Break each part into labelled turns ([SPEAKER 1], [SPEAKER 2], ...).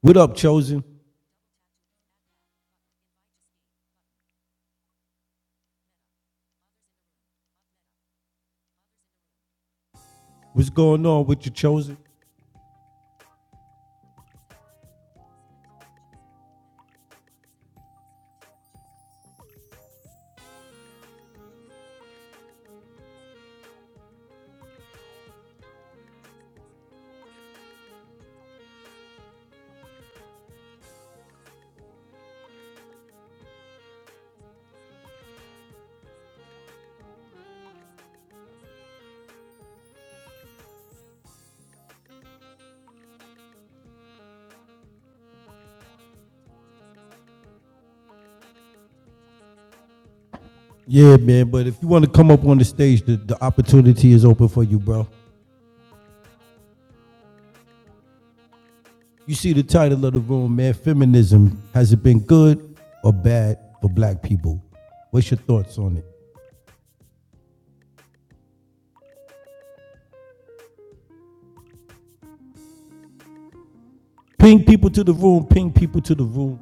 [SPEAKER 1] What up, Chosen? What's going on with you, Chosen? Yeah, man, but if you want to come up on the stage, the, the opportunity is open for you, bro. You see the title of the room, man Feminism. Has it been good or bad for black people? What's your thoughts on it? Ping people to the room, ping people to the room.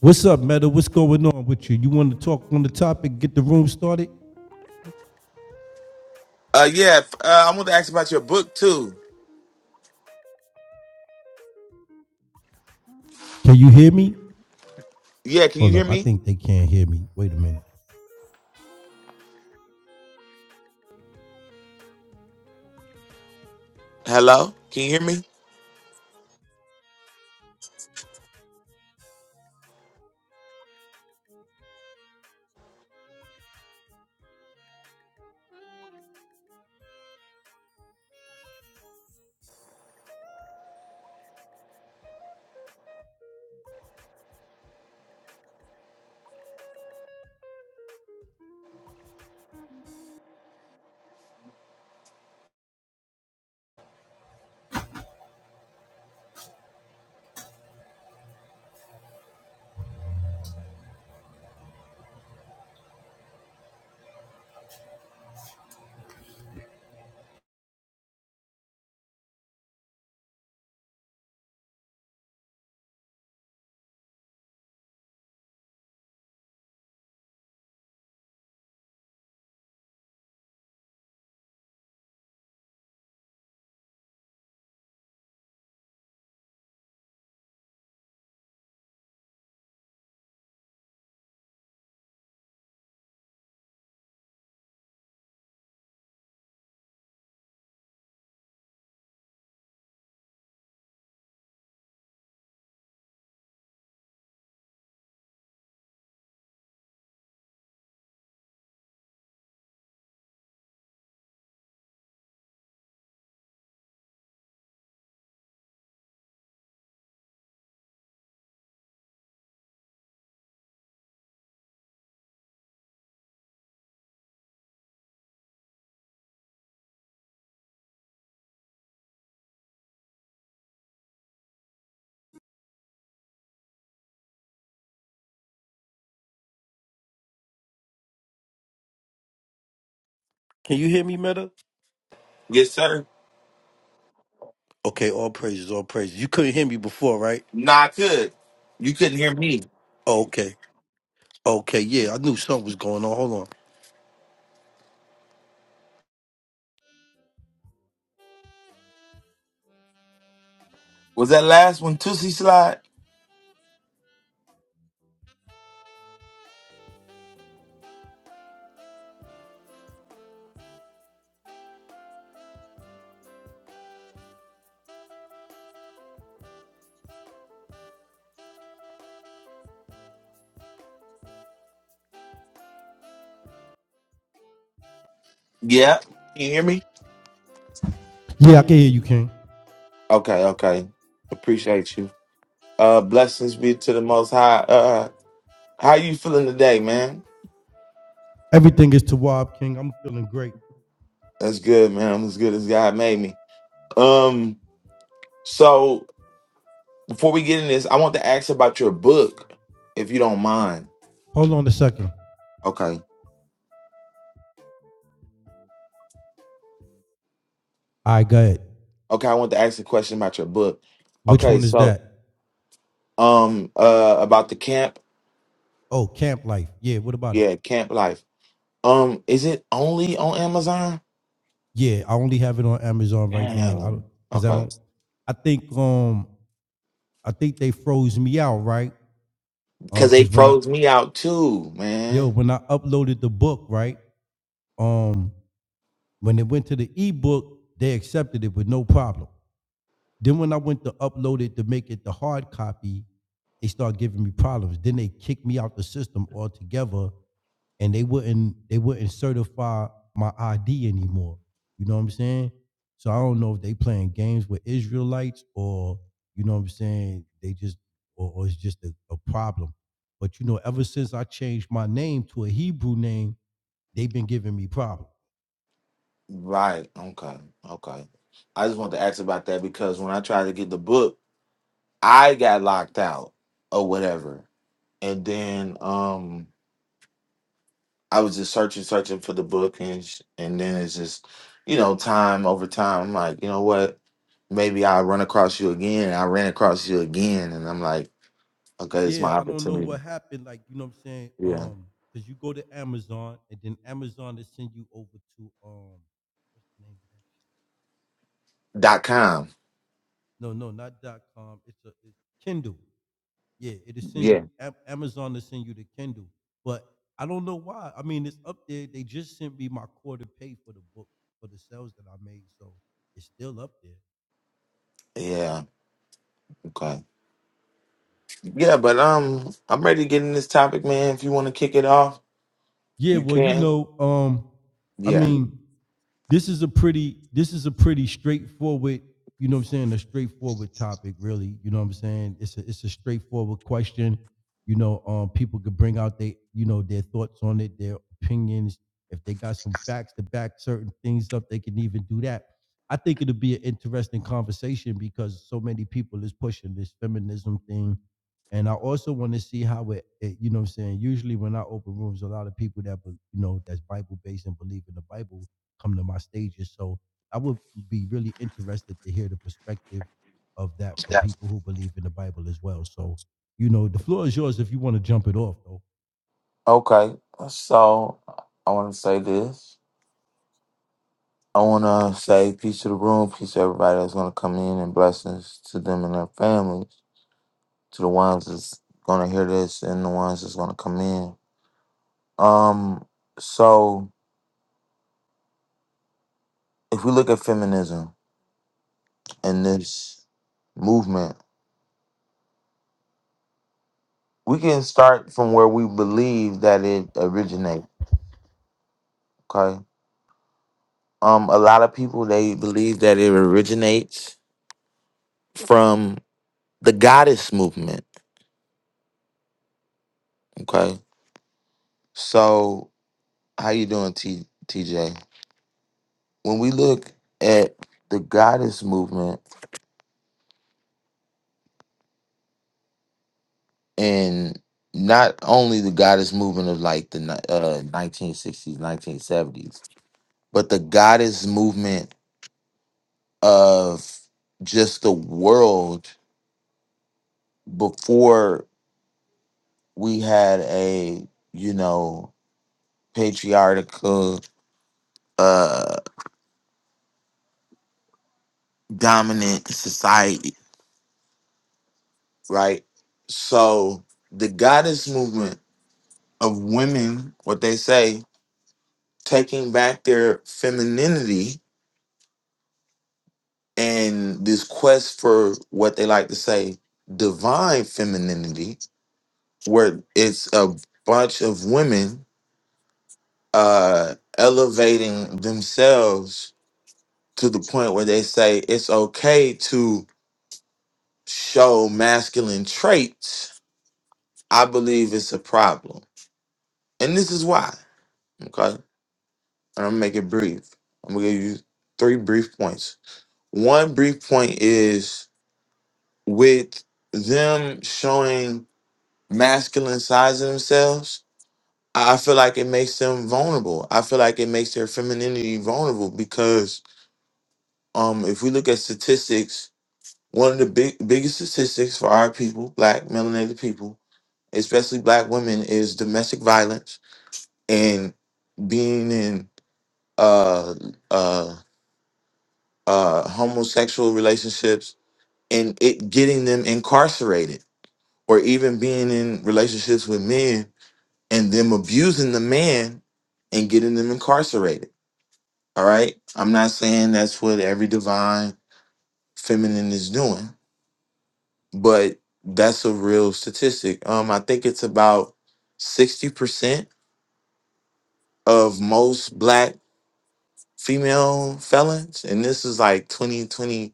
[SPEAKER 1] What's up, Meta? What's going on with you? You want to talk on the topic, get the room started?
[SPEAKER 2] Uh, yeah, f- uh, I want to ask about your book too.
[SPEAKER 1] Can you hear me?
[SPEAKER 2] Yeah, can you
[SPEAKER 1] Hold
[SPEAKER 2] hear
[SPEAKER 1] up, I
[SPEAKER 2] me?
[SPEAKER 1] think they can't hear me. Wait a minute.
[SPEAKER 2] Hello, can you hear me?
[SPEAKER 1] Can you hear me, Meta?
[SPEAKER 2] Yes, sir.
[SPEAKER 1] Okay, all praises, all praises. You couldn't hear me before, right?
[SPEAKER 2] Nah, I could. You couldn't hear me.
[SPEAKER 1] Okay. Okay. Yeah, I knew something was going on. Hold on.
[SPEAKER 2] Was that last one Tootsie slide? Yeah. Can you hear me?
[SPEAKER 1] Yeah, I can hear you, King.
[SPEAKER 2] Okay, okay. Appreciate you. Uh, blessings be to the Most High. Uh, uh, how you feeling today, man?
[SPEAKER 1] Everything is Tawab, King. I'm feeling great.
[SPEAKER 2] That's good, man. I'm as good as God made me. Um, so before we get in this, I want to ask about your book, if you don't mind.
[SPEAKER 1] Hold on a second.
[SPEAKER 2] Okay.
[SPEAKER 1] All right, go ahead.
[SPEAKER 2] Okay, I want to ask a question about your book.
[SPEAKER 1] Which
[SPEAKER 2] Okay,
[SPEAKER 1] one is
[SPEAKER 2] so
[SPEAKER 1] that?
[SPEAKER 2] um uh about the camp.
[SPEAKER 1] Oh, Camp Life. Yeah, what about it?
[SPEAKER 2] Yeah, camp life. Um, is it only on Amazon?
[SPEAKER 1] Yeah, I only have it on Amazon right now. I
[SPEAKER 2] Damn.
[SPEAKER 1] because I
[SPEAKER 2] Okay.
[SPEAKER 1] don't I think um I think they froze me out, right? Um,
[SPEAKER 2] Cause they
[SPEAKER 1] because when I
[SPEAKER 2] froze me out too,
[SPEAKER 1] yo,
[SPEAKER 2] man.
[SPEAKER 1] when I uploaded the book, right? Um, when it went to the ebook, they accepted it with no problem. Then when I went to upload it to make it the hard copy, they started giving me problems. Then they kicked me out the system altogether, and they wouldn't they wouldn't certify my ID anymore. You know what I'm saying? So I don't know if they playing games with Israelites or you know what I'm saying. They just or, or it's just a, a problem. But you know, ever since I changed my name to a Hebrew name, they've been giving me problems.
[SPEAKER 2] Right. Okay. Okay. I just want to ask about that because when I tried to get the book, I got locked out or whatever. And then um I was just searching, searching for the book, and sh- and then it's just, you know, time over time. I'm like, you know what? Maybe I'll run across you again. And I ran across you again, and I'm like, okay, it's
[SPEAKER 1] Yeah,
[SPEAKER 2] my
[SPEAKER 1] I don't know
[SPEAKER 2] opportunity.
[SPEAKER 1] what happened. Like, you know what I'm saying?
[SPEAKER 2] Yeah.
[SPEAKER 1] Um, because you go to Amazon and then Amazon they send you over to um what's the name of that shit?
[SPEAKER 2] Dot
[SPEAKER 1] Um,
[SPEAKER 2] com.
[SPEAKER 1] No, no, not dot com. It's a it's Kindle. Yeah, it'll send you
[SPEAKER 2] Yeah.
[SPEAKER 1] Am- Amazon to send you the Kindle. But I don't know why. I mean, it's up there. They just sent me my quarter pay for the book for the sales that I made, so it's still up there.
[SPEAKER 2] Yeah. Okay. Yeah, but um, I'm ready to get in this topic, man. If you want to kick it off,
[SPEAKER 1] Yeah,
[SPEAKER 2] you
[SPEAKER 1] well, you
[SPEAKER 2] can.
[SPEAKER 1] know, um, I
[SPEAKER 2] Yeah.
[SPEAKER 1] mean, this is a pretty this is a pretty straightforward you know what i'm saying a straightforward topic really you know what i'm saying it's a it's a straightforward question you know um people could bring out they you know their thoughts on it their opinions if they got some facts to back certain things up they can even do that i think it'll be an interesting conversation because so many people is pushing this feminism thing and i also want to see how it, it you know what i'm saying usually when i open rooms a lot of people that be- you know that's bible based and believe in the bible come to my stages. So I would be really interested to hear the perspective of that from
[SPEAKER 2] Yeah.
[SPEAKER 1] people who believe in the Bible as well. So, you know, the floor is yours if you want to jump it off, though.
[SPEAKER 2] Okay. So I want to say this. I want to say peace to the room, peace to everybody that's going to come in, and blessings to them and their families, to the ones that's going to hear this and the ones that's going to come in. Um, so if we look at feminism and this movement, we can start from where we believe that it originates. Okay, um, a lot of people they believe that it originates from the goddess movement. Okay, so how you doing, T- TJ? when we look at the goddess movement and not only the goddess movement of like the ni- uh, 1960s 1970s but the goddess movement of just the world before we had a you know patriarchal uh dominant society right so the goddess movement of women what they say taking back their femininity and this quest for what they like to say divine femininity where it's a bunch of women uh elevating themselves to the point where they say it's okay to show masculine traits i believe it's a problem and this is why okay and i'm gonna make it brief i'm gonna give you three brief points one brief point is with them showing masculine sides of themselves, I I feel like it makes them vulnerable. I feel like it makes their femininity vulnerable because um, if we look at statistics, one of the big biggest statistics for our people, black melanated people, especially black women, is domestic violence and being in uh uh uh homosexual relationships and it getting them incarcerated or even being in relationships with men and them abusing the man and getting them incarcerated. All right. I'm not saying that's what every divine feminine is doing, but that's a real statistic. Um, I think it's about 60% of most black female felons, and this is like 2022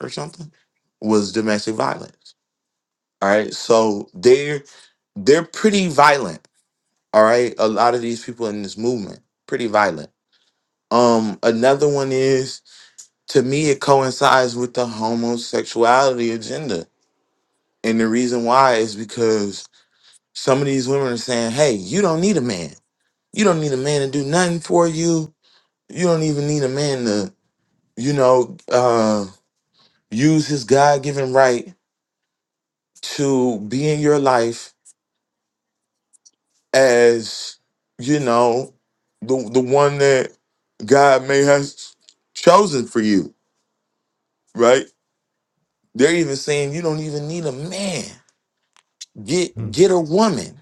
[SPEAKER 2] or something, was domestic violence. All right. So they're they're pretty violent. All right. A lot of these people in this movement, pretty violent Um, another one is to me it coincides with the homosexuality agenda. And the reason why is because some of these women are saying, Hey, you don't need a man. You don't need a man to do nothing for you. You don't even need a man to, you know, uh use his God given right to be in your life as, you know, the the one that God may has chosen for you, right? They're even saying you don't even need a man. Get
[SPEAKER 1] Hmm.
[SPEAKER 2] get a woman.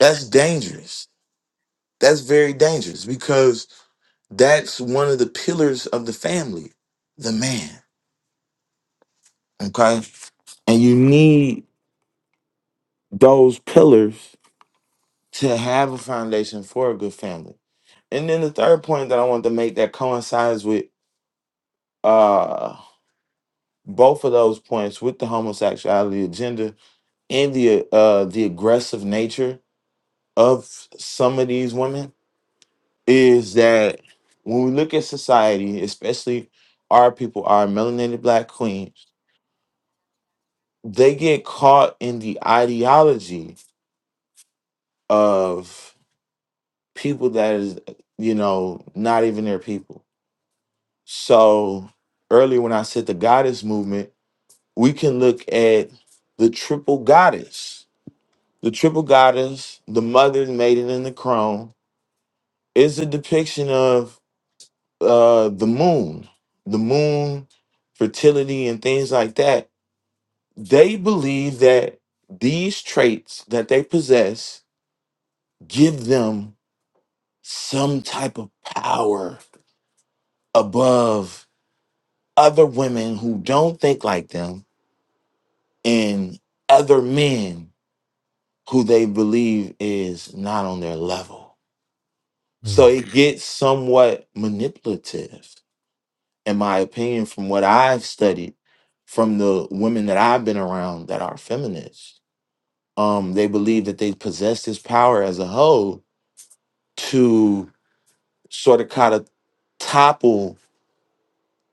[SPEAKER 2] That's dangerous. That's very dangerous because that's one of the pillars of the family, the man. Okay? And you need those pillars to have a foundation for a good family. And then the third point that I want to make that coincides with uh both of those points with the homosexuality agenda and the uh the aggressive nature of some of these women is that when we look at society, especially our people, our melanated black queens, they get caught in the ideology of people that is, you know, not even their people. So earlier when I said the goddess movement, we can look at the triple goddess. The triple goddess, the mother, the maiden, and the crone is a depiction of uh the moon the moon fertility and things like that they believe that these traits that they possess give them some type of power above other women who don't think like them and other men who they believe is not on their level
[SPEAKER 1] Mm.
[SPEAKER 2] so it gets somewhat manipulative in my opinion, from what I've studied, from the women that I've been around that are feminists, um, they believe that they possess this power as a whole to sort of kind of topple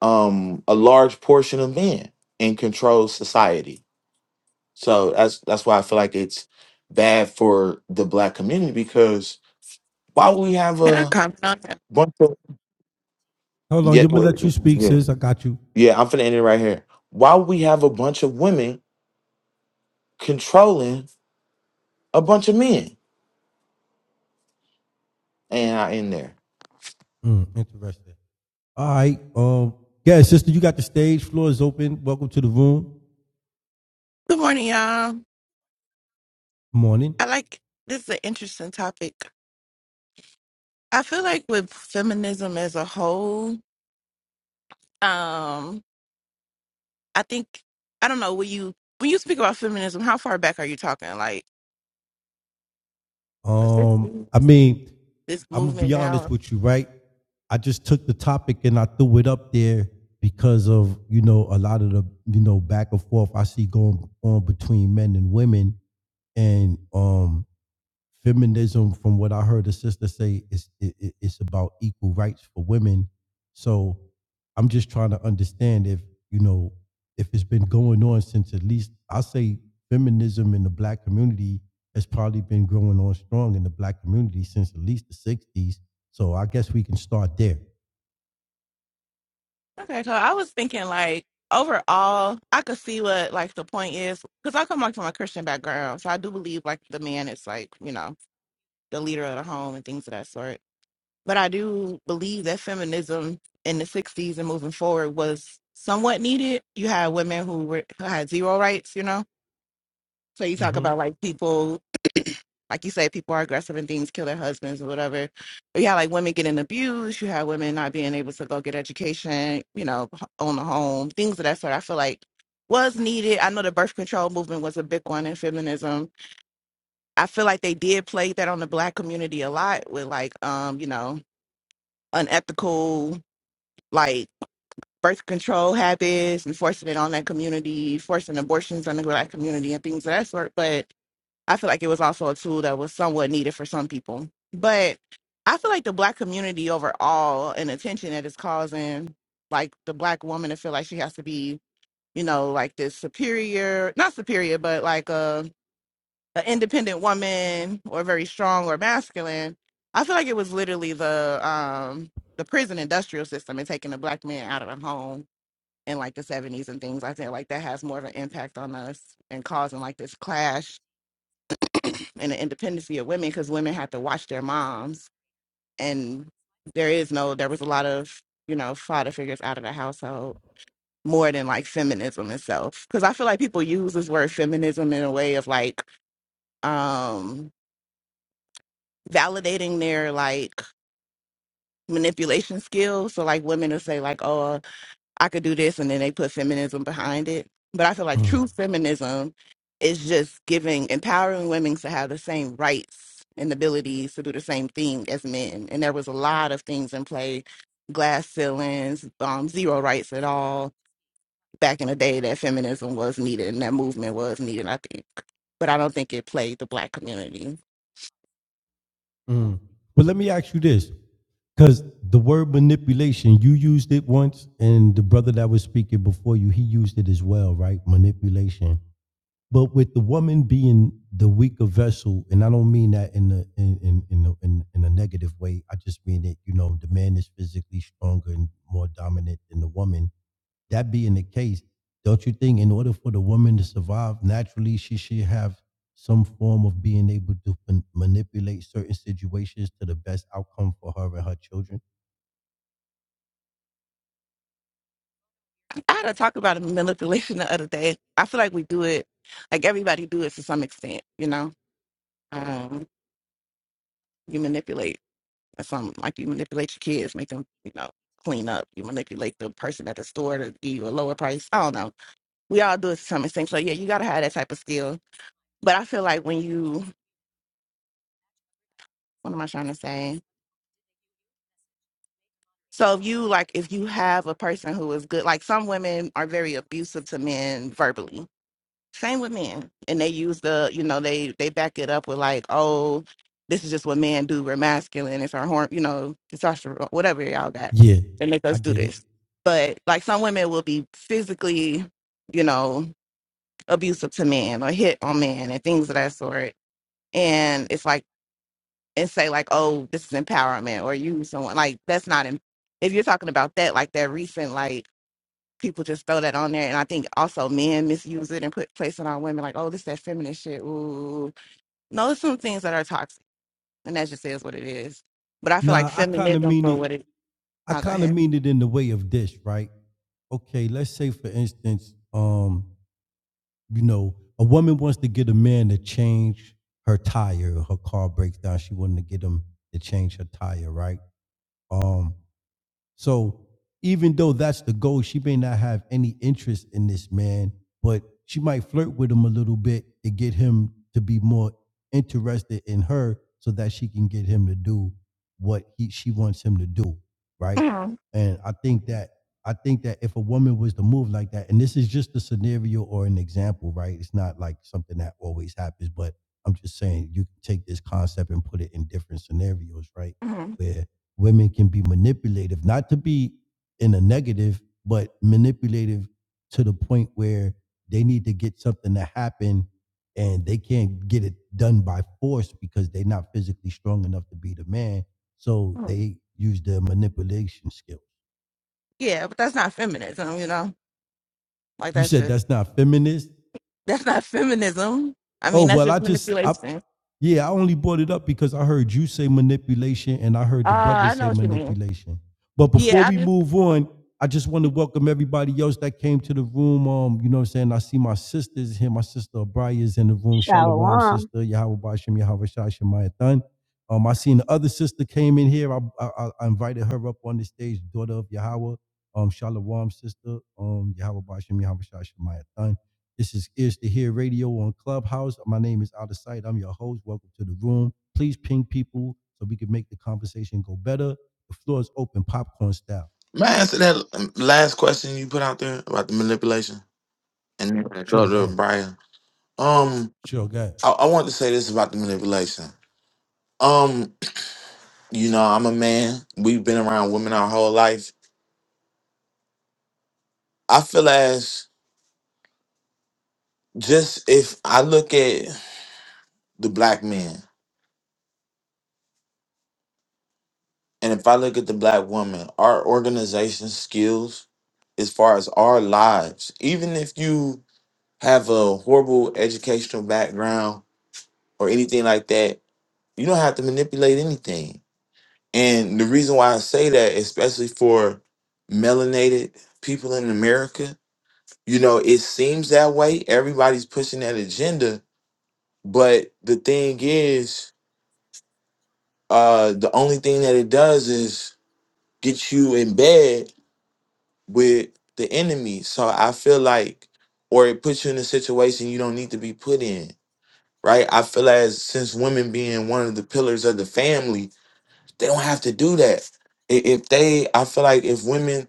[SPEAKER 2] um, a large portion of men and control society. So that's that's why I feel like it's bad for the black community because why would we have
[SPEAKER 3] Can I
[SPEAKER 2] a
[SPEAKER 3] comment on that?
[SPEAKER 2] bunch of
[SPEAKER 1] Hold on, I'm
[SPEAKER 2] yeah
[SPEAKER 1] gonna let you speak,
[SPEAKER 2] yeah
[SPEAKER 1] sis. I got you.
[SPEAKER 2] yeah I'm finna end it right here. Why would we have a bunch of women controlling? A bunch of men and out in there.
[SPEAKER 1] Mm. Interesting. All right. Um, yeah, sister, you got the stage. Floor is open. Welcome to the room.
[SPEAKER 3] Good morning, y'all.
[SPEAKER 1] Morning.
[SPEAKER 3] I like this is an interesting topic. I feel like with feminism as a whole, um, I think I don't know when you when you speak about feminism, how far back are you talking? Like the
[SPEAKER 1] Um,
[SPEAKER 3] sixties,
[SPEAKER 1] I mean,
[SPEAKER 3] this
[SPEAKER 1] I'm gonna
[SPEAKER 3] movement
[SPEAKER 1] be honest
[SPEAKER 3] now.
[SPEAKER 1] with you, right? I just took the topic and I threw it up there because of you know a lot of the you know back and forth I see going on between men and women, and um, feminism from what i heard a sister say is it, it- it's about equal rights for women so i'm just trying to understand if you know if it's been going on since at least i say feminism in the black community has probably been growing on strong in the black community since at least the 60s so i guess we can start there
[SPEAKER 3] Okay, so I was thinking like overall, I could see what like the point is because I come like from a Christian background, so I do believe like the man is like you know the leader of the home and things of that sort But I do believe that feminism in the 60s and moving forward was somewhat needed. You had women who, were, who had zero rights, you know? So you
[SPEAKER 1] hmm
[SPEAKER 3] talk
[SPEAKER 1] Mm-hmm.
[SPEAKER 3] about like people, like you say, people are aggressive and things kill their husbands or whatever. But you had like women getting abused. You had women not being able to go get education, you know, h- own a home, things of that sort. I feel like was needed. I know the birth control movement was a big one in feminism. I feel like they did play that on the black community a lot with like, um, you know, unethical like. birth control habits and forcing it on that community, forcing abortions on the black community and things of that sort. But I feel like it was also a tool that was somewhat needed for some people. But I feel like the black community overall and attention that it's causing, like the black woman to feel like she has to be, you know, like this superior, not superior, but like a, a independent woman or very strong or masculine. I feel like it was literally the um the prison industrial system and taking the black man out of the home in like the 70s and things like that like that has more of an impact on us and causing like this clash and the independency of women because women have to watch their moms and there is no there was a lot of you know father figures out of the household more than like feminism itself because i feel like people use this word feminism in a way of like um validating their like manipulation skills so like women will say like oh I could do this, and then they put feminism behind it. But I feel like
[SPEAKER 1] Mm.
[SPEAKER 3] true feminism is just giving, empowering women to have the same rights and abilities to do the same thing as men. And there was a lot of things in play, glass ceilings, um, zero rights at all back in the day that feminism was needed and that movement was needed, I think. But I don't think it played the black community.
[SPEAKER 1] Mm. But let me ask you this, because the word manipulation, you used it once, and the brother that was speaking before you, he used it as well, right? Manipulation. But with the woman being the weaker vessel, and I don't mean that in the in in in, the, in in a negative way. I just mean that you know the man is physically stronger and more dominant than the woman. That being the case, don't you think in order for the woman to survive naturally, she should have some form of being able to man- manipulate certain situations to the best outcome for her and her children?
[SPEAKER 3] I had to talk about manipulation the other day. I feel like we do it, like everybody do it to some extent, you know? Um, you manipulate. That's something like you manipulate your kids, make them, you know, clean up. You manipulate the person at the store to give you a lower price. I don't know. We all do it to some extent. So yeah, you gotta have that type of skill. But I feel like when you, what am I trying to say? So if you like, if you have a person who is good, like some women are very abusive to men verbally Same with men. And they use the, you know, they they back it up with like, oh, this is just what men do. We're masculine. It's our horn, you know, testosterone, whatever y'all got.
[SPEAKER 1] Yeah,
[SPEAKER 3] They make
[SPEAKER 1] I
[SPEAKER 3] us do
[SPEAKER 1] get it.
[SPEAKER 3] this. But like some women will be physically, you know, abusive to men or hit on men and things of that sort. And it's like and say like, oh, this is empowerment or you someone like that's not. Em- if you're talking about that, like that recent like people just throw that on there. And I think also men misuse it and put place it on women like, oh, this that feminist shit. Ooh. No, there's some things that are toxic. And that just is what it is. But I feel like
[SPEAKER 1] Nah, I kind of
[SPEAKER 3] feminism
[SPEAKER 1] mean
[SPEAKER 3] for
[SPEAKER 1] it
[SPEAKER 3] what it
[SPEAKER 1] I
[SPEAKER 3] oh go
[SPEAKER 1] kind of
[SPEAKER 3] ahead.
[SPEAKER 1] mean it in the way of this, right? Okay, let's say for instance, um, you know, a woman wants to get a man to change her tire, her car breaks down, she wanted to get him to change her tire, right? Um, so even though that's the goal, she may not have any interest in this man, but she might flirt with him a little bit to get him to be more interested in her so that she can get him to do what he she wants him to do, right?
[SPEAKER 3] Mhm,
[SPEAKER 1] And I think that I think that if a woman was to move like that, and this is just a scenario or an example, right? It's not like something that always happens, but I'm just saying you can take this concept and put it in different scenarios, right?
[SPEAKER 3] mhm,
[SPEAKER 1] where women can be manipulative, not to be in a negative, but manipulative to the point where they need to get something to happen and they can't get it done by force because they're not physically strong enough to be the man. So
[SPEAKER 3] mhm.
[SPEAKER 1] they use their manipulation skills.
[SPEAKER 3] Yeah, but that's not feminism, you know? Like
[SPEAKER 1] You
[SPEAKER 3] that's
[SPEAKER 1] said
[SPEAKER 3] just
[SPEAKER 1] that's not feminist?
[SPEAKER 3] that's not feminism. I
[SPEAKER 1] Oh
[SPEAKER 3] mean that's
[SPEAKER 1] well, I
[SPEAKER 3] just
[SPEAKER 1] just I
[SPEAKER 3] manipulation.
[SPEAKER 1] yeah, I only brought it up because I heard you say manipulation and I heard
[SPEAKER 3] Oh,
[SPEAKER 1] the brother
[SPEAKER 3] I know
[SPEAKER 1] say
[SPEAKER 3] what you mean.
[SPEAKER 1] manipulation. But before
[SPEAKER 3] Yeah, I
[SPEAKER 1] we
[SPEAKER 3] just
[SPEAKER 1] move on, I just want to welcome everybody else that came to the room. Um, you know what I'm saying? I see my sisters here. My sister Abraya is in the room. Shalom,
[SPEAKER 4] Shalom.
[SPEAKER 1] sister. Yahweh Bashem, Yahweh Shai Shemayah Thun. Um, I seen the other sister came in here. I, I, I invited her up on the stage, daughter of Yahweh. Um, Shalom, sister. Um, Yahweh Bashem, Yahweh Shai Shemayah Thun. This is Ears to Hear Radio on Clubhouse. My name is Out of Sight. I'm your host. Welcome to the room. Please ping people so we can make the conversation go better. The floor is open, popcorn style.
[SPEAKER 2] May I answer that um, last question you put out there about the manipulation? And then I
[SPEAKER 1] Sure, go
[SPEAKER 2] go to
[SPEAKER 1] ahead.
[SPEAKER 2] Brian. Um,
[SPEAKER 1] Sure, go ahead.
[SPEAKER 2] I, I want to say this about the manipulation. Um, you know, I'm a man. We've been around women our whole life. I feel as just if I look at the black men and if I look at the black woman, our organization skills as far as our lives, even if you have a horrible educational background or anything like that, you don't have to manipulate anything. And the reason why I say that, especially for melanated people in America, you know, it seems that way. Everybody's pushing that agenda. But the thing is, uh, the only thing that it does is get you in bed with the enemy. So I feel like, or it puts you in a situation you don't need to be put in, right? I feel as since women being one of the pillars of the family, They don't have to do that. I- If they, I feel like if women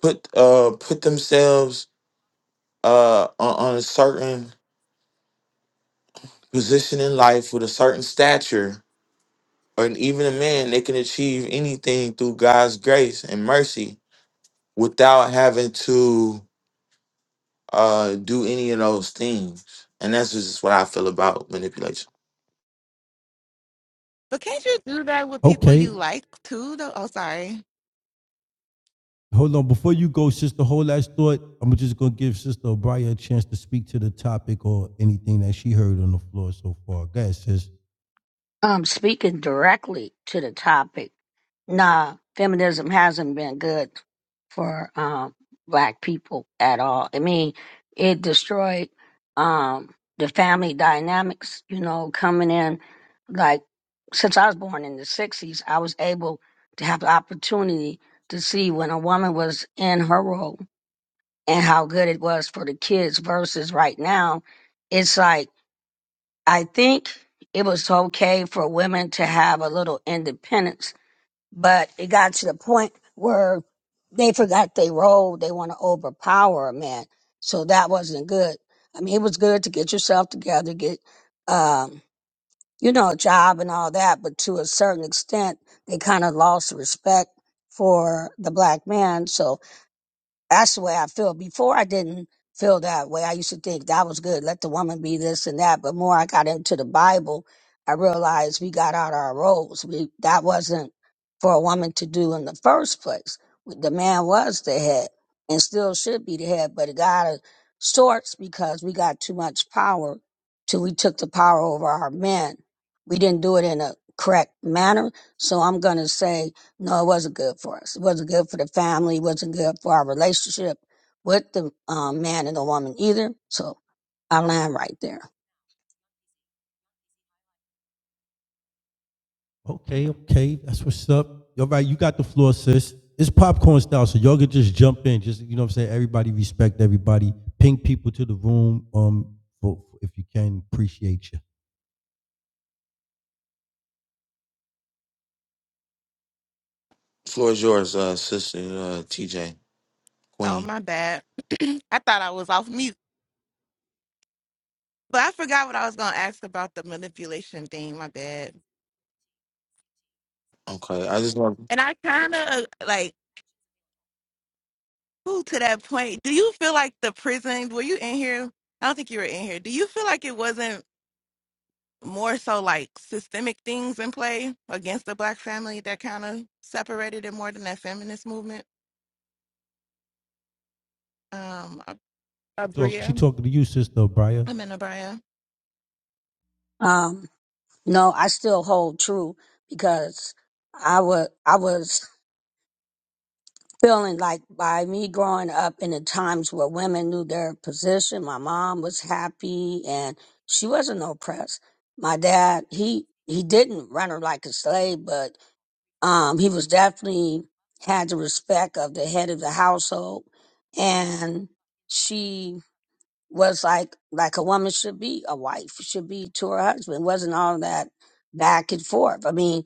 [SPEAKER 2] put uh put themselves uh on, on a certain position in life with a certain stature, or even a man, they can achieve anything through God's grace and mercy without having to uh do any of those things. And that's just what I feel about manipulation.
[SPEAKER 3] but can't you do that with people you
[SPEAKER 1] Okay.
[SPEAKER 3] like too though? Oh sorry.
[SPEAKER 1] Hold on. Before you go, Sister Whole Last Thought, I'm just going to give Sister O'Brien a chance to speak to the topic or anything that she heard on the floor so far. Go ahead, sis.
[SPEAKER 4] Um, speaking directly to the topic, nah, feminism hasn't been good for um black people at all. I mean, it destroyed um the family dynamics, you know, coming in like since I was born in the sixties, I was able to have the opportunity to see when a woman was in her role and how good it was for the kids versus right now, it's like I think it was okay for women to have a little independence, but it got to the point where they forgot their role. They want to overpower a man. So that wasn't good. I mean, it was good to get yourself together, get, um, you know, a job and all that, but to a certain extent, they kind of lost respect for the black man. So that's the way I feel. Before I didn't feel that way. I used to think that was good. Let the woman be this and that. But more I got into the Bible, I realized we got out our roles. We, that wasn't for a woman to do in the first place. The man was the head and still should be the head, but it got of sorts because we got too much power till we took the power over our men. We didn't do it in a correct manner. So I'm going to say no, it wasn't good for us. It wasn't good for the family. It wasn't good for our relationship with the um, man and the woman either. So I land right there.
[SPEAKER 1] Okay, okay, that's what's up. All right, you got the floor, sis. It's popcorn style, so y'all can just jump in. Just you know, what I'm saying everybody respect everybody. Ping people to the room, um, if you can, appreciate you.
[SPEAKER 2] Floor is yours, uh, sister, uh, TJ
[SPEAKER 3] Oh
[SPEAKER 2] Queen.
[SPEAKER 3] my bad. I thought I was off mute. But I forgot what I was gonna ask about the manipulation thing. My bad.
[SPEAKER 2] Okay, I just want.
[SPEAKER 3] And I kind of like ooh, to that point. Do you feel like the prison? Were you in here? I don't think you were in here. Do you feel like it wasn't more so like systemic things in play against the black family that kind of separated it more than that feminist movement? Um, Ab-
[SPEAKER 1] She talk, she
[SPEAKER 3] Abria.
[SPEAKER 1] talking to you, sister Briar.
[SPEAKER 3] I'm in Abria.
[SPEAKER 4] Um, no, I still hold true because I was I was feeling like by me growing up in the times where women knew their position, my mom was happy and she wasn't oppressed. My dad, he he didn't run her like a slave, but um, he was definitely had the respect of the head of the household, and she was like like a woman should be, a wife should be to her husband. wasn't all that back and forth. I mean,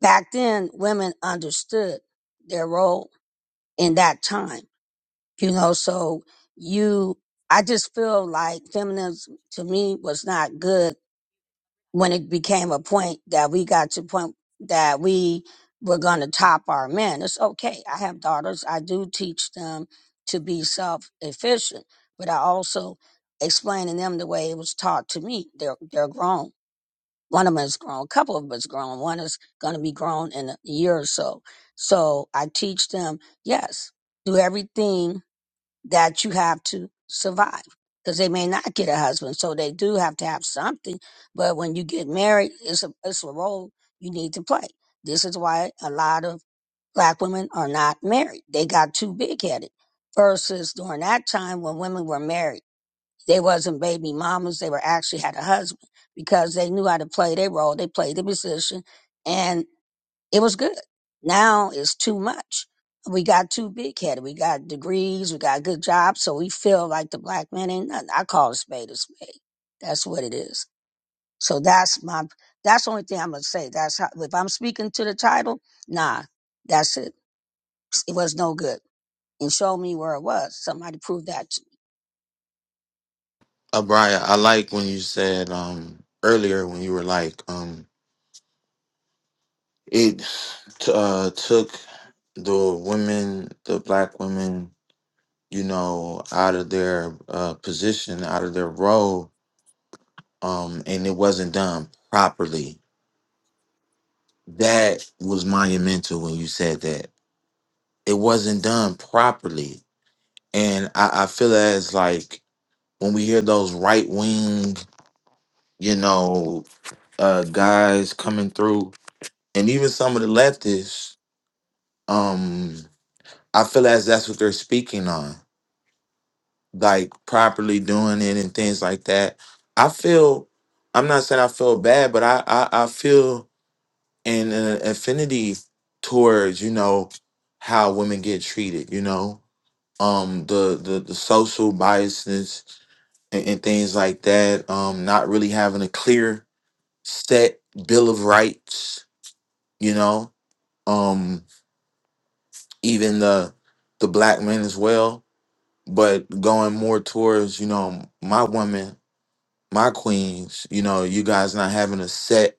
[SPEAKER 4] back then women understood their role in that time you know so you i just feel like feminism to me was not good when it became a point that we got to point that we were going to top our men it's okay i have daughters i do teach them to be self-efficient but i also explain to them the way it was taught to me they're, they're grown one of them is grown a couple of them is grown one is going to be grown in a year or so so i teach them yes do everything that you have to survive because they may not get a husband. So they do have to have something. But when you get married, it's a, it's a role you need to play. This is why a lot of black women are not married. They got too big headed versus during that time when women were married. They wasn't baby mamas. They were actually had a husband because they knew how to play their role. They played the position it was good. Now it's too much. We got too big headed. We got degrees. We got good jobs. So we feel like the black man ain't nothing. I call a spade a spade. That's what it is. So that's my, that's the only thing I'm going to say. That's how, if I'm speaking to the title, nah, that's it. It was no good. And show me where it was. Somebody prove that. to me.
[SPEAKER 2] Uh, Brian, I like when you said um, earlier when you were like, um, it t- uh, took the women, the black women, you know, out of their uh, position, out of their role, um, and it wasn't done properly. That was monumental when you said that. It wasn't done properly. And I, I feel as like when we hear those right wing, you know, uh, guys coming through and even some of the leftists um i feel as that's what they're speaking on like properly doing it and things like that i feel i'm not saying i feel bad but i i, I feel an uh, affinity towards you know how women get treated you know um the the, the social biases and, and things like that um not really having a clear set bill of rights you know Um, even the the black men as well, but going more towards you know my women, my queens. You know, you guys not having a set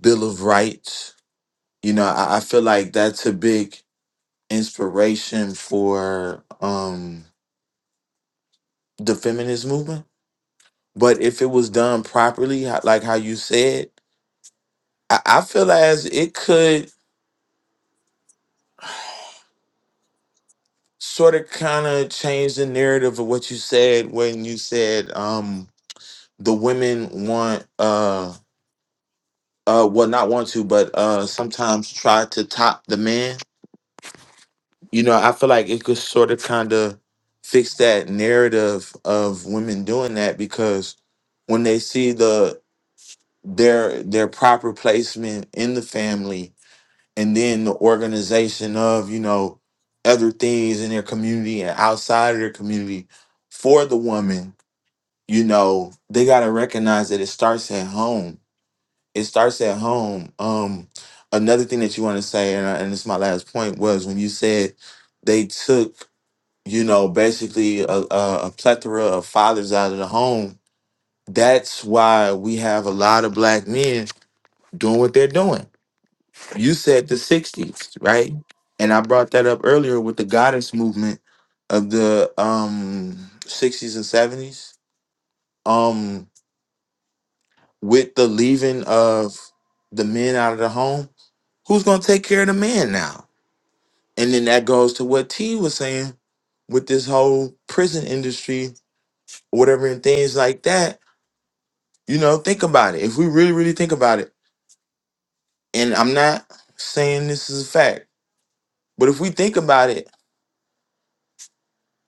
[SPEAKER 2] bill of rights. You know, I, I feel like that's a big inspiration for um the feminist movement. But if it was done properly, ho- like how you said, I, I feel as it could sort of kind of change the narrative of what you said when you said um the women want. uh, uh well not want to but uh sometimes try to top the man you know i feel like it could sort of kind of fix that narrative of women doing that because when they see the their their proper placement in the family and then the organization of you know other things in their community and outside of their community for the woman you know they got to recognize that it starts at home it starts at home. Um, another thing that you want to say, and, I- and this my last point, was when you said they took, you know, basically a, a, a plethora of fathers out of the home. That's why we have a lot of black men doing what they're doing. You said the '60s, right? And I brought that up earlier with the goddess movement of the um, '60s and '70s, um, with the leaving of the men out of the home Who's going to take care of the man now? And then that goes to what T was saying with this whole prison industry, or whatever, and things like that. You know, think about it. If we really, really think about it, and I'm not saying this is a fact, but if we think about it,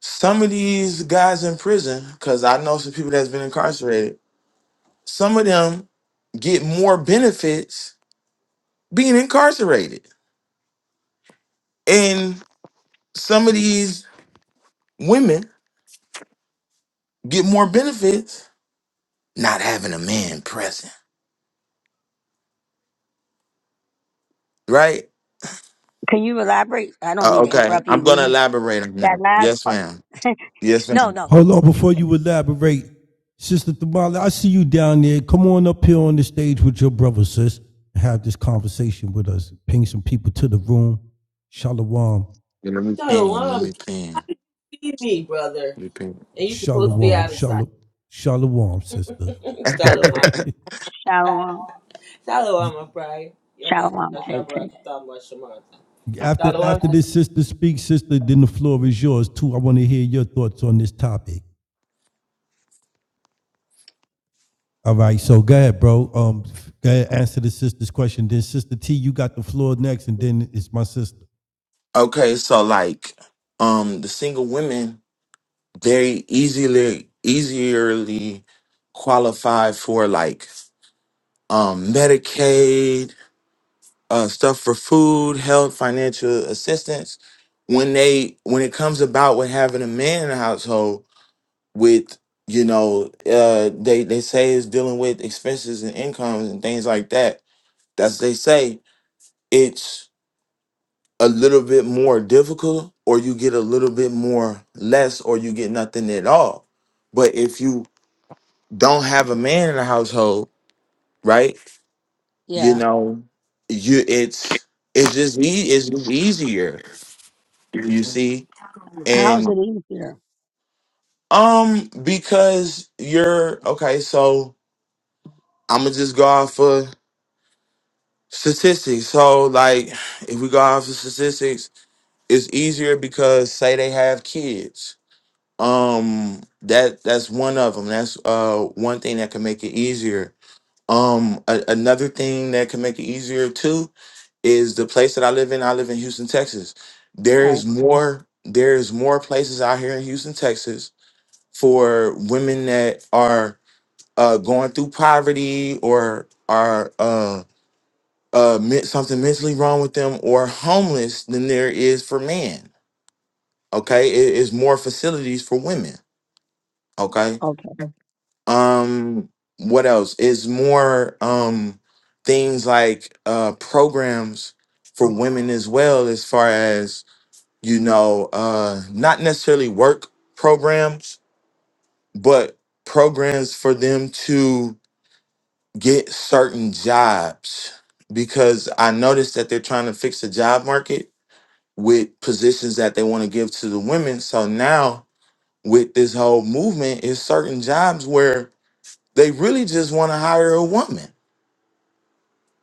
[SPEAKER 2] some of these guys in prison, because I know some people that's been incarcerated, some of them get more benefits being incarcerated. And some of these women get more benefits not having a man present. right?
[SPEAKER 4] Can you elaborate? I don't
[SPEAKER 2] Uh,
[SPEAKER 4] mean to
[SPEAKER 2] okay,
[SPEAKER 4] interrupt
[SPEAKER 2] I'm
[SPEAKER 4] you when
[SPEAKER 2] gonna
[SPEAKER 4] you,
[SPEAKER 2] elaborate on
[SPEAKER 4] that
[SPEAKER 2] that.
[SPEAKER 4] last
[SPEAKER 2] Yes,
[SPEAKER 4] part.
[SPEAKER 2] ma'am. Yes,
[SPEAKER 4] no,
[SPEAKER 2] ma'am.
[SPEAKER 4] no.
[SPEAKER 1] Hold on, before you elaborate, sister Thamala, I see you down there. Come on up here on the stage with your brother, sis. and Have this conversation with us. Ping some people to the room. Shalom,
[SPEAKER 2] Yeah, Let me ping. Let me
[SPEAKER 5] Shalom,
[SPEAKER 2] ping.
[SPEAKER 5] feed me, brother.
[SPEAKER 2] Let me ping.
[SPEAKER 5] And you supposed to be
[SPEAKER 1] shalom,
[SPEAKER 5] out of sight.
[SPEAKER 1] shalom, shalom, sister.
[SPEAKER 5] Shalom.
[SPEAKER 4] Shalom.
[SPEAKER 5] Shalom, Abriah. Yabba
[SPEAKER 4] Shalom.
[SPEAKER 5] Shah
[SPEAKER 4] Take,
[SPEAKER 5] Shabbat
[SPEAKER 4] take.
[SPEAKER 5] Katamba Shemata.
[SPEAKER 1] After,
[SPEAKER 5] Shalom,
[SPEAKER 1] after
[SPEAKER 5] sister.
[SPEAKER 1] this sister speaks, sister, then the floor is yours too. I want to hear your thoughts on this topic. All right, so go ahead, bro. Um, go ahead, answer the sister's question. Then Sister T, you got the floor next, and then it's my sister.
[SPEAKER 2] okay, so like, um, the single women very easily, easierly qualify for like, um, Medicaid, uh, stuff for food, health, financial assistance. When they when it comes about with having a man in the household, with you know uh they they say it's dealing with expenses and incomes and things like that that's they say it's a little bit more difficult or you get a little bit more less or you get nothing at all but if you don't have a man in the household right you
[SPEAKER 4] Yeah.
[SPEAKER 2] know you it's it's just e- it's just easier you see and
[SPEAKER 4] How's it easier?
[SPEAKER 2] um because you're okay so i'm gonna just go off statistics. So, like, if we go off the statistics, it's easier because say they have kids. Um, that that's one of them. That's uh one thing that can make it easier. Um, a- another thing that can make it easier too is the place that I live in. I live in Houston, Texas. There
[SPEAKER 4] Right.
[SPEAKER 2] is more. There is more places out here in Houston, Texas, for women that are uh going through poverty or are uh, uh men- something mentally wrong with them or homeless than there is for men okay it is more facilities for women okay
[SPEAKER 4] Okay.
[SPEAKER 2] um what else is more um things like uh programs for women as well as far as you know uh not necessarily work programs but programs for them to get certain jobs because i noticed that they're trying to fix the job market with positions that they want to give to the women. So now with this whole movement is certain jobs where they really just want to hire a woman.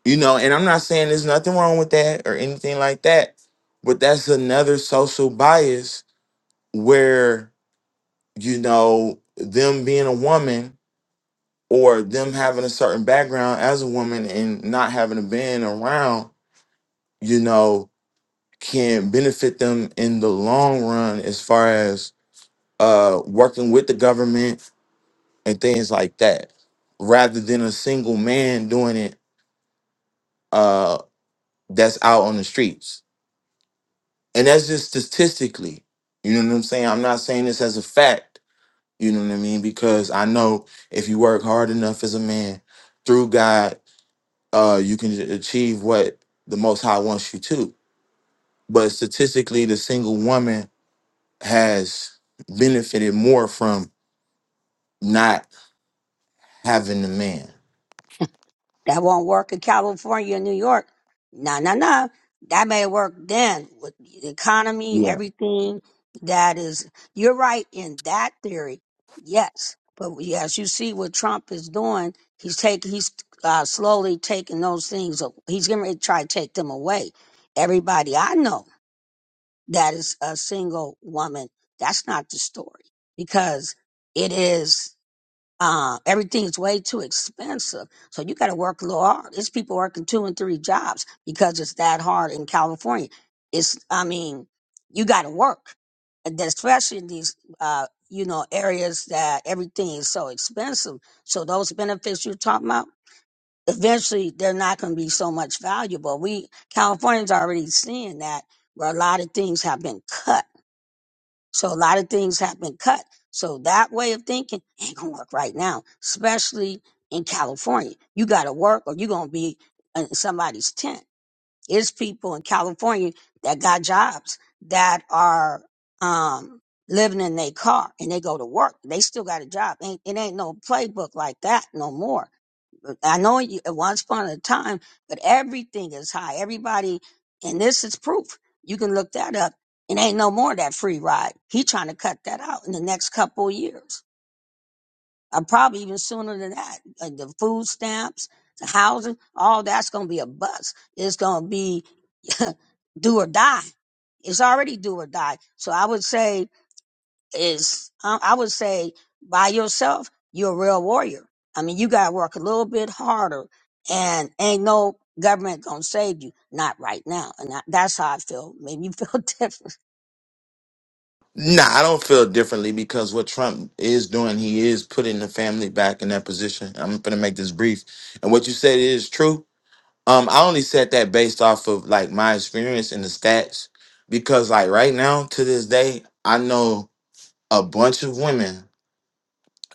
[SPEAKER 2] You know, and I'm not saying there's nothing wrong with that or anything like that, but that's another social bias where, you know, them being a woman or them having a certain background as a woman and not having been around, you know, can benefit them in the long run as far as uh, working with the government and things like that, rather than a single man doing it uh, that's out on the streets. And that's just statistically. You know what I'm saying? I'm not saying this as a fact. You know what I mean? Because I know if you work hard enough as a man through God, uh, you can achieve what the Most High wants you to. But statistically, the single woman has benefited more from not having the man.
[SPEAKER 4] That won't work in California and New York. No, no, no. That may work then with the economy, everything that is. You're right in that theory. Yes. But we- as you see what Trump is doing, he's taking, he's uh, slowly taking those things. a- He's going to try to take them away. Everybody I know that is a single woman, that's not the story because it is. uh, everything's way too expensive. So you got to work a little hard. It's people working two and three jobs because it's that hard in California. It's, I mean, you got to work, and then especially in these, uh, you know, areas that everything is so expensive. So those benefits you're talking about, eventually they're not going to be so much valuable. We Californians are already seeing that where a lot of things have been cut so a lot of things have been cut. So that way of thinking ain't gonna work right now, especially in California. You gotta work or you're gonna be in somebody's tent. There's people in California that got jobs that are um living in their car and they go to work. They still got a job. Ain't it ain't no playbook like that no more. I know you, at once upon a time, but everything is high. Everybody, and this is proof. You can look that up. It ain't no more of that free ride. He trying to cut that out in the next couple of years, or probably even sooner than that. Like the food stamps, the housing, all that's going to be a bust. It's going to be do or die. It's already do or die. So I would say is um, I would say by yourself, you're a real warrior. I mean, you gotta work a little bit harder, and ain't no government gonna save you. Not right now, and I, that's how I feel. Maybe you feel different.
[SPEAKER 2] Nah, I don't feel differently because what Trump is doing, he is putting the family back in that position. I'm gonna make this brief. And what you said is true. Um, I only said that based off of like my experience and the stats because like right now to this day, I know a bunch of women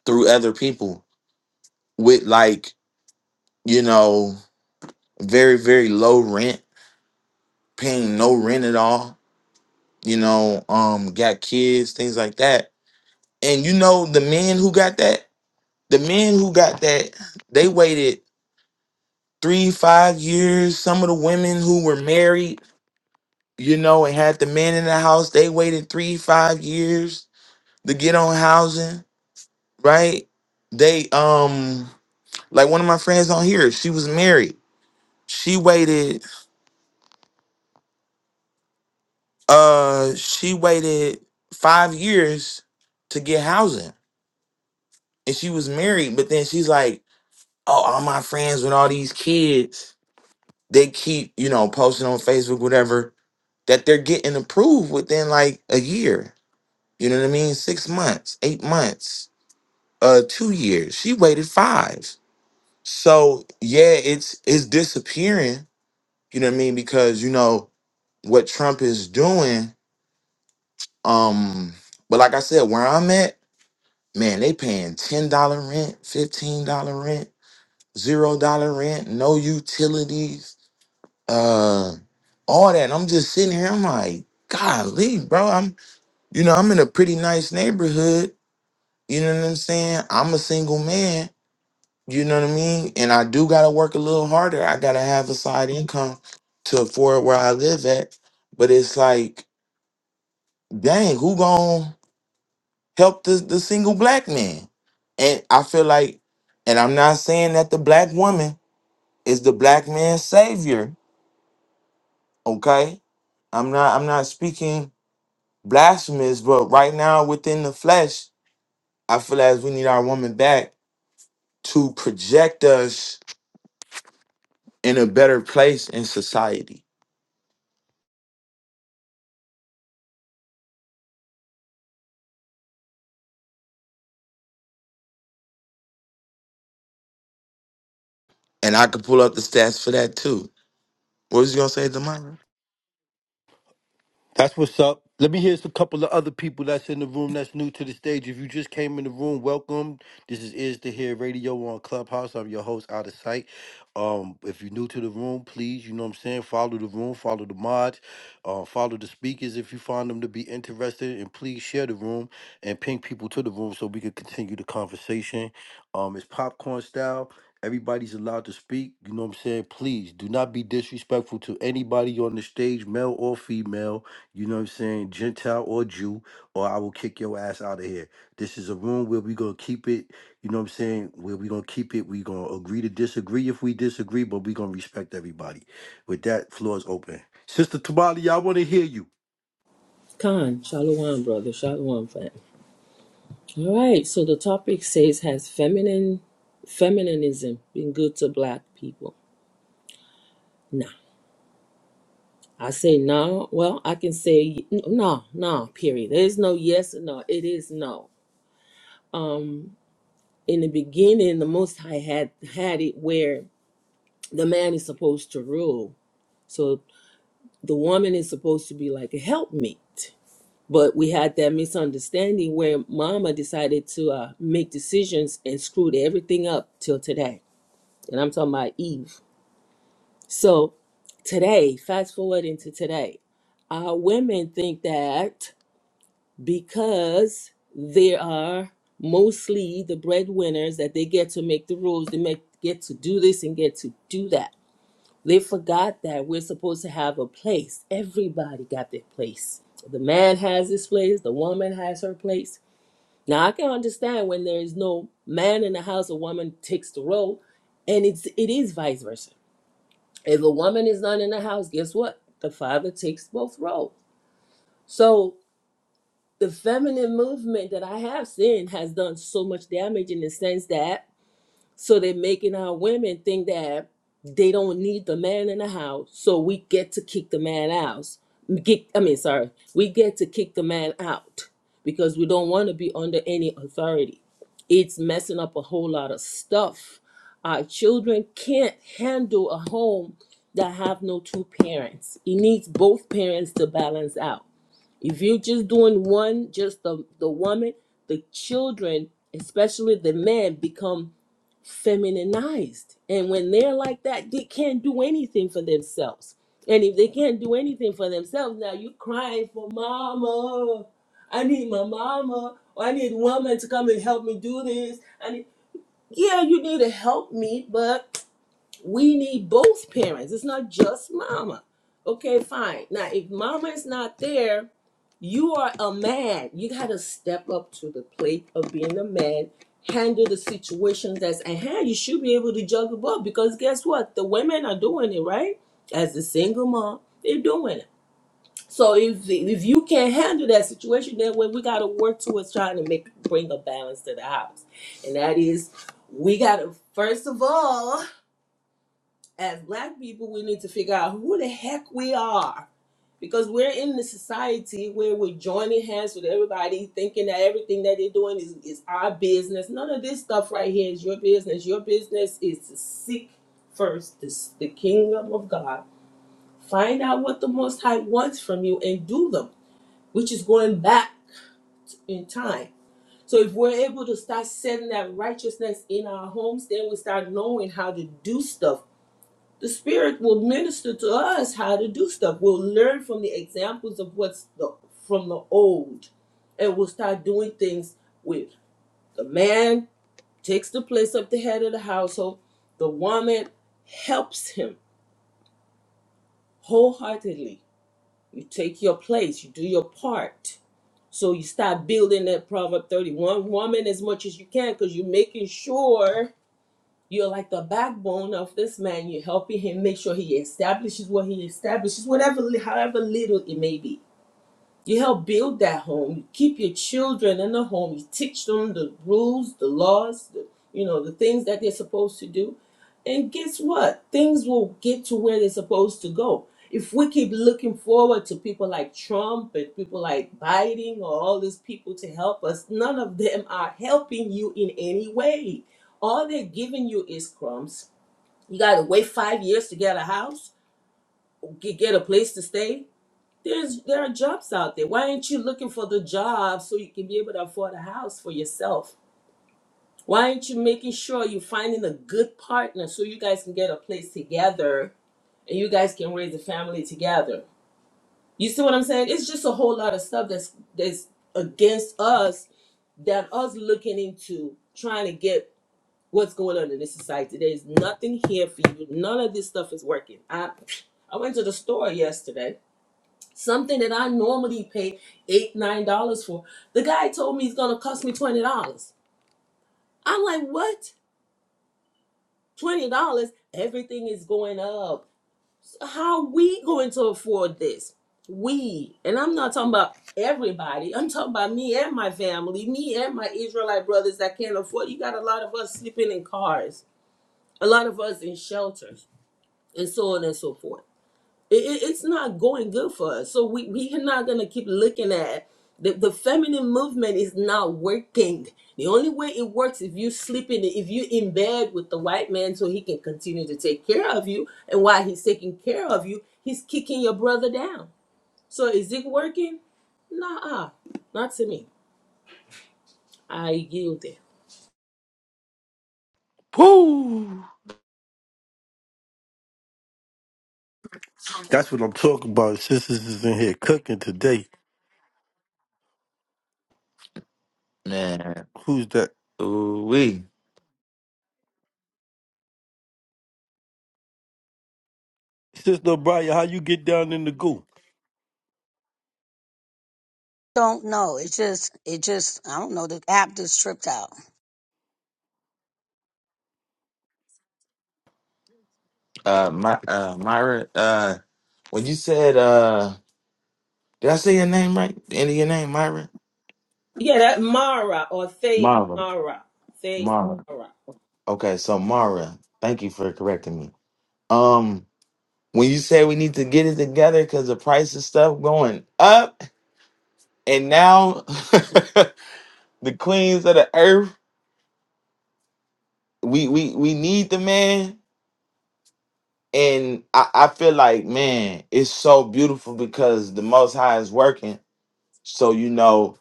[SPEAKER 2] through other people with like, you know, very, very low rent, paying no rent at all, you know, um, got kids, things like that. And you know the men who got that? The men who got that, they waited three, five years. Some of the women who were married, you know, and had the men in the house, they waited three, five years to get on housing, right? They um like one of my friends on here, she was married. She waited uh she waited five years to get housing. And she was married, but then she's like, Oh, all my friends with all these kids, they keep, you know, posting on Facebook, whatever that they're getting approved within like a year. You know what I mean? Six months, eight months, uh, two years. She waited five. So yeah, it's it's disappearing. You know what I mean? Because you know what Trump is doing. Um, but like I said, where I'm at, man, they paying ten dollar rent, fifteen dollar rent, zero dollar rent, no utilities, uh, all that. And I'm just sitting here. I'm like, golly, bro. I'm. You know, I'm in a pretty nice neighborhood. You know what I'm saying? I'm a single man. You know what I mean? And I do got to work a little harder. I got to have a side income to afford where I live at. But it's like, dang, who gonna help the, the single black man? And I feel like, and I'm not saying that the black woman is the black man's savior. Okay, I'm not. I'm not speaking blasphemous, but right now within the flesh, I feel as we need our woman back to project us in a better place in society. And I could pull up the stats for that too. What was you gonna say, Demira?
[SPEAKER 1] That's what's up. Let me hear a couple of other people that's in the room that's new to the stage. If you just came in the room, welcome. This is Is to Hear Radio on Clubhouse. I'm your host, Out of Sight. Um, if you're new to the room, please, you know what I'm saying, follow the room, follow the mods, uh, follow the speakers if you find them to be interested, and please share the room and ping people to the room so we can continue the conversation. Um, it's popcorn style. Everybody's allowed to speak. You know what I'm saying? Please do not be disrespectful to anybody on the stage, male or female. You know what I'm saying? Gentile or Jew, or I will kick your ass out of here. This is a room where we're going to keep it. You know what I'm saying? Where we're going to keep it. We're going to agree to disagree if we disagree, but we're going to respect everybody. With that, floor is open. Sister Tamale, I want to hear you.
[SPEAKER 5] Khan. Shalom, brother. Shalom, fam. All right. So the topic says, has feminine feminism been good to black people? Nah. I say no. Well, I can say n- no, no, period. There's no yes or no. It is no. Um, in the beginning, the Most High had had it where the man is supposed to rule. So the woman is supposed to be like a helpmate. But we had that misunderstanding where mama decided to uh, make decisions and screwed everything up till today. And I'm talking about Eve. So today, fast forward into today, our women think that because they are mostly the breadwinners that they get to make the rules, they make, get to do this and get to do that They forgot that we're supposed to have a place. Everybody got their place. The man has his place, the woman has her place. Now I can understand when there is no man in the house, a woman takes the role, and it's it is vice versa. If a woman is not in the house, guess what? The father takes both roles. So the feminine movement that I have seen has done so much damage in the sense that So they're making our women think that they don't need the man in the house, so we get to kick the man out. Get, I mean, sorry, we get to kick the man out because we don't want to be under any authority. It's messing up a whole lot of stuff. Our children can't handle a home that have no two parents. It needs both parents to balance out. If you're just doing one, just the the woman, the children, especially the men, become femininized. And when they're like that, they can't do anything for themselves. And if they can't do anything for themselves, now you crying for mama. I need my mama. Or I need a woman to come and help me do this. I need, yeah, you need to help me, but we need both parents. It's not just mama. Okay, fine. Now, if mama is not there, you are a man. You got to step up to the plate of being a man, handle the situation that's at hand. You should be able to juggle both because guess what? The women are doing it, right? As a single mom, they're doing it. So if if you can't handle that situation, then we we got to work towards trying to make bring a balance to the house, and that is we got to first of all as black people, we need to figure out who the heck we are because we're in the society where we're joining hands with everybody, thinking that everything that they're doing is, is our business. None of this stuff right here is your business. Your business is to seek first the, the kingdom of God, find out what the Most High wants from you, and do them, which is going back in time. So if we're able to start setting that righteousness in our homes, then we start knowing how to do stuff the spirit will minister to us how to do stuff we'll learn from the examples of what's the from the old and we'll start doing things with the man takes the place of the head of the household the woman helps him wholeheartedly you take your place you do your part so you start building that proverb 31 woman as much as you can because you're making sure You're like the backbone of this man. You're helping him make sure he establishes what he establishes, whatever, however little it may be. You help build that home. You keep your children in the home. You teach them the rules, the laws, the, you know, the things that they're supposed to do. And guess what? Things will get to where they're supposed to go. If we keep looking forward to people like Trump and people like Biden or all these people to help us, none of them are helping you in any way. All they're giving you is crumbs. You got to wait five years to get a house, get get a place to stay there's there are jobs out there. Why aren't you looking for the job so you can be able to afford a house for yourself? Why aren't you making sure you're finding a good partner so you guys can get a place together and you guys can raise a family together? You see what I'm saying? It's just a whole lot of stuff that's that's against us that us looking into trying to get what's going on in this society. There's nothing here for you. None of this stuff is working. I I went to the store yesterday something that I normally pay eight, nine dollars for. The guy told me it's gonna cost me twenty dollars. I'm like, what? Twenty dollars? Everything is going up. So how we going to afford this? We and I'm not talking about everybody. I'm talking about me and my family, me and my Israelite brothers that can't afford. You got a lot of us sleeping in cars, a lot of us in shelters, and so on and so forth. It, it- it's not going good for us. So we we are not gonna keep looking at the the feminine movement is not working. The only way it works if you sleeping if you in bed with the white man so he can continue to take care of you. And while he's taking care of you, he's kicking your brother down. So is it working? Nah, not to me. I yield it.
[SPEAKER 2] Woo!
[SPEAKER 1] That's what I'm talking about. Sisters is in here cooking today.
[SPEAKER 2] Man,
[SPEAKER 1] Who's that?
[SPEAKER 2] ooh wee.
[SPEAKER 1] Sister O'Brien, how you get down in the goo?
[SPEAKER 4] Don't know. It's just, it just, I don't know. The app just tripped out,
[SPEAKER 2] Uh, my uh, Myra. Uh, when you said, uh, did I say your name right? The end of your name, Myra.
[SPEAKER 5] Yeah, that Mara or Thay
[SPEAKER 2] Mara.
[SPEAKER 5] Mara. Thay
[SPEAKER 2] Mara.
[SPEAKER 5] Mara.
[SPEAKER 2] Okay, so Mara. Thank you for correcting me. Um, when you said we need to get it together because the price of stuff going up, and now the queens of the earth we we we need the man and I, I feel like man it's so beautiful because the most high is working so you know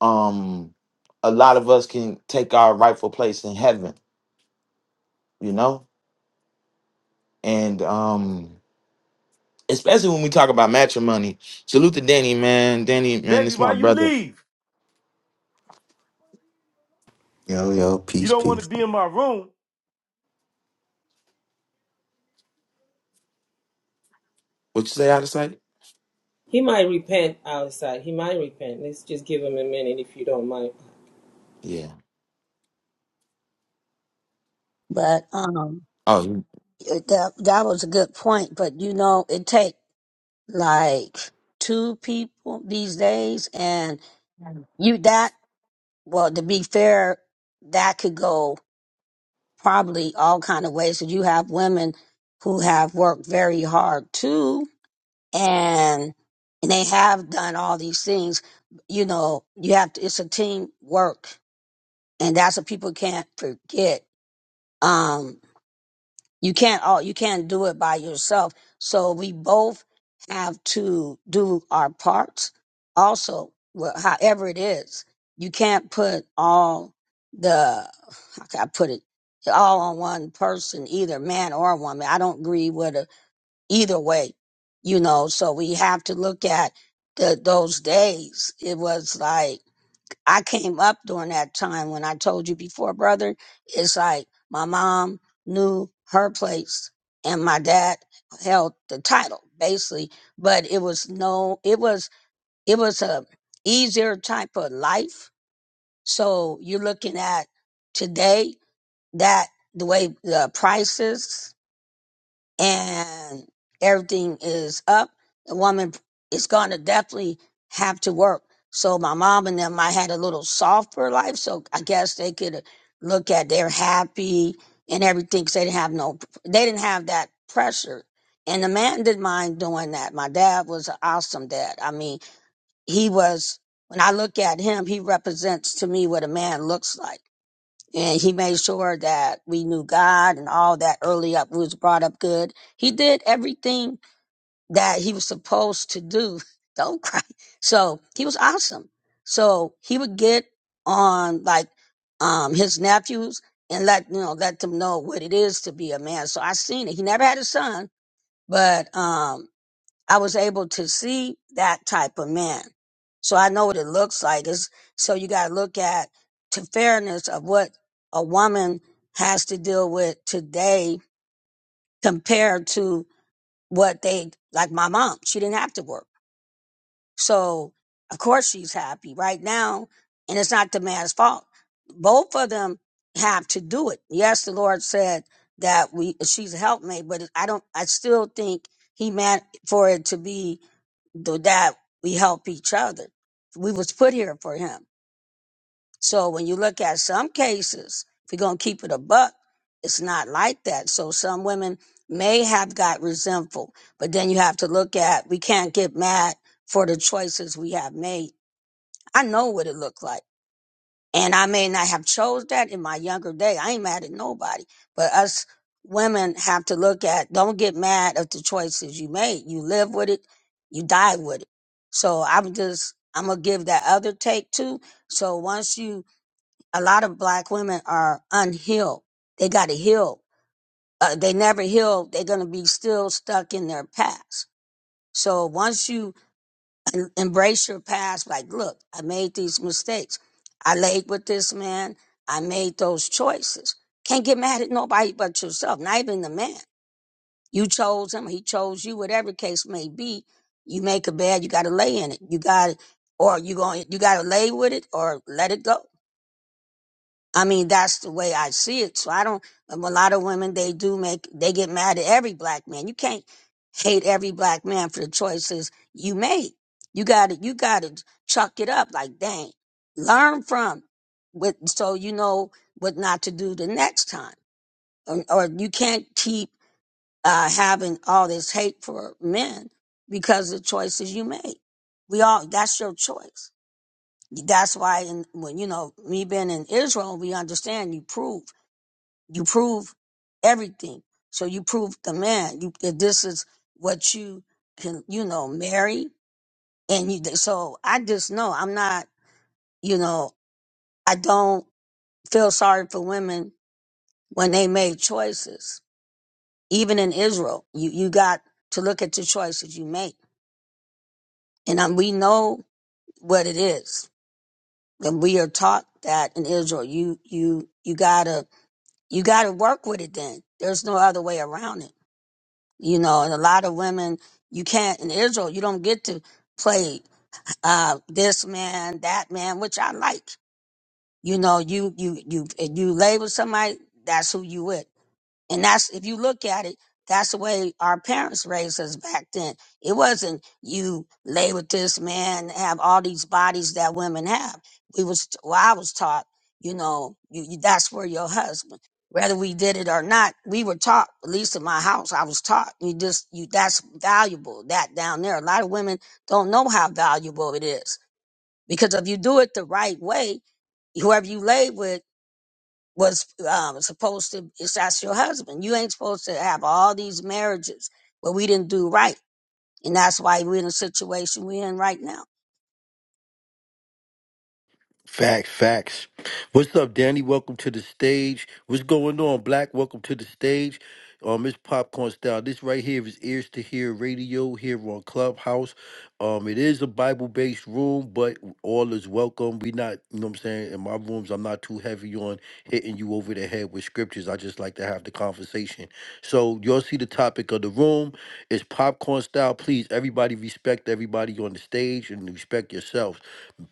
[SPEAKER 2] um a lot of us can take our rightful place in heaven you know and um especially when we talk about matrimony salute to danny man danny man
[SPEAKER 1] Baby,
[SPEAKER 2] this my
[SPEAKER 1] why you
[SPEAKER 2] brother
[SPEAKER 1] leave?
[SPEAKER 6] Yo, yo,
[SPEAKER 1] You
[SPEAKER 6] peace,
[SPEAKER 1] don't want to
[SPEAKER 6] peace.
[SPEAKER 1] be in my room.
[SPEAKER 2] what you say out of sight
[SPEAKER 5] He might repent outside. He might repent. Let's just give him a minute if you don't mind.
[SPEAKER 2] yeah
[SPEAKER 4] but um,
[SPEAKER 2] oh you-
[SPEAKER 4] it- that that was a good point. But you know, it take like two people these days, and you that well to be fair, that could go. probably all kind of ways. So you have women who have worked very hard too, and and they have done all these things. You know, you have to. It's a team work, and that's what people can't forget. Um, you can't all you can't do it by yourself. So we both have to do our parts. Also, wh- however it is, you can't put all the how can I put it all on one person, either man or woman. I don't agree with a, either way, you know. So we have to look at the, those days. It was like. I came up during that time when I told you before, brother. It's like my mom knew her place and my dad held the title basically, but it was no, it was, it was a easier type of life. So you're looking at today that the way the prices and everything is up, the woman is going to definitely have to work. So my mom and them, I had a little softer life, so I guess they could look at they're happy and everything 'cause they didn't have no, they didn't have that pressure. And the man didn't mind doing that. My dad was an awesome dad. I mean, he was. When I look at him, he represents to me what a man looks like and he made sure that we knew God and all that early up We was brought up good. He did everything that he was supposed to do. Don't cry. So he was awesome. So he would get on like um his nephews and let you know let them know what it is to be a man. So I seen it. He never had a son, but um I was able to see that type of man. So I know what it looks like. It's, so you got to look at the fairness of what a woman has to deal with today compared to what they, like my mom, she didn't have to work. So of course she's happy right now, and it's not the man's fault. Both of them have to do it. Yes, the Lord said that we she's a helpmate, but I don't. I still think He meant for it to be th- that we help each other. We was put here for Him. So when you look at some cases, if you're gonna keep it a buck, it's not like that. So some women may have got resentful, but then you have to look at we can't get mad for the choices we have made. I know what it looked like. And I may not have chose that in my younger day. I ain't mad at nobody. But us women have to look at don't get mad at the choices you made. You live with it, you die with it. So I'm just I'm gonna give that other take too. So once you a lot of black women are unhealed. They got to heal. Uh, they never heal. They're going to be still stuck in their past. So once you en- embrace your past, like, look, I made these mistakes. I laid with this man. I made those choices. Can't get mad at nobody but yourself, not even the man. You chose him. He chose you, whatever case may be. You make a bed, you got to lay in it. You got to, or you going, you got to lay with it or let it go. I mean, that's the way I see it. So I don't, um, a lot of women, they do make, they get mad at every black man. You can't hate every black man for the choices you made. You gotta, you gotta chuck it up like, dang, learn from with, so you know what not to do the next time. Or, or you can't keep, uh, having all this hate for men because of the choices you made. We all, that's your choice. That's why, in, when, you know, me being in Israel, we understand you prove. You prove everything. So you prove the man you, that this is what you can, you know, marry. And you, so I just know I'm not, you know, I don't feel sorry for women when they made choices. Even in Israel, you, you got to look at the choices you make. And um, we know what it is. And we are taught that in Israel, you, you, you gotta, you gotta work with it then. There's no other way around it you know and a lot of women you can't in israel you don't get to play uh this man that man which i like you know you you you if you label somebody that's who you with and that's, if you look at it, that's the way our parents raised us back then. It wasn't you lay with this man, have all these bodies that women have. We was, well, I was taught, you know, you, you, that's for your husband. Whether we did it or not, we were taught, at least in my house, I was taught, you just, you, that's valuable, that down there. A lot of women don't know how valuable it is because if you do it the right way, whoever you lay with, was um, supposed to it's that's your husband you ain't supposed to have all these marriages but we didn't do right and that's why we're in the situation we're in right now
[SPEAKER 1] Facts, facts. What's up, Danny? Welcome to the stage. What's going on, Black? Welcome to the stage. Um, it's popcorn style. This right here is ears to hear radio here on Clubhouse. Um, it is a Bible-based room, but all is welcome. We not, you know what I'm saying, in my rooms, I'm not too heavy on hitting you over the head with scriptures. I just like to have the conversation. So y'all see the topic. of the room is popcorn style. Please, everybody respect everybody on the stage and respect yourselves.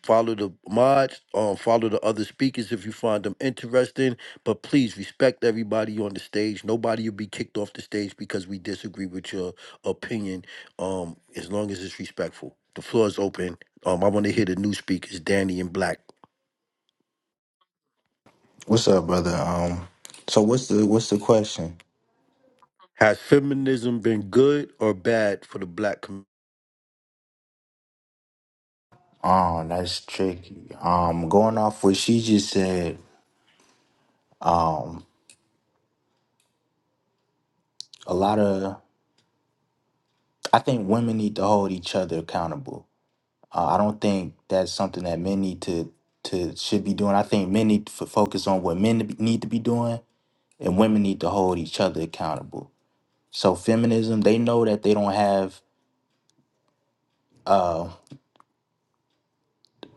[SPEAKER 1] Follow the mods, um, follow the other speakers if you find them interesting. But please respect everybody on the stage. Nobody will be kicked off the stage because we disagree with your opinion. Um, as long as it's respectful. The floor is open. Um, I want to hear the new speakers, Danny and Black.
[SPEAKER 6] What's up, brother? Um, so what's the what's the question?
[SPEAKER 1] Has feminism been good or bad for the black community?
[SPEAKER 6] Oh, that's tricky. Um, going off what she just said, a lot of I think women need to hold each other accountable. Uh, I don't think that's something that men need to to should be doing. I think men need to f- focus on what men to be- need to be doing, and women need to hold each other accountable. So feminism, they know that they don't have uh,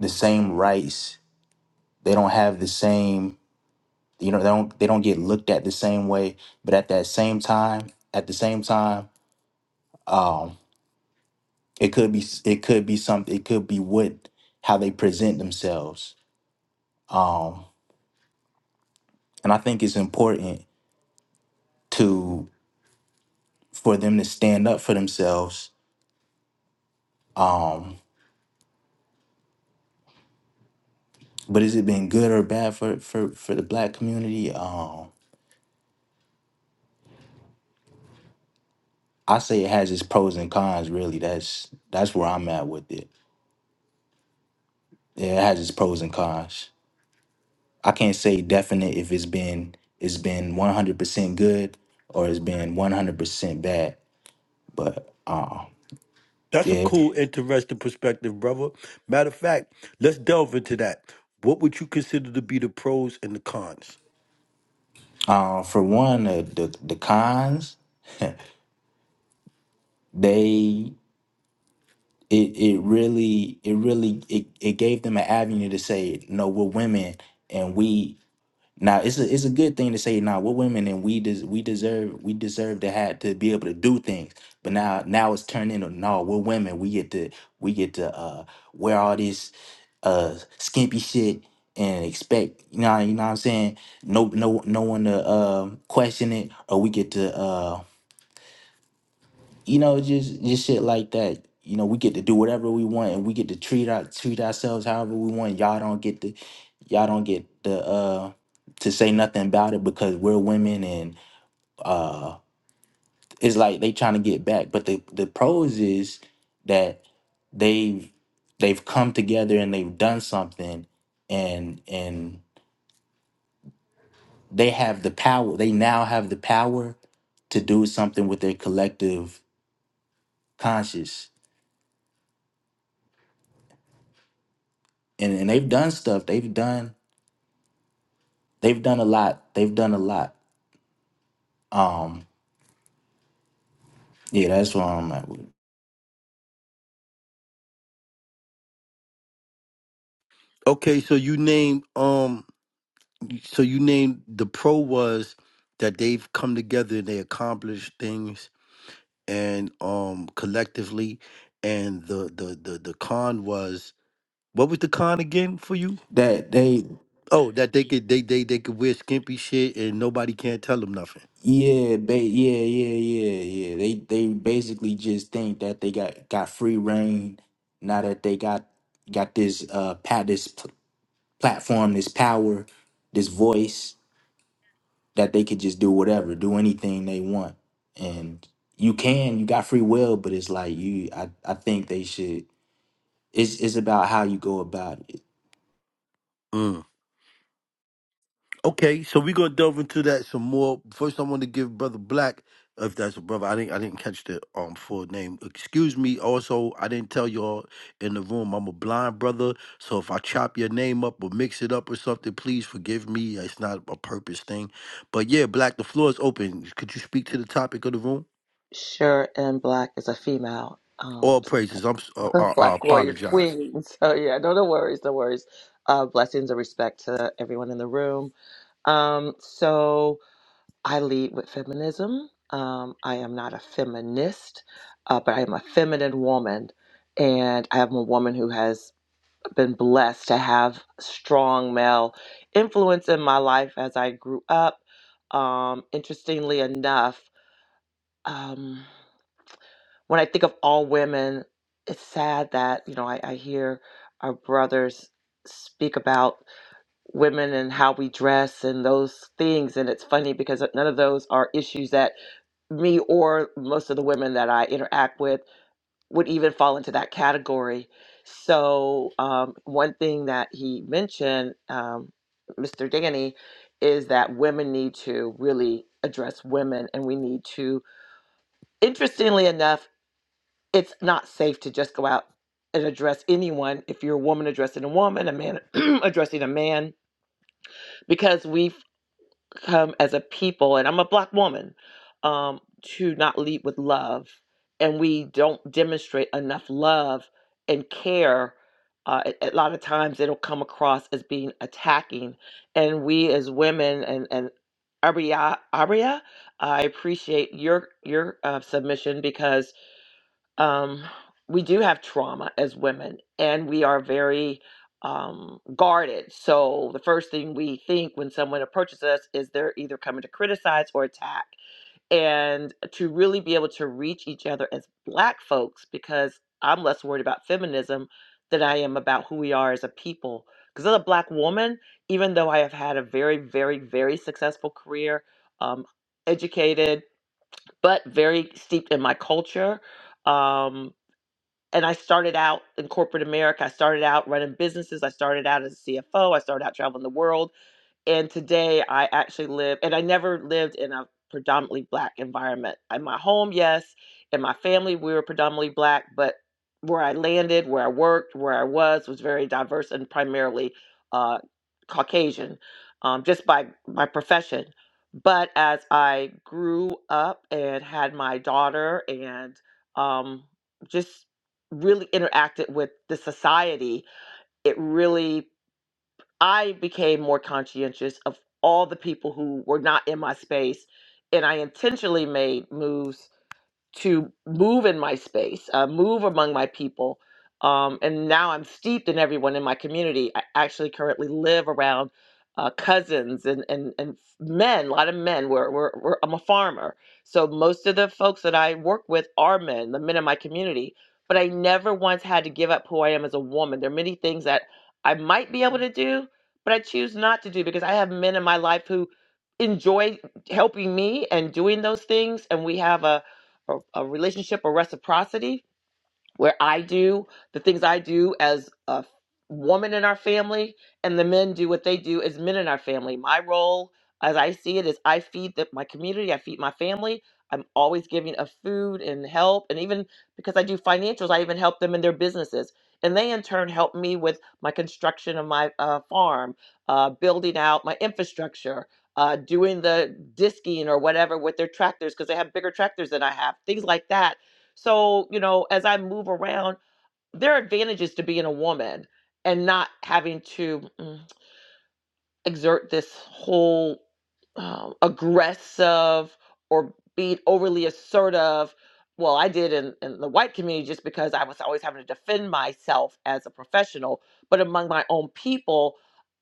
[SPEAKER 6] the same rights. They don't have the same you know they don't they don't get looked at the same way but at that same time at the same time it could be s- it could be something it could be what how they present themselves and i think it's important to for them to stand up for themselves but has it been good or bad for for for the black community um i say it has its pros and cons really that's that's where i'm at with it yeah, it has its pros and cons I can't say definite if it's been it's been 100% good or it's been 100% bad. But uh,
[SPEAKER 1] That's a
[SPEAKER 6] yeah,
[SPEAKER 1] cool, interesting perspective, brother. Matter of fact, let's delve into that. What would you consider to be the pros and the cons?
[SPEAKER 6] uh, for one, uh, the the cons they it it really it really it, it gave them an avenue to say no, we're women and we Now it's a it's a good thing to say now we're women and we des- we deserve we deserve to have to be able to do things. But now now it's turned into no, we're women. We get to we get to uh wear all this uh skimpy shit and expect you know you know what I'm saying no no no one to um question it or we get to uh you know, just just shit like that. You know, we get to do whatever we want, and we get to treat our treat ourselves however we want. Y'all don't get the, y'all don't get the uh to say nothing about it because we're women, and it's like they trying to get back. But the the pros is that they've they've come together and they've done something, and and they have the power. They now have the power to do something with their collective conscious, and and they've done stuff. They've done. They've done a lot. They've done a lot. Um, yeah, that's where I'm at with it.
[SPEAKER 1] Okay, so you named um so you named the pro was that they've come together and they accomplished things and um collectively and the the the, the con was what was the con again for you?
[SPEAKER 6] that. They,
[SPEAKER 1] Oh, that they could they they they could wear skimpy shit and nobody can't tell them nothing.
[SPEAKER 6] yeah, ba- yeah, yeah, yeah, yeah. They, they basically just think that they got got free reign now that they got got this uh pat this pl- platform, this power, this voice that they could just do whatever, do anything they want, and you can, you got free will, but it's like you, I, I think they should. It's, it's about how you go about it
[SPEAKER 1] Okay, so we're gonna delve into that some more. First, I want to give Brother Black, if that's a brother, I didn't I didn't catch the um full name. Excuse me. Also, I didn't tell y'all in the room I'm a blind brother, so if I chop your name up or mix it up or something, please forgive me. It's not a purpose thing. But yeah, Black, the floor is open. Could you speak to the topic of the room?
[SPEAKER 7] Sure and Black is a female um,
[SPEAKER 1] All praises. I'm s- uh, uh, I
[SPEAKER 7] Black warrior
[SPEAKER 1] apologize.
[SPEAKER 7] queen. So yeah, no, no worries, no worries. Uh, blessings and respect to everyone in the room. Um, so I lead with feminism. Um, I am not a feminist, uh, but I am a feminine woman, and I am a woman who has been blessed to have strong male influence in my life as I grew up. Um, interestingly enough. Um, when I think of all women, it's sad that, you know, I, I hear our brothers speak about women and how we dress and those things. And it's funny because none of those are issues that me or most of the women that I interact with would even fall into that category. So, um, one thing that he mentioned, um, Mr. Danny, is that women need to really address women and we need to interestingly enough it's not safe to just go out and address anyone if you're a woman addressing a woman, a man addressing a man, because we've come as a people, and I'm a black woman, um, to not lead with love. And we don't demonstrate enough love and care. Uh, a a lot of times it'll come across as being attacking. And we as women, and, and Aria, Aria, I appreciate your your uh, submission because um, we do have trauma as women and we are very um, guarded. So the first thing we think when someone approaches us is they're either coming to criticize or attack. And to really be able to reach each other as Black folks, because I'm less worried about feminism than I am about who we are as a people. Because as a Black woman, even though I have had a very, very, very successful career, um, educated, but very steeped in my culture. Um, and I started out in corporate America. I started out running businesses. I started out as a CFO. I started out traveling the world and today I actually live, and I never lived in a predominantly black environment. In my home, yes, in my family, we were predominantly black, but where I landed, where I worked, where I was, was very diverse and primarily uh, Caucasian, um, just by my profession. But as I grew up and had my daughter, and um, just really interacted with the society, it really I became more conscientious of all the people who were not in my space, and I intentionally made moves to move in my space, uh, move among my people. Um, and now I'm steeped in everyone in my community. I actually currently live around uh, cousins and, and, and men, a lot of men. We're, we're, we're, I'm a farmer. So most of the folks that I work with are men, the men in my community. But I never once had to give up who I am as a woman. There are many things that I might be able to do, but I choose not to do because I have men in my life who enjoy helping me and doing those things. And we have a, a, a relationship or reciprocity where I do the things I do as a woman in our family, and the men do what they do as men in our family. My role, as I see it, is I feed the, my community, I feed my family. I'm always giving of food and help, and even because I do financials, I even help them in their businesses, and they in turn help me with my construction of my uh, farm, uh, building out my infrastructure. Uh, doing the disking or whatever with their tractors because they have bigger tractors than I have, things like that so, you know, as I move around, there are advantages to being a woman and not having to mm, exert this whole um, aggressive or being overly assertive. Well, I did in, in the white community just because I was always having to defend myself as a professional. But among my own people,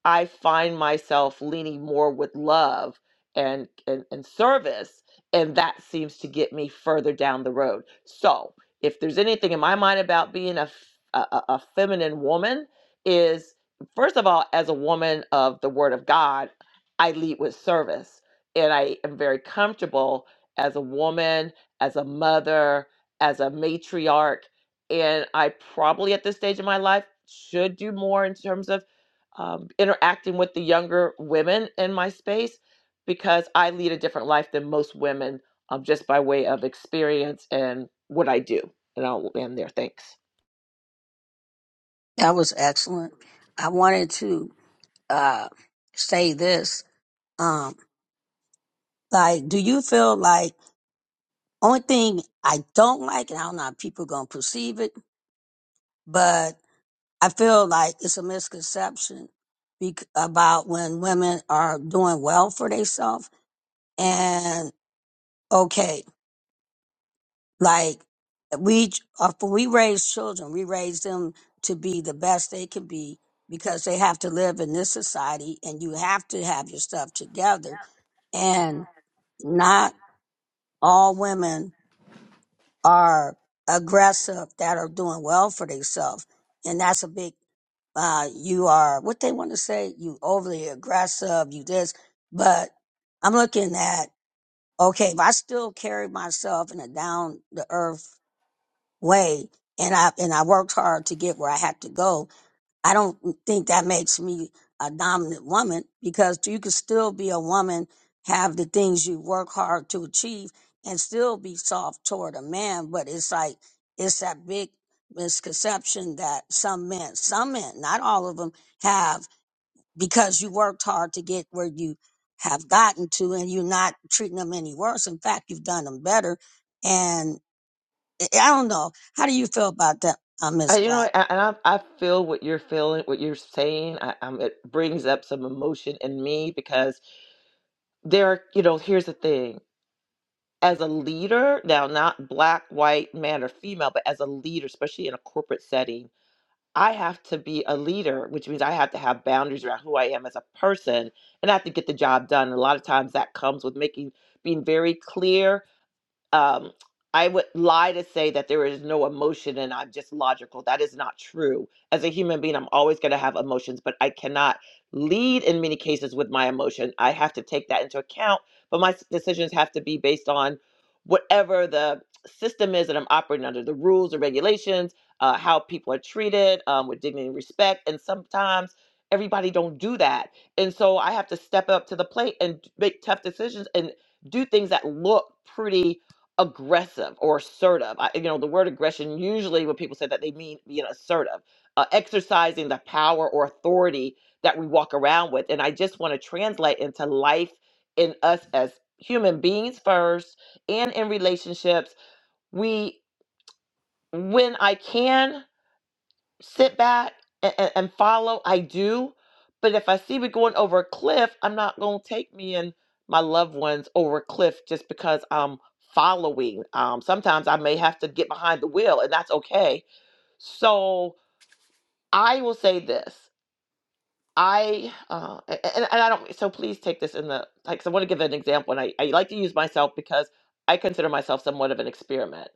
[SPEAKER 7] I find myself leaning more with love and, and, and service. And that seems to get me further down the road. So, if there's anything in my mind about being a, f- a, a a feminine woman, is first of all, as a woman of the Word of God, I lead with service. And I am very comfortable as a woman, as a mother, as a matriarch. And I probably at this stage of my life should do more in terms of um, interacting with the younger women in my space because I lead a different life than most women um, just by way of experience and what I do. And I'll end there. Thanks.
[SPEAKER 4] that was excellent i wanted to uh, say this um, like do you feel like only thing i don't like and i don't know how people gonna perceive it but i feel like it's a misconception bec- about when women are doing well for themselves and okay Like we, after we raise children, we raise them to be the best they can be because they have to live in this society and you have to have your stuff together. And not all women are aggressive that are doing well for themselves. And that's a big uh, you are what they want to say, you overly aggressive, you this, but I'm looking at, okay, if I still carry myself in a down the earth way and I and I worked hard to get where I had to go. I don't think that makes me a dominant woman because you can still be a woman, have the things you work hard to achieve and still be soft toward a man, but it's like it's that big misconception that some men, some men, not all of them have because you worked hard to get where you have gotten to and you're not treating them any worse. In fact, you've done them better I I don't know. How do you feel about that, uh, Miss
[SPEAKER 7] I, you know,
[SPEAKER 4] Black?
[SPEAKER 7] a- and I, I feel what you're feeling, what you're saying. I, um it brings up some emotion in me because there are, you know, here's the thing. As a leader, now not black, white, man, or female, but as a leader, especially in a corporate setting, I have to be a leader, which means I have to have boundaries around who I am as a person and I have to get the job done. And a lot of times that comes with making being very clear um, I would lie to say that there is no emotion and I'm just logical. That is not true. As a human being, I'm always going to have emotions, but I cannot lead in many cases with my emotion. I have to take that into account, but my s- decisions have to be based on whatever the system is that I'm operating under, the rules or regulations, uh, how people are treated um, with dignity and respect. And sometimes everybody don't do that. And so I have to step up to the plate and make tough decisions and do things that look pretty aggressive or assertive. I, you know, the word aggression usually when people say that they mean being assertive, uh, exercising the power or authority that we walk around with. And I just want to translate into life in us as human beings first and in relationships. We, when I can sit back and, and, and follow. I do. But if I see we going over a cliff, I'm not going to take me and my loved ones over a cliff just because I'm following. Um, sometimes I may have to get behind the wheel, and that's okay. So I will say this. I uh, a- a- and, and I don't so please take this in the like so I want to give an example and I, I like to use myself because I consider myself somewhat of an experiment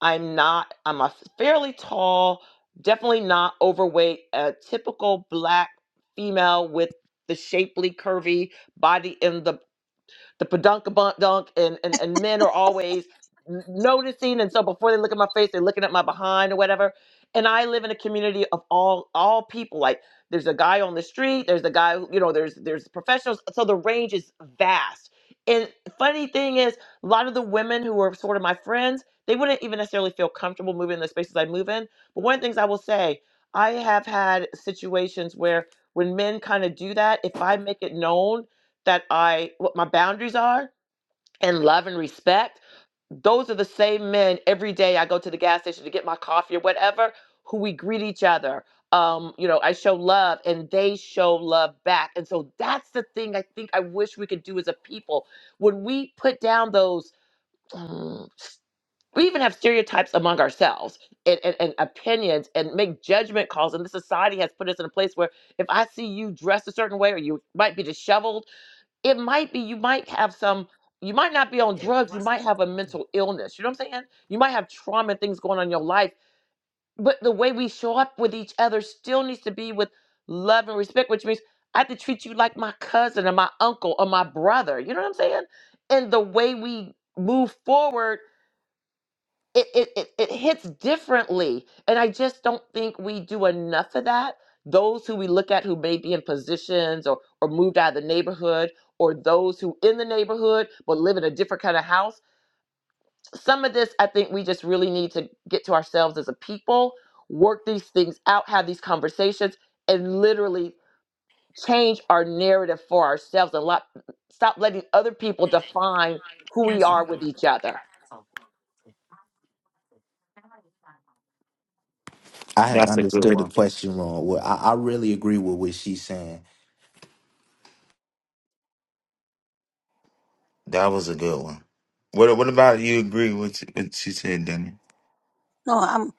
[SPEAKER 7] I'm not, I'm a fairly tall, definitely not overweight, a typical black female with the shapely, curvy body in the the padunkabunk dunk and, and and men are always n- noticing and so before they look at my face they're looking at my behind or whatever and i live in a community of all all people like there's a guy on the street there's a guy who- you know there's there's professionals so the range is vast and funny thing is a lot of the women who are sort of my friends they wouldn't even necessarily feel comfortable moving in the spaces i move in but one of the things i will say i have had situations where when men kind of do that if i make it known that I what my boundaries are and love and respect. Those are the same men every day I go to the gas station to get my coffee or whatever, who we greet each other. Um, you know, I show love and they show love back. And so that's the thing I think I wish we could do as a people. When we put down those mm, we even have stereotypes among ourselves and, and, and opinions and make judgment calls. And the society has put us in a place where if I see you dressed a certain way or you might be disheveled it might be you might have some you might not be on drugs you might have a mental illness you know what i'm saying you might have trauma and things going on in your life but the way we show up with each other still needs to be with love and respect which means i have to treat you like my cousin or my uncle or my brother you know what i'm saying and the way we move forward it, it, it, it hits differently. And I just don't think we do enough of that. Those who we look at who may be in positions or, or moved out of the neighborhood, or those who in the neighborhood but live in a different kind of house. Some of this I think we just really need to get to ourselves as a people, work these things out, have these conversations, and literally change our narrative for ourselves and lot, stop letting other people define who we are with each other.
[SPEAKER 6] I had
[SPEAKER 2] that's a good
[SPEAKER 6] understood the
[SPEAKER 2] one
[SPEAKER 6] question wrong. Well, I, I really agree with what she's saying.
[SPEAKER 2] that was a good one what what about you agree with what she said danny
[SPEAKER 4] No, I'm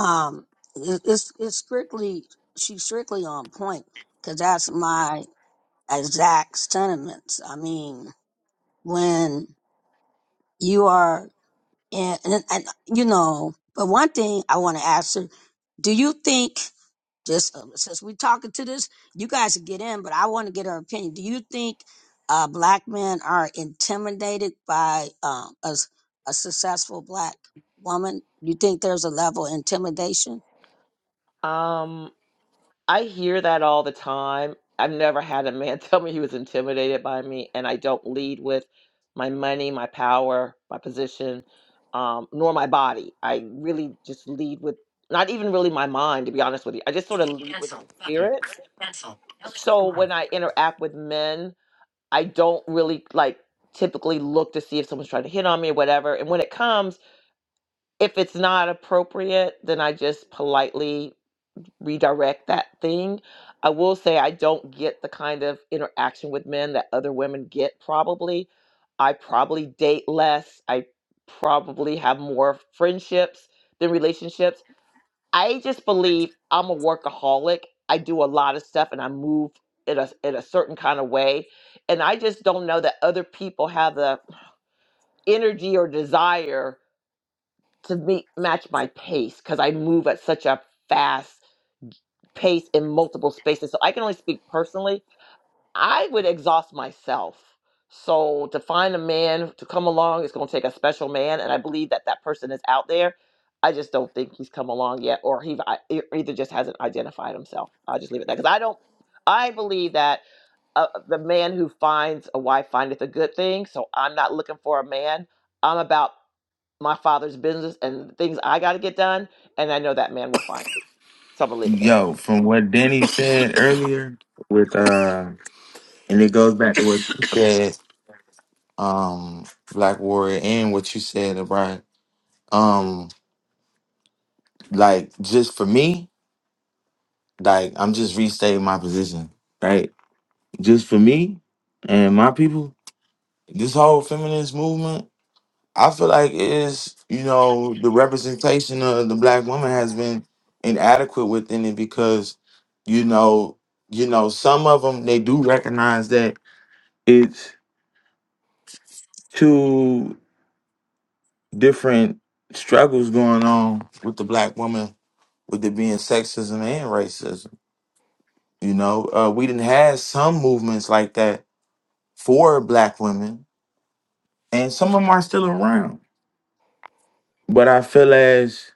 [SPEAKER 4] um it- it's it's strictly she's strictly on point because that's my exact sentiments. I mean, when you are in and, and you know, but one thing I want to ask her, do you think just uh, since we're talking to this, you guys can get in, but I want to get her opinion. Do you think uh, black men are intimidated by um, a, s- a successful black woman? You think there's a level of intimidation?
[SPEAKER 7] Um, I hear that all the time. I've never had a man tell me he was intimidated by me, and I don't lead with my money, my power, my position, um, nor my body. I really just lead with not even really my mind, to be honest with you. I just sort of lead with my spirit. So when I interact with men, I don't really like typically look to see if someone's trying to hit on me or whatever. And when it comes, if it's not appropriate, then I just politely redirect that thing. I will say I don't get the kind of interaction with men that other women get, probably. I probably date less. I probably have more friendships than relationships. I just believe I'm a workaholic. I do a lot of stuff and I move in a, in a certain kind of way. And I just don't know that other people have the energy or desire to meet, match my pace because I move at such a fast pace in multiple spaces. So I can only speak personally. I would exhaust myself. So to find a man to come along, it's going to take a special man, and I believe that that person is out there. I just don't think he's come along yet, or he I- e- either just hasn't identified himself. I'll just leave it at that because I don't. I believe that uh, the man who finds a wife findeth a good thing. So I'm not looking for a man. I'm about my father's business and things I got to get done, and I know that man will find me. So I'm gonna leave it there.
[SPEAKER 2] Yo, from what Danny said earlier, with uh, and it goes back to what you said, um, Black Warrior, and what you said about, um, like just for me, like I'm just restating my position, right? Just for me and my people, this whole feminist movement, I feel like it is, you know, the representation of the black woman has been inadequate within it because, you know, you know, some of them they do recognize that it's two different struggles going on with the black woman with it being sexism and racism you know uh, we didn't have some movements like that for black women and some of them are still around but i feel as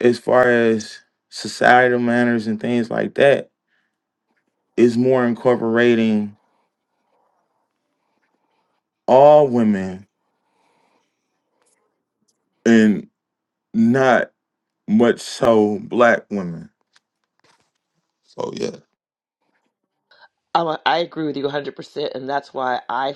[SPEAKER 2] as far as societal manners and things like that is more incorporating all women and not much so black women so yeah
[SPEAKER 7] I'm a, I agree with you 100, percent and that's why I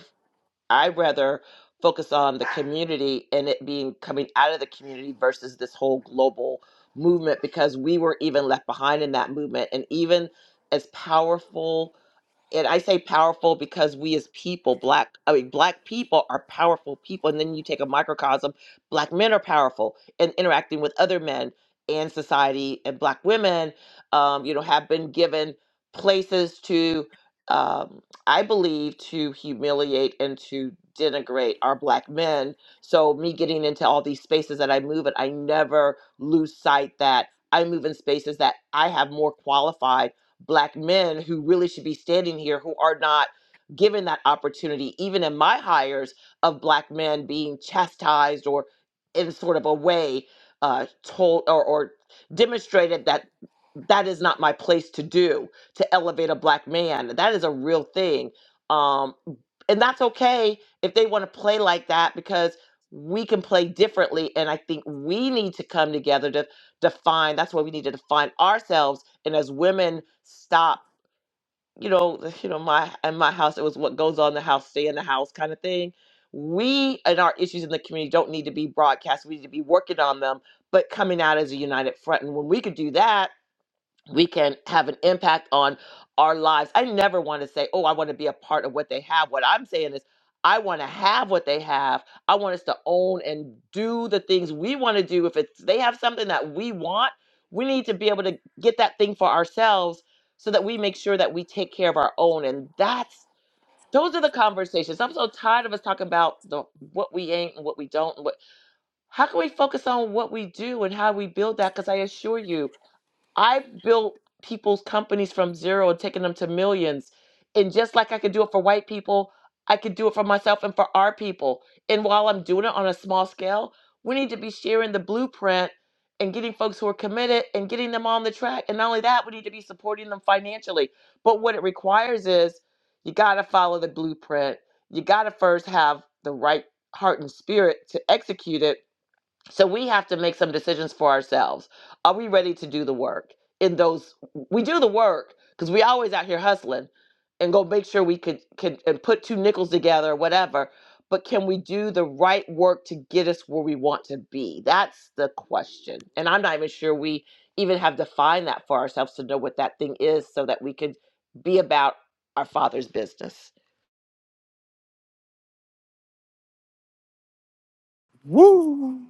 [SPEAKER 7] I rather focus on the community and it being coming out of the community versus this whole global movement because we were even left behind in that movement, and even as powerful and I say powerful because we as people, black, I mean, black people are powerful people. And then you take a microcosm, black men are powerful and interacting with other men and society, and black women, um, you know, have been given places to, um, I believe, to humiliate and to denigrate our black men. So, me getting into all these spaces that I move in, I never lose sight that I move in spaces that I have more qualified black men who really should be standing here who are not given that opportunity, even in my hires of black men being chastised or in sort of a way uh, told or, or demonstrated that that is not my place to do to elevate a black man. That is a real thing. Um, and that's okay if they want to play like that because we can play differently. And I think we need to come together to define that's why we need to define ourselves and as women stop you know the- you know my in my house it was what goes on in the house stay in the house kind of thing we and our issues in the community don't need to be broadcast we need to be working on them but coming out as a united front and when we could do that we can have an impact on our lives. I never want to say, oh, I want to be a part of what they have. What I'm saying is, I want to have what they have. I want us to own and do the things we want to do. If it's they have something that we want, we need to be able to get that thing for ourselves so that we make sure that we take care of our own. And that's those are the conversations. I'm so tired of us talking about the what we ain't and what we don't and what how can we focus on what we do and how we build that? Because I assure you, I've built people's companies from zero and taken them to millions. And just like I could do it for white people, I could do it for myself and for our people. And while I'm doing it on a small scale, we need to be sharing the blueprint and getting folks who are committed and getting them on the track. And not only that, we need to be supporting them financially. But what it requires is you got to follow the blueprint. You got to first have the right heart and spirit to execute it so we have to make some decisions for ourselves. Are we ready to do the work in those? We do the work because we always out here hustling and go make sure we could could and put two nickels together or whatever. But can we do the right work to get us where we want to be? That's the question. And I'm not even sure we even have defined that for ourselves to know what that thing is so that we could be about our father's business.
[SPEAKER 2] Woo!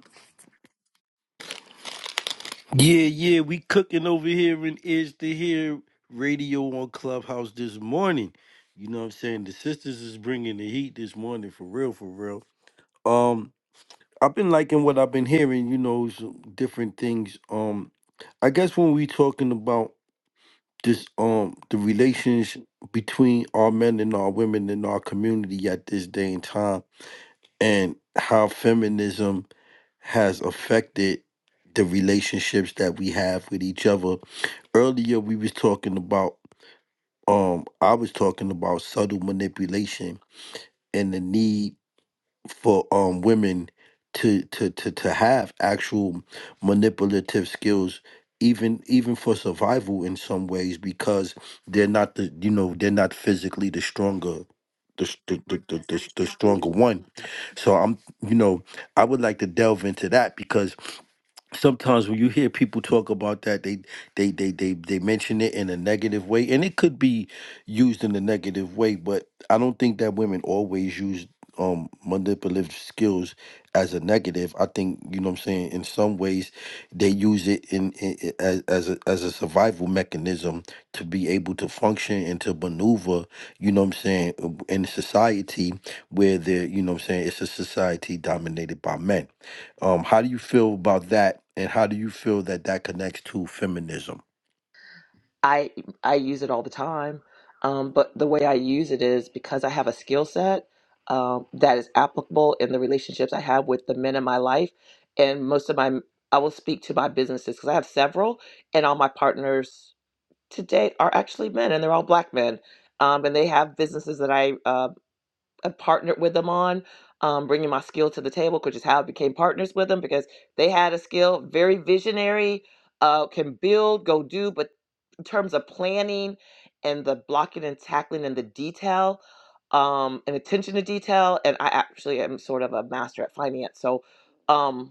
[SPEAKER 1] Yeah, yeah, we cooking over here in Is to Hear radio on Clubhouse this morning. You know what I'm saying? The sisters is bringing the heat this morning for real, for real. Um, I've been liking what I've been hearing, you know, some different things. Um, I guess when we talking about this, um, the relations between our men and our women in our community at this day and time, and how feminism has affected the relationships that we have with each other. Earlier we was talking about um I was talking about subtle manipulation and the need for um women to to to to have actual manipulative skills even even for survival in some ways because they're not the you know they're not physically the stronger the s- the, the, the, the, the stronger one so i'm you know i would like to delve into that because sometimes when you hear people talk about that they they they they they mention it in a negative way and it could be used in a negative way but i don't think that women always use um manipulative skills as a negative i think you know what i'm saying in some ways they use it in, in in- as as a, as a survival mechanism to be able to function and to maneuver you know what i'm saying in society where they're you know what i'm saying it's a society dominated by men um, how do you feel about that, and how do you feel that that connects to feminism?
[SPEAKER 7] I I use it all the time, um, but the way I use it is because I have a skill set um, that is applicable in the relationships I have with the men in my life, and most of my I will speak to my businesses because I have several, and all my partners today are actually men, and they're all black men, um, and they have businesses that I uh, I partnered with them on, um, bringing my skill to the table, which is how I became partners with them because they had a skill, very visionary, uh, can build, go do, but in terms of planning and the blocking and tackling and the detail um, and attention to detail, and I actually am sort of a master at finance, so. Um,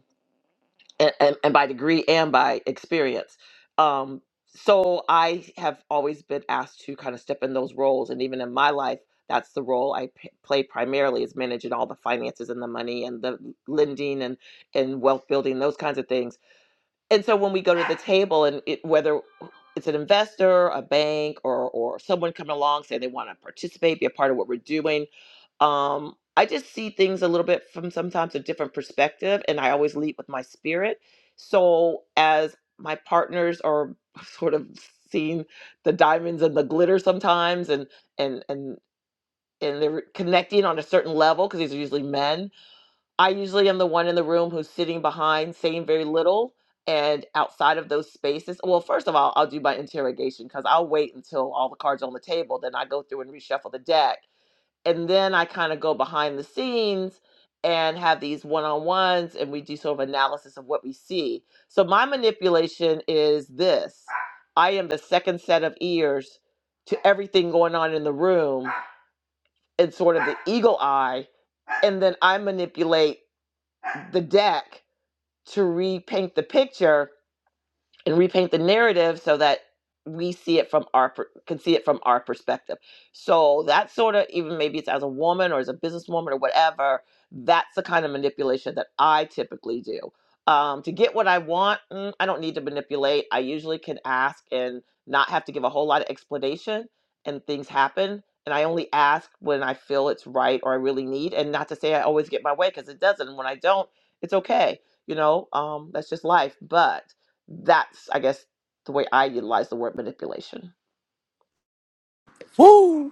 [SPEAKER 7] and, and, and by degree and by experience. Um, so I have always been asked to kind of step in those roles, and even in my life, that's the role I p- play primarily is managing all the finances and the money and the lending and and wealth building those kinds of things. And so when we go to the table, and it, whether it's an investor, a bank, or or someone coming along saying they want to participate, be a part of what we're doing, um i just see things a little bit from sometimes a different perspective and i always lead with my spirit so as my partners are sort of seeing the diamonds and the glitter sometimes and and and and they're connecting on a certain level because these are usually men i usually am the one in the room who's sitting behind saying very little and outside of those spaces well first of all i'll do my interrogation because i'll wait until all the cards are on the table then i go through and reshuffle the deck and then I kind of go behind the scenes and have these one-on-ones and we do sort of analysis of what we see. So my manipulation is this. I am the second set of ears to everything going on in the room and sort of the eagle eye and then I manipulate the deck to repaint the picture and repaint the narrative so that we see it from our per- can see it from our perspective. So that sort of even maybe it's as a woman or as a businesswoman or whatever. That's the kind of manipulation that I typically do. Um, to get what I want, mm, I don't need to manipulate. I usually can ask and not have to give a whole lot of explanation, and things happen. And I only ask when I feel it's right or I really need, and not to say I always get my way because it doesn't. And when I don't, it's okay. You know, um, that's just life. But that's i guess the way i utilize the word manipulation
[SPEAKER 2] Woo!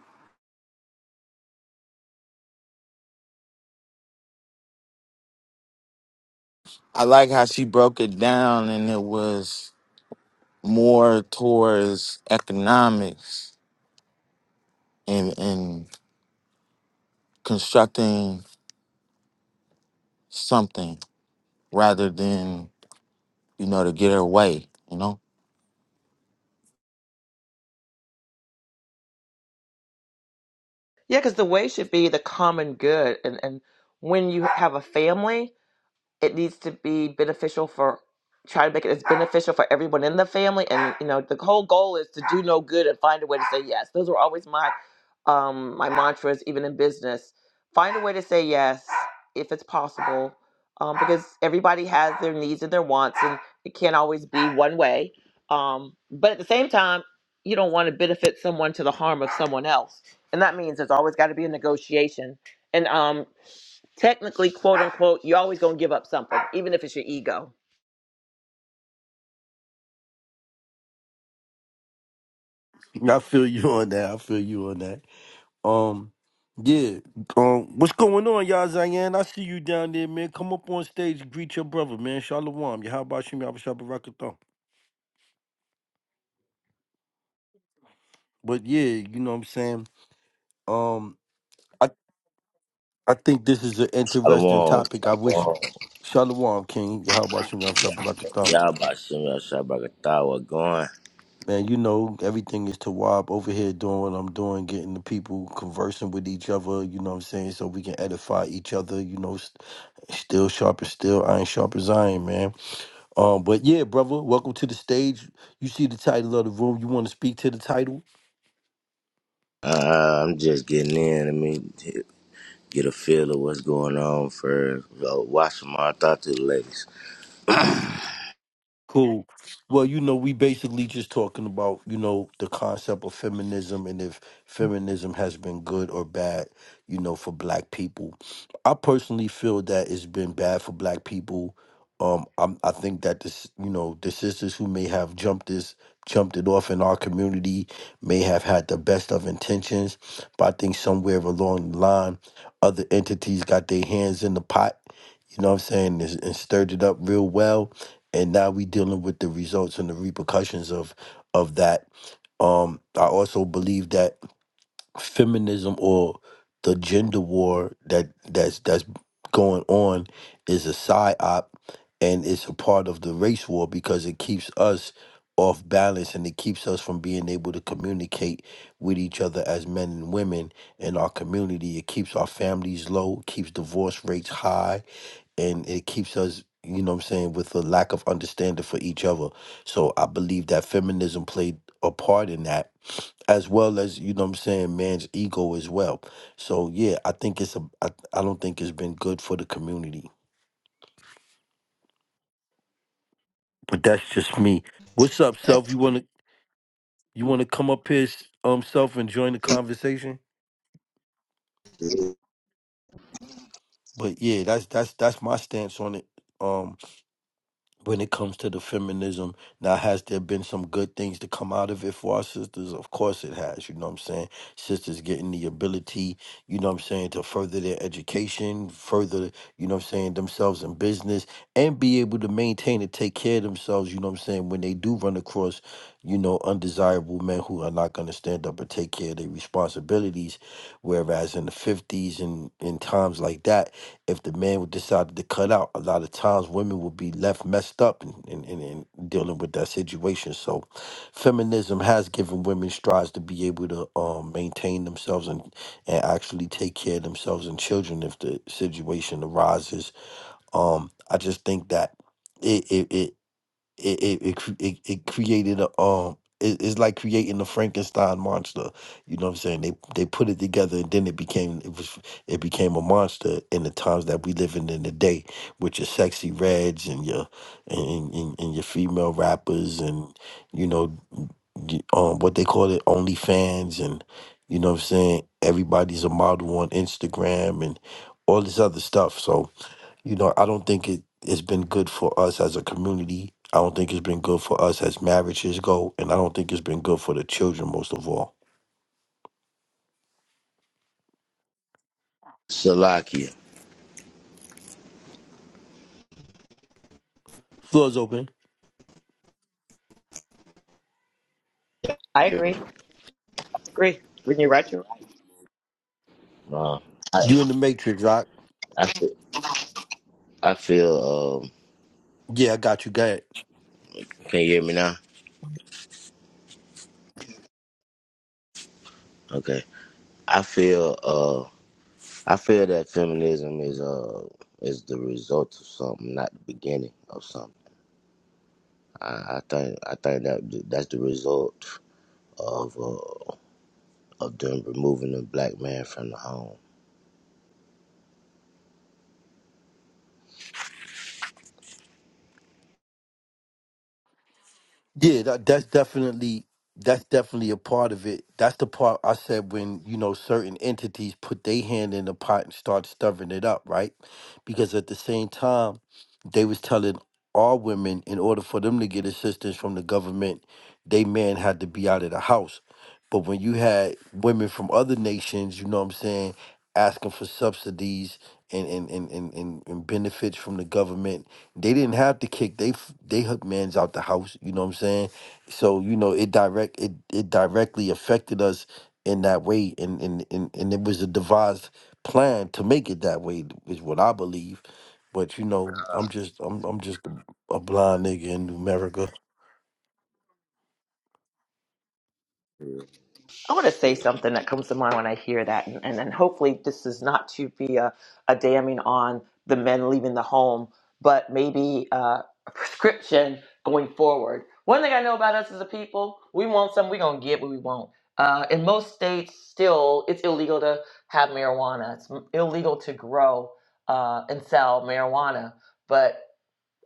[SPEAKER 2] I like how she broke it down and it was more towards economics and and constructing something rather than, you know, to get her way, you know?
[SPEAKER 7] yeah because the way should be the common good and and when you have a family it needs to be beneficial for try to make it as beneficial for everyone in the family and you know the whole goal is to do no good and find a way to say yes those were always my um my mantras even in business find a way to say yes if it's possible um, because everybody has their needs and their wants and it can't always be one way um but at the same time you don't want to benefit someone to the harm of someone else and that means there's always got to be a negotiation and um technically, quote unquote, you're always going to give up something, even if it's your ego.
[SPEAKER 1] I feel you on that. I feel you on that. Um, yeah. Um, what's going on, y'all? Zayan, I see you down there, man. Come up on stage, greet your brother, man. Shalom. Yeah, how about you, Shabarakat? But yeah, you know what I'm saying. Um, I I think this is an interesting
[SPEAKER 8] Shalom,
[SPEAKER 1] topic. I wish
[SPEAKER 8] shalom.
[SPEAKER 1] Shalom King. Yeah, How about you,
[SPEAKER 8] Y'all about to shot back a thought going.
[SPEAKER 1] Man, you know, everything is to Wab over here doing what I'm doing, getting the people conversing with each other, you know what I'm saying, so we can edify each other, you know, st- still sharp as still, iron sharp as iron, man. Um, but yeah, brother, welcome to the stage. You see the title of the room, you want to speak to the title?
[SPEAKER 8] Uh, I'm just getting in. Let me get a feel of what's going on first. So watch my I thought to the ladies.
[SPEAKER 1] Cool. Well, you know, we basically just talking about, you know, the concept of feminism and if feminism has been good or bad, you know, for black people. I personally feel that it's been bad for black people. Um, I'm, I think that this, you know, the sisters who may have jumped this, jumped it off in our community may have had the best of intentions, but I think somewhere along the line, other entities got their hands in the pot. You know what I'm saying? And and stirred it up real well and now we dealing with the results and the repercussions of of that um i also believe that feminism or the gender war that that's that's going on is a psyop and it's a part of the race war because it keeps us off balance and it keeps us from being able to communicate with each other as men and women in our community it keeps our families low keeps divorce rates high and it keeps us you know what i'm saying with a lack of understanding for each other so i believe that feminism played a part in that as well as you know what i'm saying man's ego as well so yeah i think it's a i, I don't think it's been good for the community but that's just me what's up self you want to you want to come up here s- um self and join the conversation but yeah that's that's that's my stance on it Um. when it comes to the feminism. Now, has there been some good things to come out of it for our sisters? Of course it has, you know what I'm saying? Sisters getting the ability, you know what I'm saying, to further their education, further, you know what I'm saying, themselves in business, and be able to maintain and take care of themselves, you know what I'm saying, when they do run across, you know, undesirable men who are not going to stand up and take care of their responsibilities. Whereas in the 50s and in times like that, if the man would decided to cut out, a lot of times women would be left messed up and and and in, dealing with that situation. So, feminism has given women strides to be able to um, maintain themselves and, and actually take care of themselves and children if the situation arises. Um, I just think that. it it. it it it it, cre- it, it created a um it, it's like creating the Frankenstein monster. You know what I'm saying? They they put it together and then it became it was it became a monster in the times that we living in today with your sexy reds and your and, and, and your female rappers and you know y- um what they call it OnlyFans and you know what I'm saying everybody's a model on Instagram and all this other stuff. So you know, I don't think it, it's been good for us as a community. I don't think it's been good for us as marriages go, and I don't think it's been good for the children most of all.
[SPEAKER 8] Salakia.
[SPEAKER 1] Floor's open.
[SPEAKER 7] I agree. Agree. When you're right, you're right.
[SPEAKER 8] Uh, I,
[SPEAKER 1] You in the matrix, rock.
[SPEAKER 8] I feel, I feel um
[SPEAKER 1] Yeah, I got you. Got it.
[SPEAKER 8] can you hear me now? Okay. I feel uh I feel that feminism is uh is the result of something, not the beginning of something. I, I think I think that that's the result of uh, of them removing the black man from the home.
[SPEAKER 1] Yeah, that, that's definitely that's definitely a part of it. That's the part I said when you know certain entities put their hand in the pot and start stirring it up, right? Because at the same time, they was telling all women in order for them to get assistance from the government they man had to be out of the house. But when you had women from other nations, you know what I'm saying, asking for subsidies and and and and, and, and benefits from the government, they didn't have to kick they f- they hook mans out the house, you know what I'm saying? So, you know, it direct it, it directly affected us in that way and, and and and it was a devised plan to make it that way is what I believe. But you know, I'm just I'm I'm just a a blind nigga in America.
[SPEAKER 7] I want to say something that comes to mind when I hear that, and, and, and hopefully this is not to be a, a damning on the men leaving the home, but maybe uh, a prescription going forward. One thing I know about us as a people, we want something, we're going to get what we want. Uh, in most states, still, it's illegal to have marijuana. It's m- illegal to grow uh, and sell marijuana. But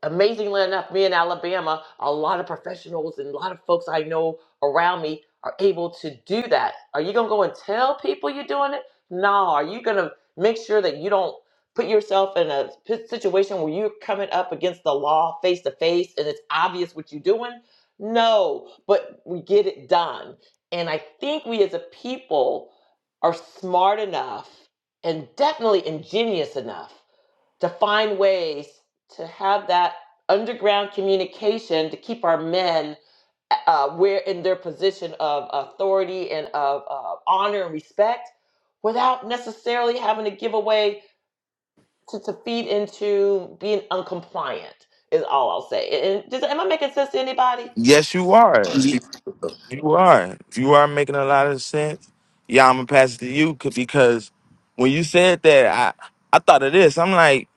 [SPEAKER 7] amazingly enough, me in Alabama, a lot of professionals and a lot of folks I know around me are able to do that. Are you gonna go and tell people you're doing it? No. Are you gonna make sure that you don't put yourself in a p- situation where you're coming up against the law face to face and it's obvious what you're doing? No, but we get it done. And I think we as a people are smart enough and definitely ingenious enough to find ways to have that underground communication to keep our men uh, where in their position of authority and of uh, honor and respect without necessarily having to give away to, to feed into being uncompliant is all I'll say. And does, am I making sense to anybody?
[SPEAKER 2] Yes, you are.
[SPEAKER 8] Yeah,
[SPEAKER 2] You are. You are making a lot of sense. Yeah, I'm gonna pass it to you c- because when you said that, I I thought of this. I'm like,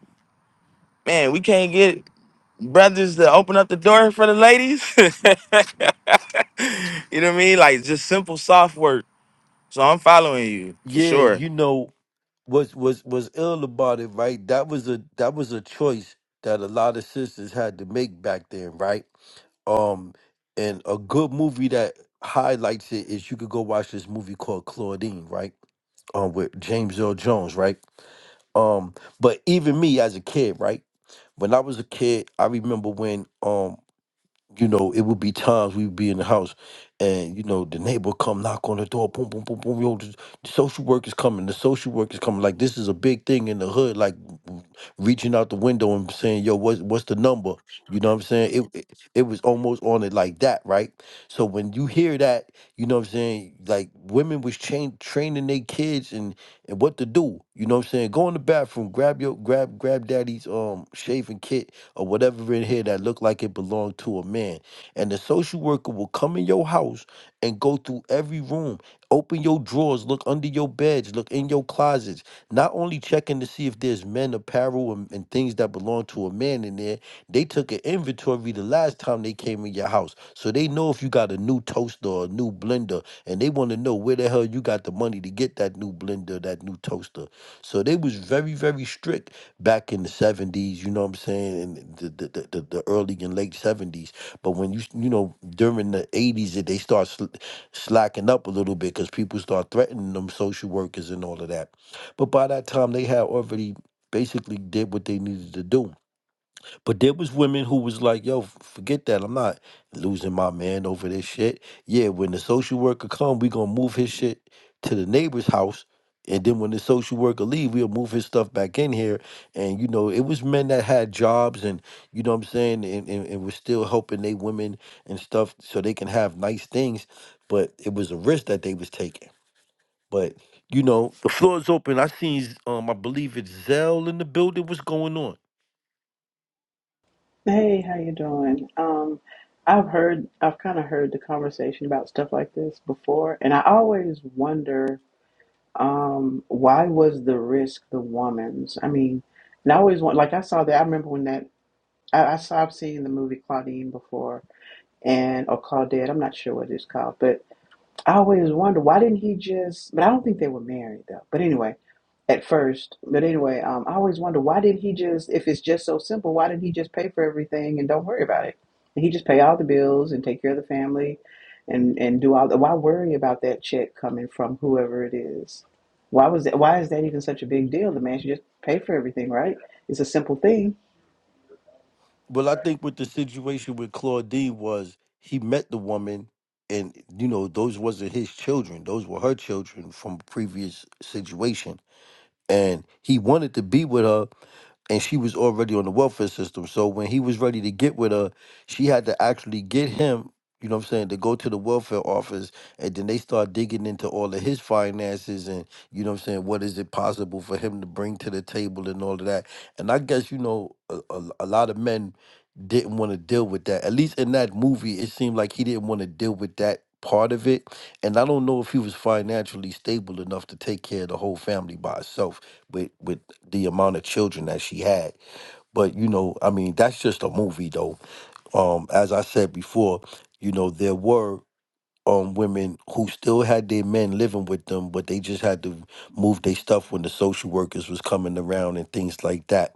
[SPEAKER 2] man, we can't get brothers to open up the door for the ladies. you know what I mean? Like just simple soft work. So I'm following you for
[SPEAKER 1] Yeah,
[SPEAKER 2] sure.
[SPEAKER 1] you know, was was was ill about it, right? That was a that was a choice that a lot of sisters had to make back then, right? Um, and a good movie that highlights it is you could go watch this movie called Claudine, right? Um, with James Earl Jones, right? Um, but even me as a kid, right? When I was a kid, I remember when um you know, it would be times we would be in the house and, you know, the neighbor come knock on the door, boom, boom, boom, boom, yo, the the social work is coming, the social work is coming. Like this is a big thing in the hood, like reaching out the window and saying, yo, what's what's the number? You know what I'm saying? It it, it was almost on it like that, right? So when you hear that, you know what I'm saying, like women was train, training their kids and and what to do. You know what I'm saying? Go in the bathroom, grab your grab grab daddy's um shaving kit or whatever in here that looked like it belonged to a man. And the social worker will come in your house and go through every room, open your drawers, look under your beds, look in your closets, not only checking to see if there's men apparel and, and things that belong to a man in there, they took an inventory the last time they came in your house. So they know if you got a new toaster or a new blender, and they want to know where the hell you got the money to get that new blender, that new toaster. So they was very, very strict back in the 70s, you know what I'm saying, in the the, the, the the early and late 70s. But when you, you know, during the 80s, that they start sl- slacking up a little bit because people start threatening them social workers and all of that. But by that time, they had already basically did what they needed to do. But there was women who was like, "Yo, f- forget that. I'm not losing my man over this shit." Yeah, when the social worker come, we gonna move his shit to the neighbor's house, and then when the social worker leave, we'll move his stuff back in here. And you know, it was men that had jobs, and you know what I'm saying, and and, and was still helping they women and stuff so they can have nice things. But it was a risk that they was taking. But you know, the floor is open. I seen, um, I believe it's Zell in the building. What's going on?
[SPEAKER 9] Hey, how you doing? Um, I've heard, I've kind of heard the conversation about stuff like this before, and I always wonder, um, why was the risk the woman's? I mean, and I always want, like I saw that. I remember when that I, I saw, I've seen the movie Claudine before, and or Claudette. I'm not sure what it's called, but. I always wonder why didn't he just? But I don't think they were married though. But anyway, at first, but anyway, um, I always wonder why didn't he just? If it's just so simple, why didn't he just pay for everything and don't worry about it? And he just pay all the bills and take care of the family, and and do all the. Why worry about that check coming from whoever it is? Why was that? Why is that even such a big deal? The man should just pay for everything, right? It's a simple thing.
[SPEAKER 1] Well, I think what the situation with Claudine was he met the woman, and you know those wasn't his children; those were her children from a previous situation. And he wanted to be with her, and she was already on the welfare system. So when he was ready to get with her, she had to actually get him. You know what I'm saying? To go to the welfare office, and then they start digging into all of his finances, and you know what I'm saying. What is it possible for him to bring to the table, and all of that? And I guess you know a, a, a lot of men didn't want to deal with that. At least in that movie, it seemed like he didn't want to deal with that part of it. And I don't know if he was financially stable enough to take care of the whole family by itself with with the amount of children that she had. But you know, I mean, that's just a movie though. Um, as I said before, you know, there were um women who still had their men living with them, but they just had to move their stuff when the social workers was coming around and things like that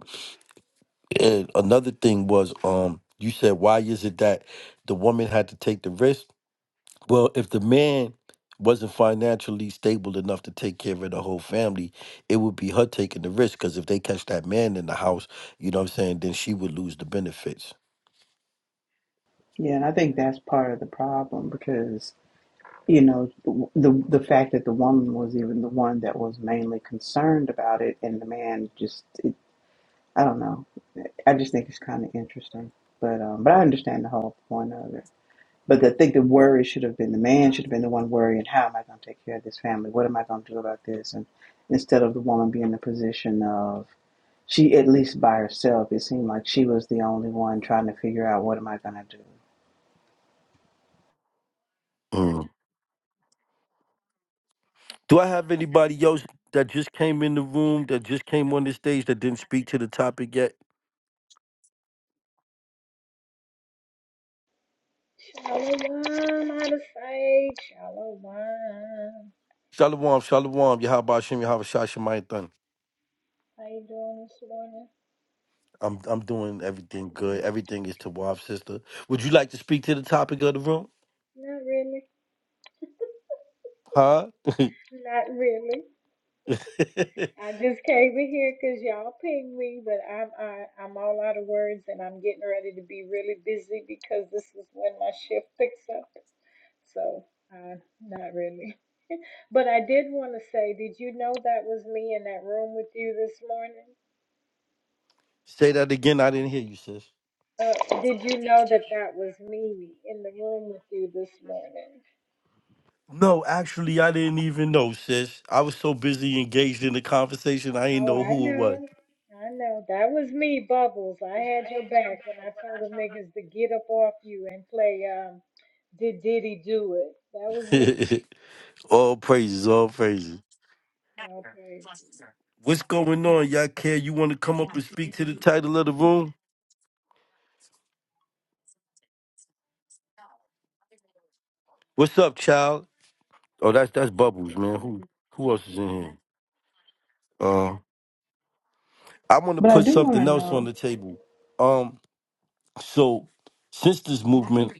[SPEAKER 1] and another thing was, um, you said, why is it that the woman had to take the risk? Well, if the man wasn't financially stable enough to take care of the whole family, it would be her taking the risk. Because if they catch that man in the house, you know what I'm saying, then she would lose the benefits.
[SPEAKER 9] Yeah, and I think that's part of the problem because you know the the fact that the woman was even the one that was mainly concerned about it and the man just it, i don't know i just think it's kind of interesting but um but i understand the whole point of it but i think the worry should have been the man should have been the one worrying how am i going to take care of this family what am i going to do about this and instead of the woman being in the position of she at least by herself it seemed like she was the only one trying to figure out what am i going to do
[SPEAKER 1] Mm. Do I have anybody else that just came in the room, that just came on the stage, that didn't speak to the topic yet?
[SPEAKER 10] Shalom, out of faith. Shalom.
[SPEAKER 1] Shalom, shalom, Yahabashim, Yahabashah, Shemayathan.
[SPEAKER 10] How you doing this morning?
[SPEAKER 1] I'm I'm doing everything good. Everything is to Wab sister. Would you like to speak to the topic of the room?
[SPEAKER 10] Not really.
[SPEAKER 1] Huh?
[SPEAKER 10] Not really. I just came in here 'cause y'all pinged me, but I'm I, I'm all out of words and I'm getting ready to be really busy because this is when my shift picks up. So, uh, not really. But I did want to say, did you know that was me in that room with you this morning?
[SPEAKER 1] Say that again. I didn't hear you, sis.
[SPEAKER 10] Uh, did you know that that was me in the room with you this morning?
[SPEAKER 1] No, actually, I didn't even know, sis. I was so busy engaged in the conversation, I didn't
[SPEAKER 10] Oh,
[SPEAKER 1] know
[SPEAKER 10] I
[SPEAKER 1] who it
[SPEAKER 10] know. I know. That was me, Bubbles. I had your back when I told them niggas to get up off you and play um Did Diddy Do It. That was me.
[SPEAKER 1] was. all praises, all praises.
[SPEAKER 10] Oh, praise.
[SPEAKER 1] What's going on, y'all? Care you want to come up and speak to the title of the room? What's up, child? Oh, that's that's Bubbles, man. Who who else is in here? Um, I want to
[SPEAKER 9] but i
[SPEAKER 1] put
[SPEAKER 9] do want to
[SPEAKER 1] something else on
[SPEAKER 9] know
[SPEAKER 1] the table. Um. So, since this movement,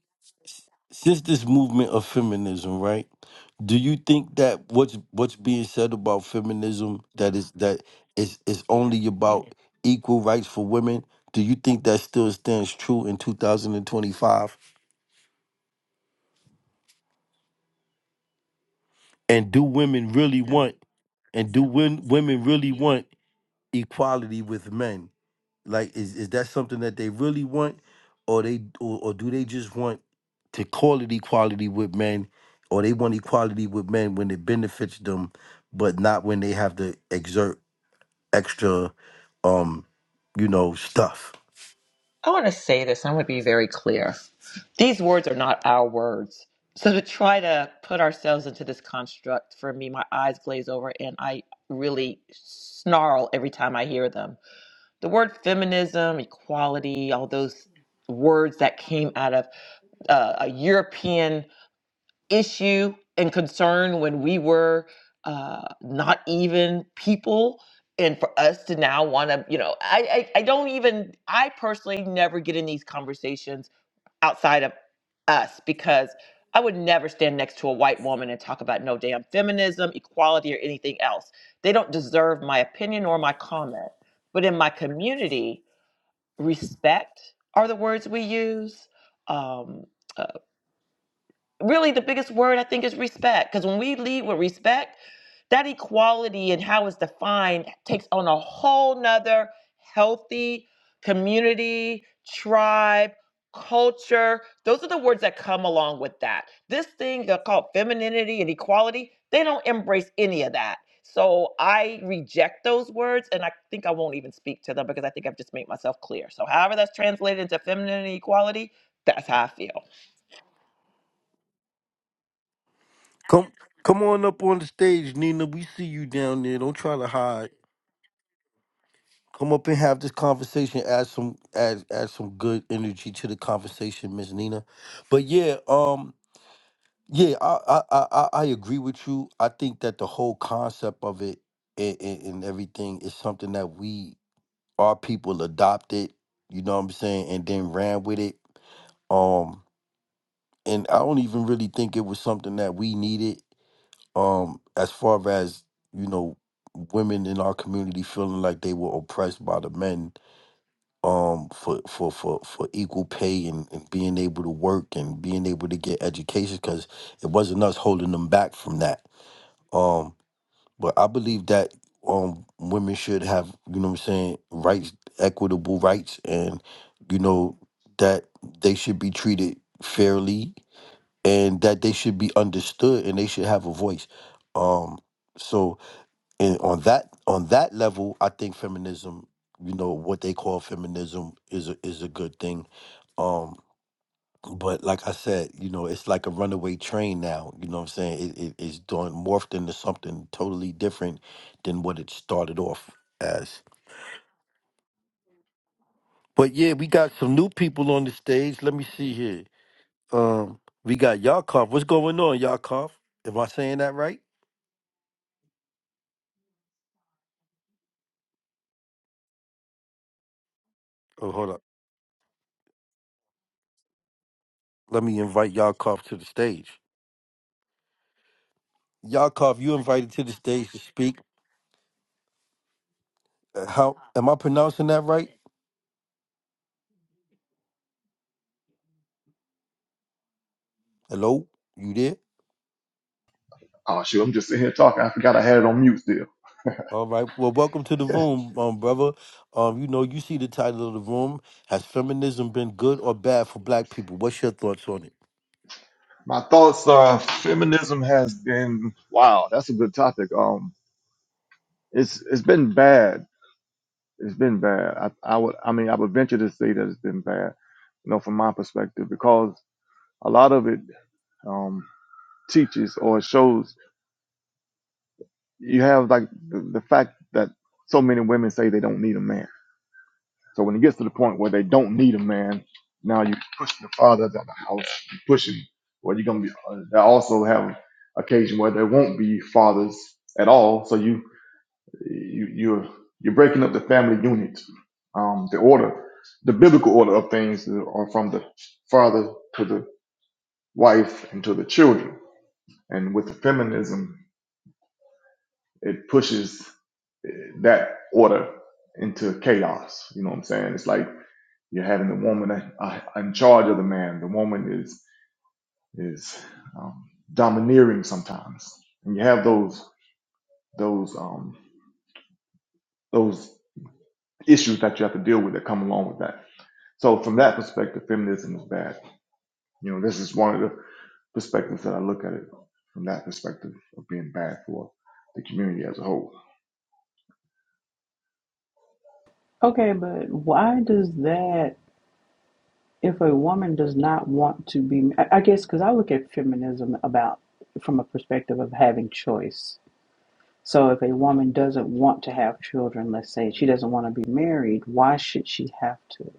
[SPEAKER 1] since this movement of feminism, right? Do you think that what's what's being said about feminism that is that is is only about equal rights for women? Do you think that still stands true in 2025? And twenty-five? And do women really want and do win, women really want equality with men? Like, is is that something that they really want, or they or, or do they just want to call it equality with men, or they want equality with men when it benefits them, but not when they have to exert extra, um, you know, stuff.
[SPEAKER 7] I want to say this. I want to be very clear. These words are not our words. So to try to put ourselves into this construct, for me, my eyes glaze over and I really snarl every time I hear them. The word feminism, equality, all those words that came out of uh, a European issue and concern when we were uh, not even people. And for us to now want to, you know, I, I, I don't even, I personally never get in these conversations outside of us because I would never stand next to a white woman and talk about no damn feminism, equality, or anything else. They don't deserve my opinion or my comment. But in my community, respect are the words we use. Um, uh, really the biggest word I think is respect. Because when we lead with respect, that equality and how it's defined takes on a whole nother healthy community, tribe, culture. Those are the words that come along with that. This thing that called femininity and equality, they don't embrace any of that. So I reject those words and I think I won't even speak to them because I think I've just made myself clear. So however that's translated into femininity and equality, that's how I feel.
[SPEAKER 1] Come come on up on the stage, Nina. We see you down there. Don't try to hide. Come up and have this conversation. Add some add add some good energy to the conversation, Miss Nina. But yeah, um, Yeah, I, I I I I agree with you. I think that the whole concept of it and, and, and everything is something that we our people adopted. You know what I'm saying, and then ran with it. Um, and I don't even really think it was something that we needed. Um, as far as you know, women in our community feeling like they were oppressed by the men. Um, for for for for equal pay and, and being able to work and being able to get education, because it wasn't us holding them back from that Um, but I believe that um women should have, you know what I'm saying, rights, equitable rights and you know that they should be treated fairly and that they should be understood and they should have a voice. Um so and on that on that level, I think feminism, you know, what they call feminism is a is a good thing. Um but like I said, you know, it's like a runaway train now. You know what I'm saying? It, it, it's doing morphed into something totally different than what it started off as. But yeah, we got some new people on the stage. Let me see here. Um, we got Yakov. What's going on, Yakov? Am I saying that right? Oh, hold up. Let me invite Yakov to the stage. Yakov, you invited to the stage to speak. Uh, How am I pronouncing that right? Hello, you there?
[SPEAKER 11] Oh shoot, I'm just sitting here talking. I forgot I had it on mute still.
[SPEAKER 1] All right. Well, welcome to the room, um, brother. Um, you know, you see the title of the room. Has feminism been good or bad for black people? What's your thoughts on it?
[SPEAKER 11] My thoughts are feminism has been wow, that's a good topic. Um it's it's been bad. It's been bad. I, I would I mean I would venture to say that it's been bad, you know, from my perspective, because a lot of it um teaches or shows you have like the, the fact that so many women say they don't need a man. So when it gets to the point where they don't need a man, now you're pushing the fathers out of the house, you're pushing, Well, you're going to be, uh, they also have occasion where there won't be fathers at all. So you, you, you're, you're breaking up the family unit. Um, the order, the biblical order of things are from the father to the wife and to the children. And with the feminism, it pushes that order into chaos. You know what I'm saying? It's like, You're having the woman uh, uh, in charge of the man. The woman is is um, domineering sometimes, and you have those those um, those issues that you have to deal with that come along with that. So from that perspective, feminism is bad. You know, this is one of the perspectives that I look at it from that perspective of being bad for the community as a whole.
[SPEAKER 9] okay but why does that if a woman does not want to be i guess because i look at feminism about from a perspective of having choice so if a woman doesn't want to have children let's say she doesn't want to be married why should she have to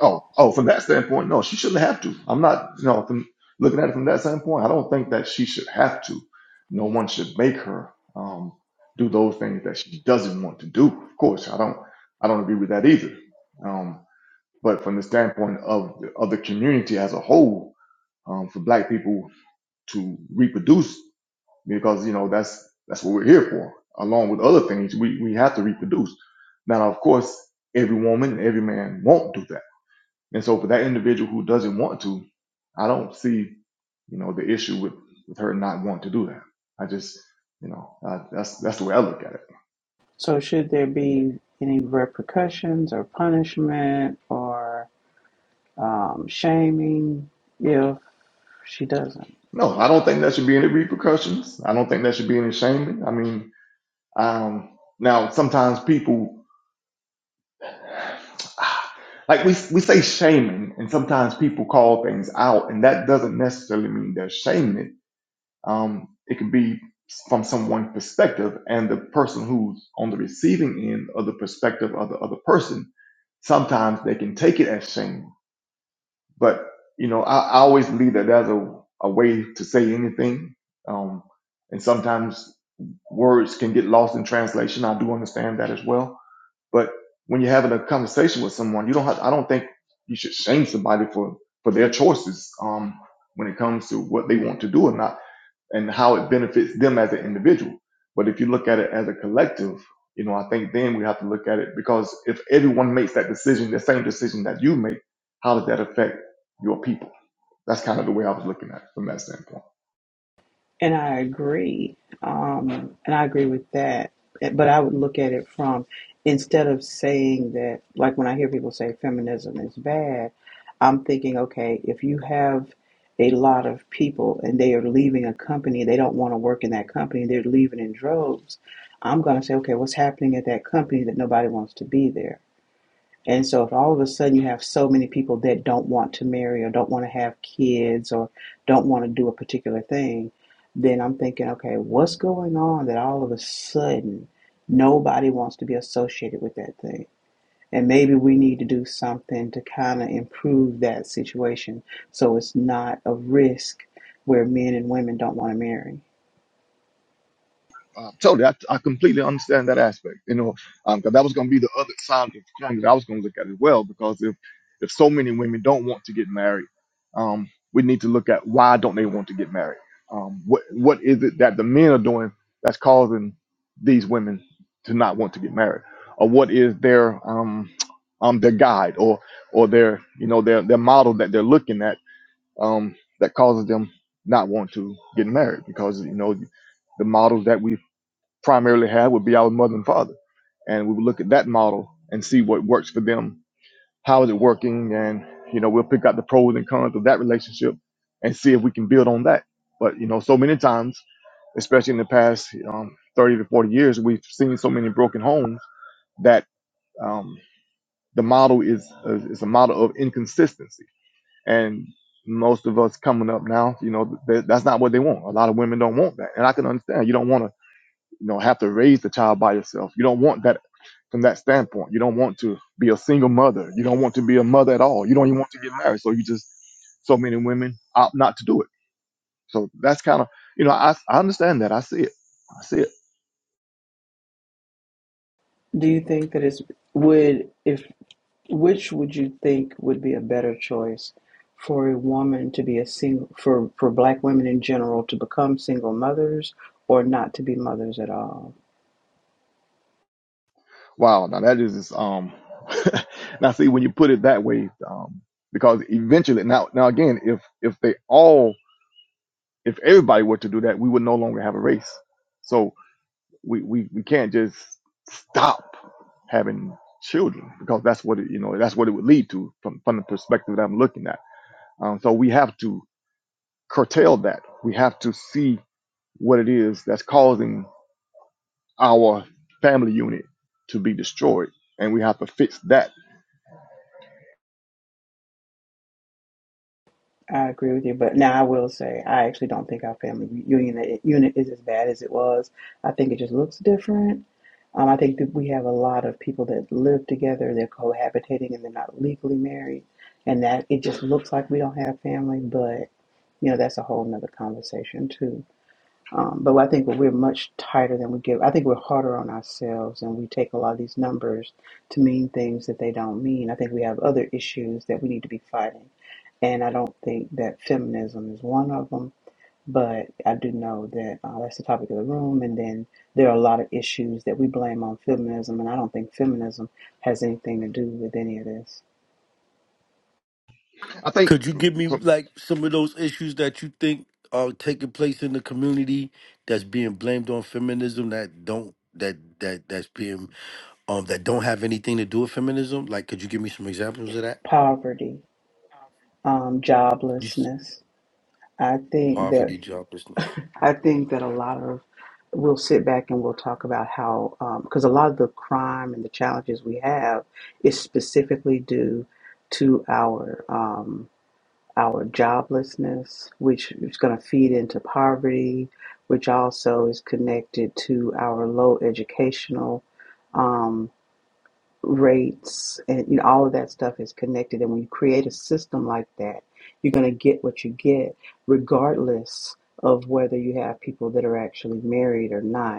[SPEAKER 11] Oh, oh, from that standpoint, no, she shouldn't have to. I'm not, you know, from looking at it from that standpoint, I don't think that she should have to. No one should make her um, do those things that she doesn't want to do. Of course, I don't, I don't agree with that either. Um, but from the standpoint of of the community as a whole, um, for Black people to reproduce, because you know that's that's what we're here for. Along with other things, we we have to reproduce. Now, of course, every woman, every man won't do that and so for that individual who doesn't want to, I don't see, you know, the issue with, with her not wanting to do that. I just, you know, uh, that's that's the way I look at it.
[SPEAKER 9] so should there be any repercussions or punishment or um, shaming if she doesn't
[SPEAKER 11] No, I don't think there should be any repercussions. I don't think there should be any shaming. I mean, um, now sometimes people, like we we say shaming, and sometimes people call things out, and that doesn't necessarily mean they're shaming it Um, it could be from someone's perspective, and the person who's on the receiving end of the perspective of the other person, sometimes they can take it as shame. But you know, I, I always believe that there's a, a way to say anything, um, and sometimes words can get lost in translation. I do understand that as well. But when you're having a conversation with someone, you don't have. I don't think you should shame somebody for for their choices um, when it comes to what they want to do or not and how it benefits them as an individual. But if you look at it as a collective, you know, I think then we have to look at it because if everyone makes that decision, the same decision that you make, how does that affect your people? That's kind of the way I was looking at it from that standpoint.
[SPEAKER 9] And I agree. Um, and I agree with that. eh, But I would look at it from instead of saying that, like when I hear people say feminism is bad, I'm thinking, okay, if you have a lot of people and they are leaving a company, they don't want to work in that company, they're leaving in droves, I'm going to say, okay, what's happening at that company that nobody wants to be there? And so if all of a sudden you have so many people that don't want to marry or don't want to have kids or don't want to do a particular thing, then I'm thinking, okay, what's going on that all of a sudden nobody wants to be associated with that thing? And maybe we need to do something to kind of improve that situation so it's not a risk where men and women don't want to marry.
[SPEAKER 11] Um, totally, I, I completely understand that aspect. You know, um, 'cause that was going to be the other side of the coin that I was going to look at as well. Because if if so many women don't want to get married, um, we need to look at why don't they want to get married? Um, what what is it that the men are doing that's causing these women to not want to get married, or what is their um um their guide or or their you know their their model that they're looking at um that causes them not want to get married because you know the models that we primarily have would be our mother and father. And we would look at that model and see what works for them. How is it working? And, you know, we'll pick out the pros and cons of that relationship and see if we can build on that. But, you know, so many times, especially in the past um, 30 to 40 years, we've seen so many broken homes that um, the model is, is a model of inconsistency. And most of us coming up now, you know, th- that's not what they want. A lot of women don't want that. And I can understand you don't want to you know have to raise the child by yourself you don't want that from that standpoint you don't want to be a single mother you don't want to be a mother at all you don't even want to get married so you just so many women opt not to do it so that's kind of you know I, I understand that i see it i see it
[SPEAKER 9] Do you think that it's would if Which would you think would be a better choice for a woman to be a single, for, for black women in general to become single mothers or not to be mothers at all?
[SPEAKER 11] wow now that is just, um now see when you put it that way um because eventually now now again if if they all if everybody were to do that we would no longer have a race So. we, we, we can't just stop having children because that's what it, you know that's what it would lead to from from the perspective that I'm looking at. Um, so we have to curtail that. We have to see what it is that's causing our family unit to be destroyed, and we have to fix that.
[SPEAKER 9] I agree with you, but now I will say I actually don't think our family unit unit is as bad as it was. I think it just looks different. Um, I think that we have a lot of people that live together, they're cohabitating, and they're not legally married, and that it just looks like we don't have family. But you know, that's a whole nother conversation too. Um, but I think we're much tighter than we give. I think we're harder on ourselves, and we take a lot of these numbers to mean things that they don't mean. I think we have other issues that we need to be fighting, and I don't think that feminism is one of them. But I do know that uh, that's the topic of the room, and then there are a lot of issues that we blame on feminism, and I don't think feminism has anything to do with any of this.
[SPEAKER 11] I think.
[SPEAKER 1] Could you give me like some of those issues that you think are taking place in the community that's being blamed on feminism that don't that that that's being um that don't have anything to do with feminism? Like, could you give me some examples of that?
[SPEAKER 9] Poverty, um,
[SPEAKER 1] You s-
[SPEAKER 9] joblessness. I think that
[SPEAKER 1] poverty, joblessness.
[SPEAKER 9] I think that a lot of we'll sit back and we'll talk about how because a lot of the crime and the challenges we have is specifically due to our um, our joblessness, which is going to feed into poverty, which also is connected to our low educational. um, rates and you know all of that stuff is connected and when you create a system like that you're going to get what you get regardless of whether you have people that are actually married or not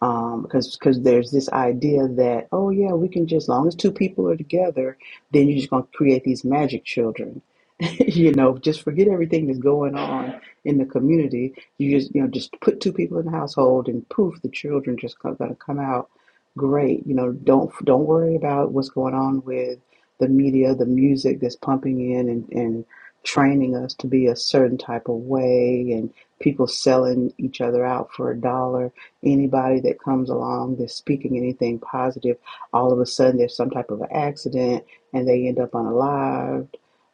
[SPEAKER 9] um because because there's this idea that oh yeah we can just as long as two people are together then you're just going to create these magic children you know just forget everything that's going on in the community you just you know just put two people in the household and poof the children just going to come out great you know don't don't worry about what's going on with the media the music that's pumping in and and training us to be a certain type of way and people selling each other out for a dollar anybody that comes along that's speaking anything positive, all of a sudden there's some type of an accident and they end up unalived.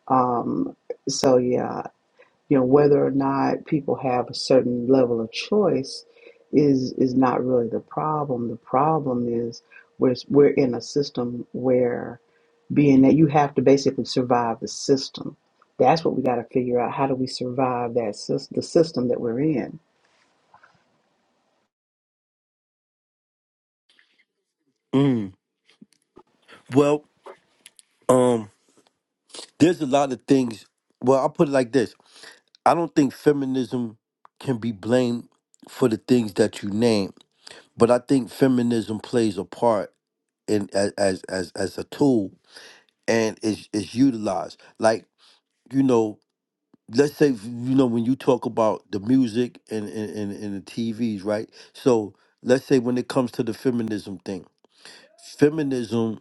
[SPEAKER 9] Um, so yeah, you know whether or not people have a certain level of choice is is not really the problem. The problem is we're we're in a system where being that you have to basically survive the system. That's what we got to figure out. How do we survive that system, the system that we're in?
[SPEAKER 1] Mm. Well, um, there's a lot of things. Well, I'll put it like this. I don't think feminism can be blamed for the things that you name, but I think feminism plays a part in a- as as as a tool and is is utilized. Like you know, let's say you know when you talk about the music and and and, and the TVs, right? So let's say when it comes to the feminism thing, feminism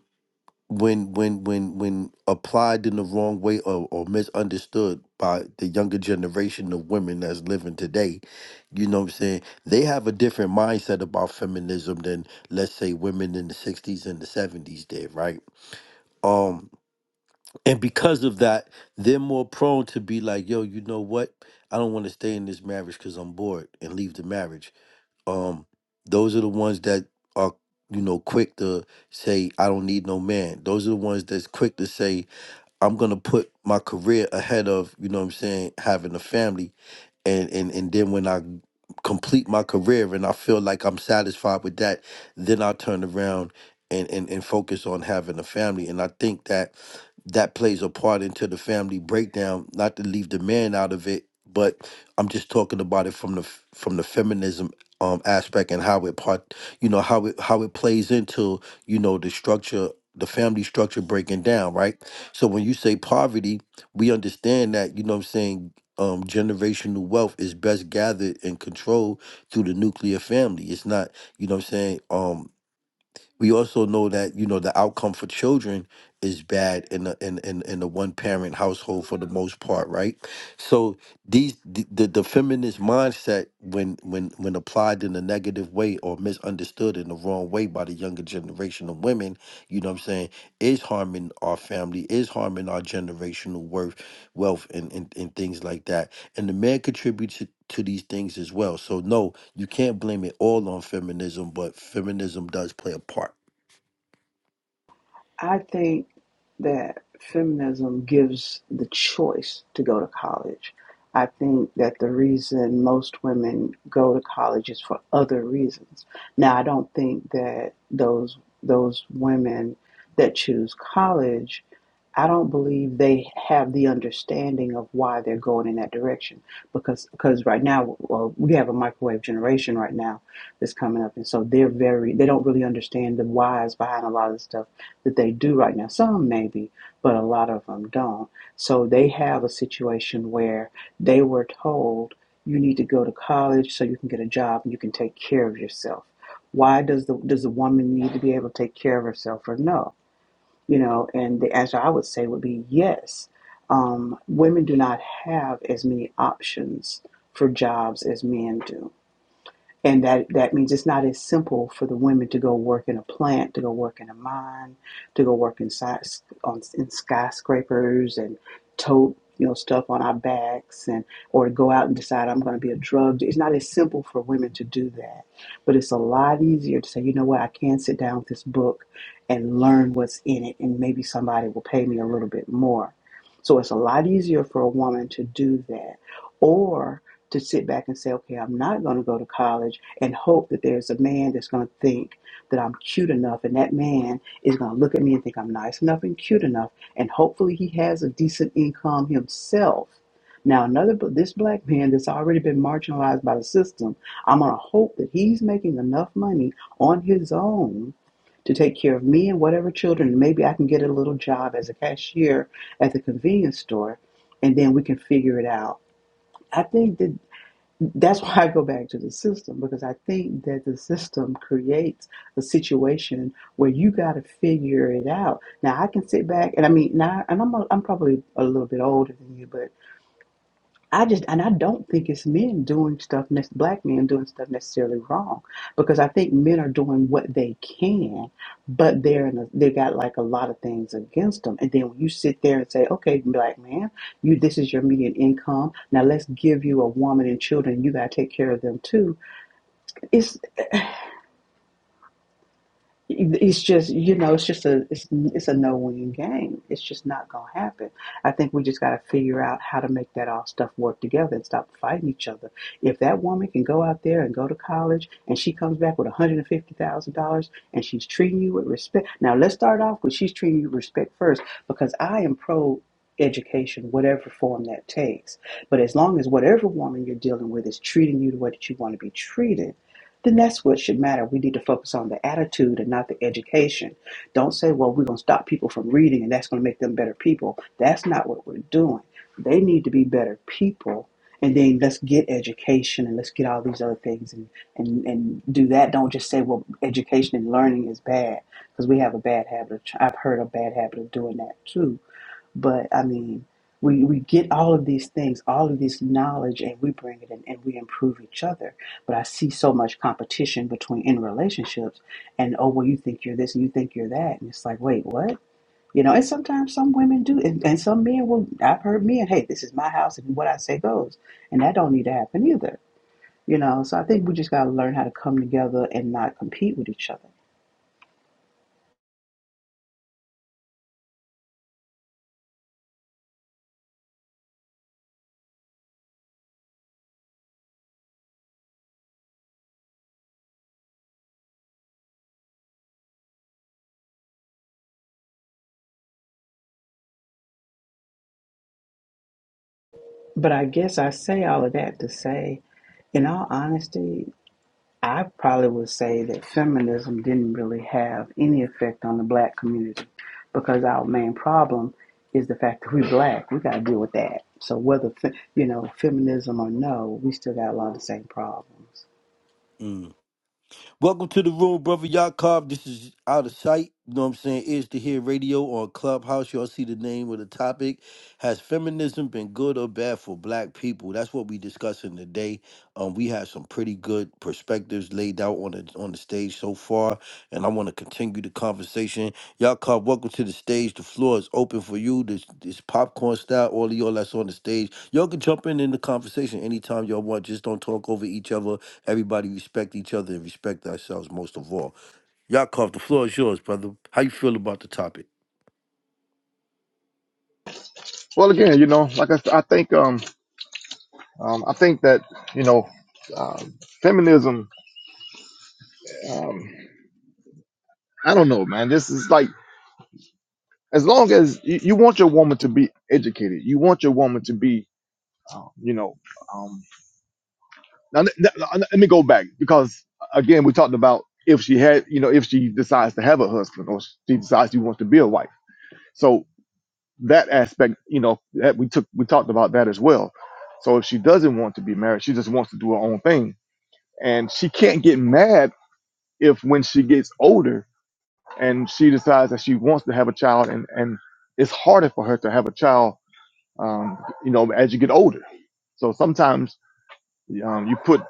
[SPEAKER 1] when when when when applied in the wrong way or, or misunderstood by the younger generation of women that's living today you know what i'm saying they have a different mindset about feminism than let's say women in the 60s and the 70s did right um and because of that they're more prone to be like yo you know what i don't want to stay in this marriage because i'm bored and leave the marriage um those are the ones that are you know quick to say i don't need no man those are the ones that's quick to say i'm gonna put my career ahead of you know what i'm saying having a family and and and then when I complete my career and I feel like I'm satisfied with that, then I turn around and and and focus on having a family. And I think that that plays a part into the family breakdown. Not to leave the man out of it, but I'm just talking about it from the f- from the feminism um aspect and how it part you know how it how it plays into you know the structure the family structure breaking down right so when you say poverty we understand that you know what i'm saying um, generational wealth is best gathered and controlled through the nuclear family. It's not, you know what I'm saying? Um, we also know that, you know, the outcome for children is bad in the in, in, in the one parent household for the most part, right? So these the, the, the feminist mindset when when when applied in a negative way or misunderstood in the wrong way by the younger generation of women, you know what I'm saying, is harming our family, is harming our generational worth wealth and, and, and things like that and the man contributes to to these things as well. So no, you can't blame it all on feminism, but feminism does play a part.
[SPEAKER 9] I think that feminism gives the choice to go to college. I think that the reason most women go to college is for other reasons. Now, I don't think that those those women that choose college, I don't believe they have the understanding of why they're going in that direction. Because because right now well, we have a microwave generation right now that's coming up, and so they're very they don't really understand the whys behind a lot of the stuff that they do right now. Some maybe, but a lot of them don't. So they have a situation where they were told you need to go to college so you can get a job and you can take care of yourself. Why does the does the woman need to be able to take care of herself or no? You know, and the answer I would say would be yes. Um, women do not have as many options for jobs as men do and that that means it's not as simple for the women to go work in a plant, to go work in a mine, to go work inside on in skyscrapers and tote you know stuff on our backs and or go out and decide I'm going to be a drug. dealer. It's not as simple for women to do that, but it's a lot easier to say you know what I can sit down with this book and learn what's in it, and maybe somebody will pay me a little bit more. So it's a lot easier for a woman to do that, or to sit back and say, okay, I'm not going to go to college and hope that there's a man that's going to think that I'm cute enough and that man is going to look at me and think I'm nice enough and cute enough and hopefully he has a decent income himself. Now another but this black man that's already been marginalized by the system, I'm going to hope that he's making enough money on his own to take care of me and whatever children. Maybe I can get a little job as a cashier at the convenience store and then we can figure it out. I think that that's why I go back to the system because I think that the system creates a situation where you got to figure it out. Now I can sit back and I mean, now and I'm a, I'm probably a little bit older than you, I just and I don't think it's men doing stuff ne- black men doing stuff necessarily wrong because I think men are doing what they can, but they're in a, they got like a lot of things against them. And then when you sit there and say, "Okay, black man, you this is your median income. Now let's give you a woman and children. You got to take care of them too." It's, It's just, you know, it's just a, it's, it's a no-win game. It's just not gonna happen. I think we just gotta figure out how to make that all stuff work together and stop fighting each other. If that woman can go out there and go to college and she comes back with $150,000 and she's treating you with respect. Now let's start off with she's treating you with respect first because I am pro education, whatever form that takes. But as long as whatever woman you're dealing with is treating you the way that you want to be treated, then that's what should matter. We need to focus on the attitude and not the education. Don't say, well, we're going to stop people from reading and that's going to make them better people. That's not what we're doing. They need to be better people. And then let's get education and let's get all these other things and, and, and do that. Don't just say, well, education and learning is bad because we have a bad habit. Of, I've heard a bad habit of doing that too but I mean, we, we get all of these things, all of this knowledge, and we bring it in and we improve each other. But I see so much competition between in relationships, and oh, well, you think you're this and you think you're that. And it's like, wait, what? You know, and sometimes some women do, and, and some men will. I've heard men, hey, this is my house, and what I say goes. And that don't need to happen either. You know, so I think we just got to learn how to come together and not compete with each other. But I guess I say all of that to say, in all honesty, I probably would say that feminism didn't really have any effect on the black community because our main problem is the fact that we're black. We got to deal with that. So whether you know feminism or no, we still got a lot of the same problems.
[SPEAKER 1] Mm. Welcome to the room, brother Yakov. This is out of sight. You know what I'm saying? Is to hear radio on Clubhouse. Y'all see the name of the topic. Has feminism been good or bad for black people? That's what we discussing today. Um, we have some pretty good perspectives laid out on the on the stage so far, and I want to continue the conversation. Yakov, welcome to the stage. The floor is open for you. This this popcorn style, all of y'all that's on the stage. Y'all can jump in in the conversation anytime y'all want. Just don't talk over each other Everybody respect each other and respect ourselves most of all. Yakov, the floor is yours, brother. How you feel about the topic?
[SPEAKER 11] Well, again, you know, like I, s- I think, um, um, I think that you know, uh, feminism. Um, I don't know, man. This is like. as long as you, you want your woman to be educated, you want your woman to be, um, you know, um, now let, let- let- let me go back because again, we talked about if she had, you know, if she decides to have a husband or she decides she wants to be a wife. So that aspect, you know, that we took, we talked about that as well. So if she doesn't want to be married, she just wants to do her own thing and she can't get mad if when she gets older and she decides that she wants to have a child and, and it's harder for her to have a child um, you know, as you get older. So sometimes um, you put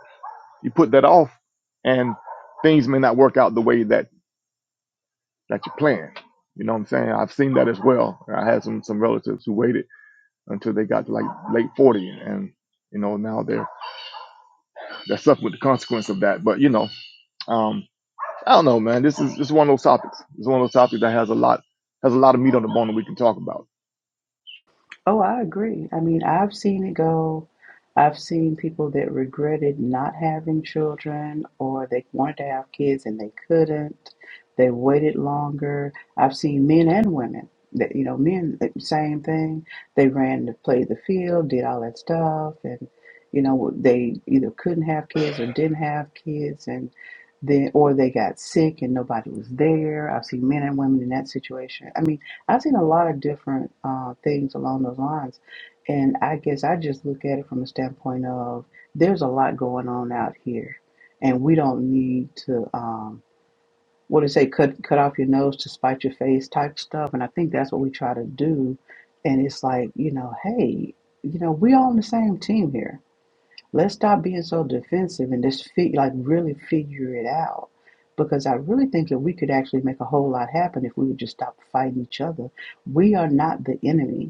[SPEAKER 11] you put that off, and things may not work out the way that that you plan. You know what I'm saying? I've seen that as well. I had some some relatives who waited until they got to like late 40, and you know now they're they're suffering with the consequence of that. But you know, um, I don't know, man. This is this is one of those topics. It's one of those topics that has a lot has a lot of meat on the bone that we can talk about.
[SPEAKER 9] Oh, I agree. I mean, I've seen it go. I've seen people that regretted not having children or they wanted to have kids and they couldn't. They waited longer. I've seen men and women that, you know, men, the same thing. They ran to play the field, did all that stuff, and, you know, they either couldn't have kids or didn't have kids and then, or they got sick and nobody was there. I've seen men and women in that situation. I mean, I've seen a lot of different uh, things along those lines. And I guess I just look at it from a standpoint of there's a lot going on out here. And we don't need to, um, what do you say, cut, cut off your nose to spite your face type stuff. And I think that's what we try to do. And it's like, you know, hey, you know, we're on the same team here Let's stop being so defensive and just fig- like really figure it out. Because I really think that we could actually make a whole lot happen if we would just stop fighting each other. We are not the enemy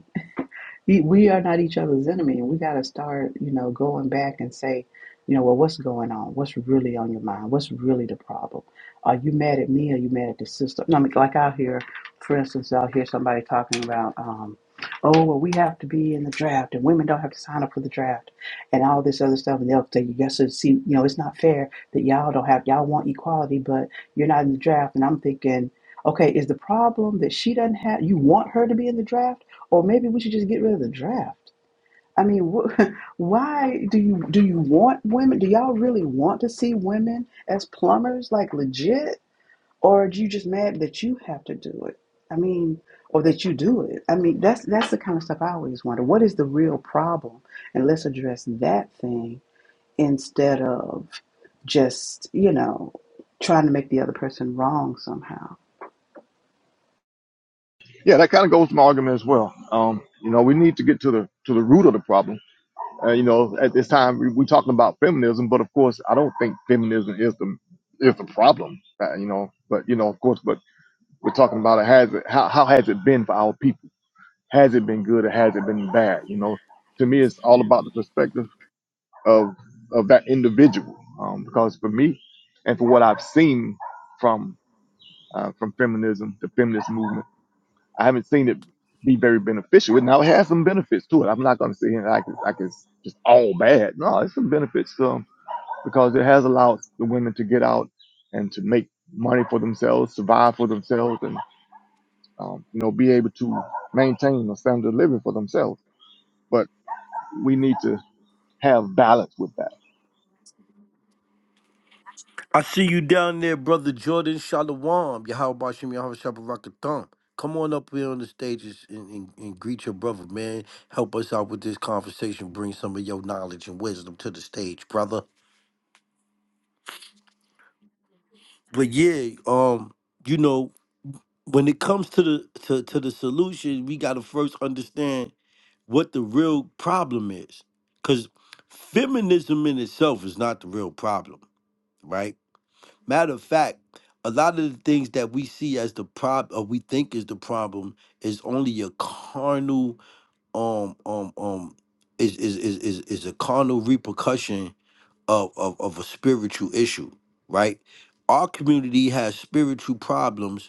[SPEAKER 9] we, we are not each other's enemy and we got to start you know going back and say you know well what's going on what's really on your mind what's really the problem are you mad at me are you mad at the system no, I mean, like out here for instance i'll hear somebody talking about um oh well we have to be in the draft and women don't have to sign up for the draft and all this other stuff and they'll say yes, guys see you know it's not fair that y'all don't have y'all want equality but you're not in the draft and i'm thinking okay is the problem that she doesn't have you want her to be in the draft or maybe we should just get rid of the draft. I mean, wh- why do you do you want women? Do y'all really want to see women as plumbers, like legit, or are you just mad that you have to do it? I mean, or that you do it? I mean, that's that's the kind of stuff I always wonder. What is the real problem? And let's address that thing instead of just you know trying to make the other person wrong somehow.
[SPEAKER 11] Yeah, that kind of goes to my argument as well. Um, you know, we need to get to the to the root of the problem Uh, you know, at this time we, we're talking about feminism, but of course, I don't think feminism is the is the problem. Uh, you know, but you know, of course, but we're talking about it has it how how has it been for our people? Has it been good or has it been bad? You know, to me, it's all about the perspective of of that individual. Um, because for me, and for what I've seen from uh, from feminism, the feminist movement I haven't seen it be very beneficial. And now it has some benefits to it. I'm not going to sit here and I can, I can just all bad. No, it's some benefits to 'em because it has allowed the women to get out and to make money for themselves, survive for themselves, and um, you know be able to maintain a standard of living for themselves. But we need to have balance with that.
[SPEAKER 1] I see you down there, brother Jordan Shalom. Yahweh Bashim Yahweh Shabbat Come on up here on the stages and, and, and greet your brother, man. Help us out with this conversation. Bring some of your knowledge and wisdom to the stage, brother. But yeah, um, you know, when it comes to the to, to the solution, we gotta first understand what the real problem is. Because feminism in itself is not the real problem, right? Matter of fact, a lot of the things that we see as the problem, or we think is the problem, is only a carnal, um, um, um, is is is is, is a carnal repercussion of, of of a spiritual issue, right? Our community has spiritual problems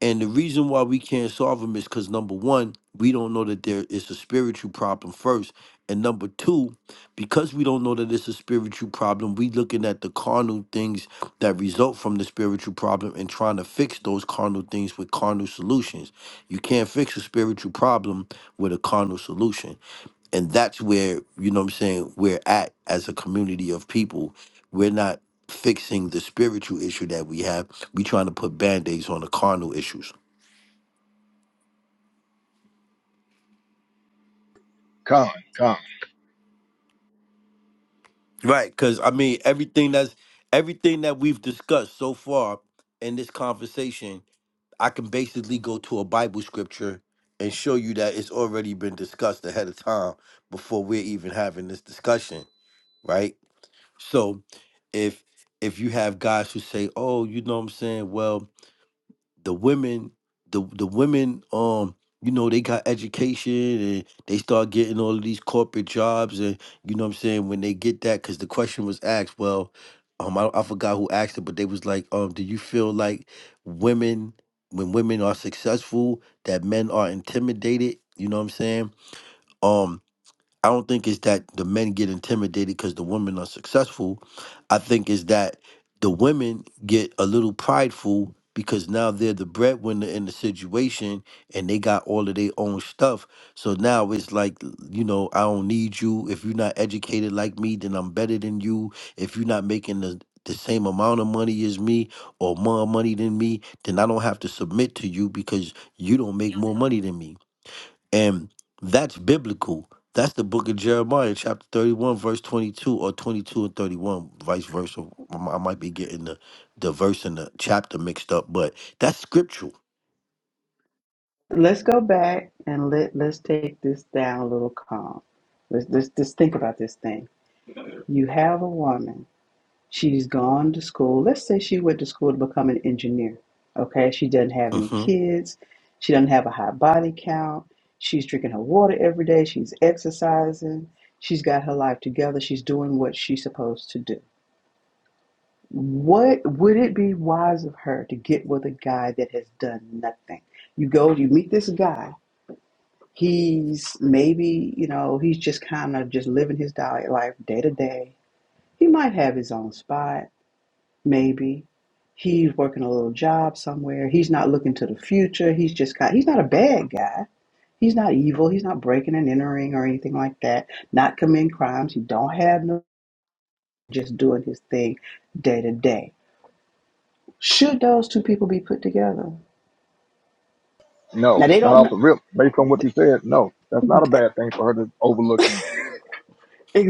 [SPEAKER 1] and the reason why we can't solve them is because number one, we don't know that there is a spiritual problem first. And number two, because we don't know that it's a spiritual problem, we looking at the carnal things that result from the spiritual problem and trying to fix those carnal things with carnal solutions. You can't fix a spiritual problem with a carnal solution. And that's where, you know what I'm saying, we're at as a community of people. We're not fixing the spiritual issue that we have. We trying to put band-aids on the carnal issues.
[SPEAKER 11] Con, con.
[SPEAKER 1] Right, because I mean everything that's everything that we've discussed so far in this conversation, I can basically go to a Bible scripture and show you that it's already been discussed ahead of time before we're even having this discussion, right? So if if you have guys who say, Oh, you know what I'm saying, well, the women the the women um you know they got education and they start getting all of these corporate jobs and you know what I'm saying when they get that cuz the question was asked well um I, I forgot who asked it but they was like um do you feel like women when women are successful that men are intimidated you know what I'm saying um. I don't think it's that the men get intimidated because the women are successful. I think it's that the women get a little prideful because now they're the breadwinner in the situation and they got all of their own stuff. So now it's like, you know, I don't need you. If you're not educated like me, then I'm better than you. If you're not making the the same amount of money as me or more money than me, then I don't have to submit to you because you don't make more money than me and that's biblical. That's the book of Jeremiah, chapter 31, verse 22, or 22 and 31, vice versa. I mi- I might be getting the, the verse and the chapter mixed up, but that's scriptural.
[SPEAKER 9] let's go back and let let's take this down a little calm. Let's just just think about this thing. You have a woman. She's gone to school. Let's say she went to school to become an engineer. Okay, she doesn't have any
[SPEAKER 1] Mm-hmm.
[SPEAKER 9] kids. She doesn't have a high body count. She's drinking her water every day. She's exercising. She's got her life together. She's doing what she's supposed to do. What would it be wise of her to get with a guy that has done nothing? You go, you meet this guy He's maybe, you know, he's just kind of just living his diet life day to day. He might have his own spot, maybe. He's working a little job somewhere. He's not looking to the future. He's just kind of, he's not a bad guy. He's not evil. He's not breaking and entering or anything like that. Not committing crimes. He don't have no just doing his thing day to day. Should those two people be put together?
[SPEAKER 11] No,
[SPEAKER 9] Now they
[SPEAKER 11] not
[SPEAKER 9] don't
[SPEAKER 11] off
[SPEAKER 9] know
[SPEAKER 11] the rip. Based on what you said, no, that's not a bad thing for her to overlook him.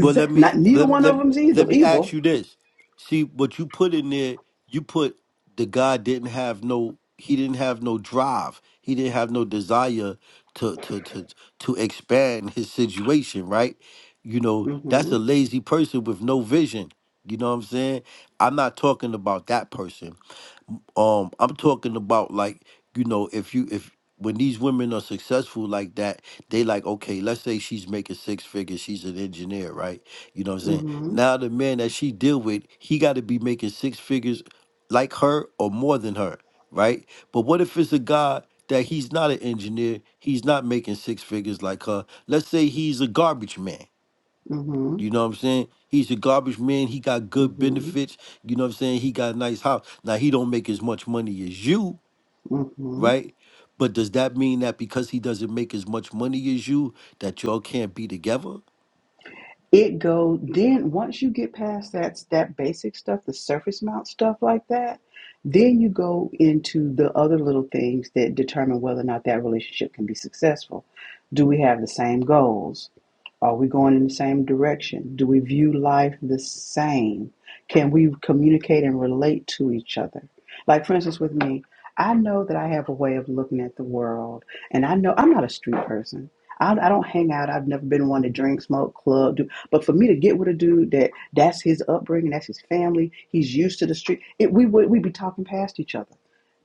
[SPEAKER 1] Well, let me
[SPEAKER 9] not neither
[SPEAKER 1] let,
[SPEAKER 9] one
[SPEAKER 1] let
[SPEAKER 9] of them's either
[SPEAKER 1] let me ask
[SPEAKER 9] evil.
[SPEAKER 1] you this. See what you put in there. You put the guy didn't have no. He didn't have no drive. He didn't have no desire to to to to expand his situation. Right? You know that's
[SPEAKER 9] Mm-hmm.
[SPEAKER 1] a lazy person with no vision. You know what I'm saying? I'm not talking about that person um i'm talking about like you know if you if when these women are successful like that they like okay let's say she's making six figures she's an engineer right you know what i'm saying
[SPEAKER 9] Mm-hmm.
[SPEAKER 1] now the man that she deal with he got to be making six figures like her or more than her right but what if it's a guy that he's not an engineer he's not making six figures like her let's say he's a garbage man
[SPEAKER 9] Mm-hmm.
[SPEAKER 1] you know what I'm saying? He's a garbage man. He got good
[SPEAKER 9] Mm-hmm.
[SPEAKER 1] benefits. You know what I'm saying? He got a nice house. Now he don't make as much money as you,
[SPEAKER 9] Mm-hmm.
[SPEAKER 1] right? But does that mean that because he doesn't make as much money as you, that y'all can't be together?
[SPEAKER 9] It go then once you get past that that basic stuff, the surface mount stuff like that, then you go into the other little things that determine whether or not that relationship can be successful. Do we have the same goals? Are we going in the same direction? Do we view life the same? Can we communicate and relate to each other? Like, for instance, with me, I know that I have a way of looking at the world, and I know I'm not a street person. I, I don't hang out. I've never been one to drink, smoke, club, do but for me to get with a dude that that's his upbringing, that's his family, he's used to the street, it, we would we'd be talking past each other.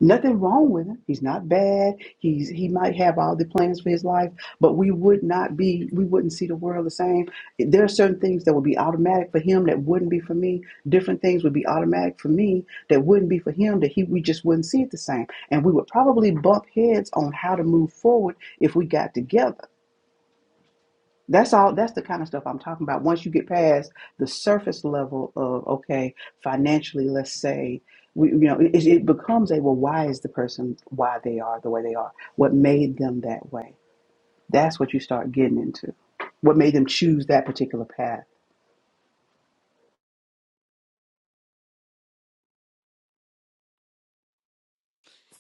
[SPEAKER 9] Nothing wrong with him. He's not bad. He's he might have all the plans for his life, but we would not be we wouldn't see the world the same. There are certain things that would be automatic for him that wouldn't be for me. Different things would be automatic for me that wouldn't be for him that he we just wouldn't see it the same. And we would probably bump heads on how to move forward if we got together. That's all. That's the kind of stuff I'm talking about. Once you get past the surface level of okay, financially, let's say, we, you know, it, it becomes a well, why is the person why they are the way they are? What made them that way? That's what you start getting into. What made them choose that particular path?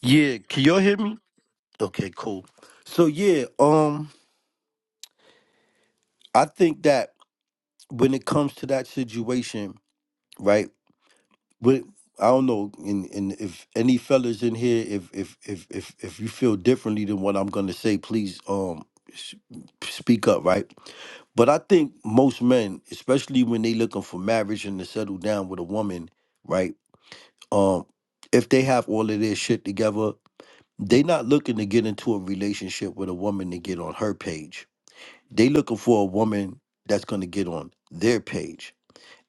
[SPEAKER 1] Yeah, can y'all hear me? Okay, cool. So yeah, um, I think that when it comes to that situation, right? But I don't know, and, and if any fellas in here, if if if if if you feel differently than what I'm gonna say, please um s- speak up, right? But I think most men, especially when they looking for marriage and to settle down with a woman, right? Um, if they have all of their shit together, they not looking to get into a relationship with a woman to get on her page. They looking for a woman that's gonna get on their page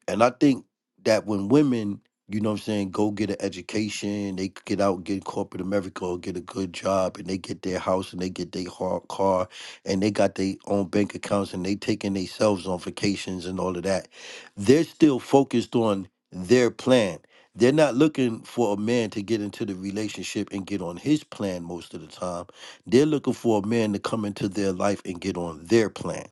[SPEAKER 1] and I think that when women, you know what I'm saying, go get an education, they could get out, get corporate America or get a good job and they get their house and they get their har- car and they got their own bank accounts and they taking themselves on vacations and all of that, they're still focused on their plan. They're not looking for a man to get into the relationship and get on his plan most of the time. They're looking for a man to come into their life and get on their plan.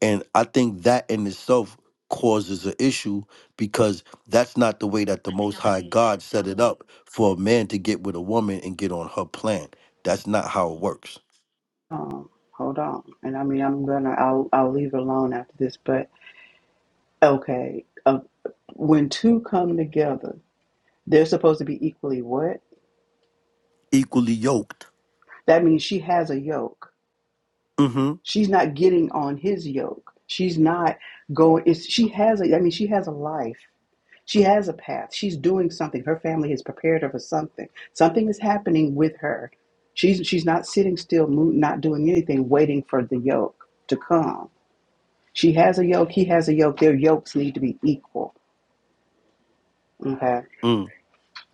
[SPEAKER 1] And I think that in itself causes an issue because that's not the way that the Most High God set it up for a man to get with a woman and get on her plan. That's not how it works.
[SPEAKER 9] Um, hold on, and I mean, I'm gonna, I'll, I'll leave it alone after this. But okay, uh, when two come together, they're supposed to be equally what?
[SPEAKER 1] Equally yoked.
[SPEAKER 9] That means she has a yoke
[SPEAKER 1] Mm-hmm.
[SPEAKER 9] She's not getting on his yoke. She's not going. It's, she has a. I mean, she has a life. She has a path. She's doing something. Her family has prepared her for something. Something is happening with her. She's she's not sitting still, not doing anything, waiting for the yoke to come. She has a yoke. He has a yoke. Their yokes need to be equal. Okay,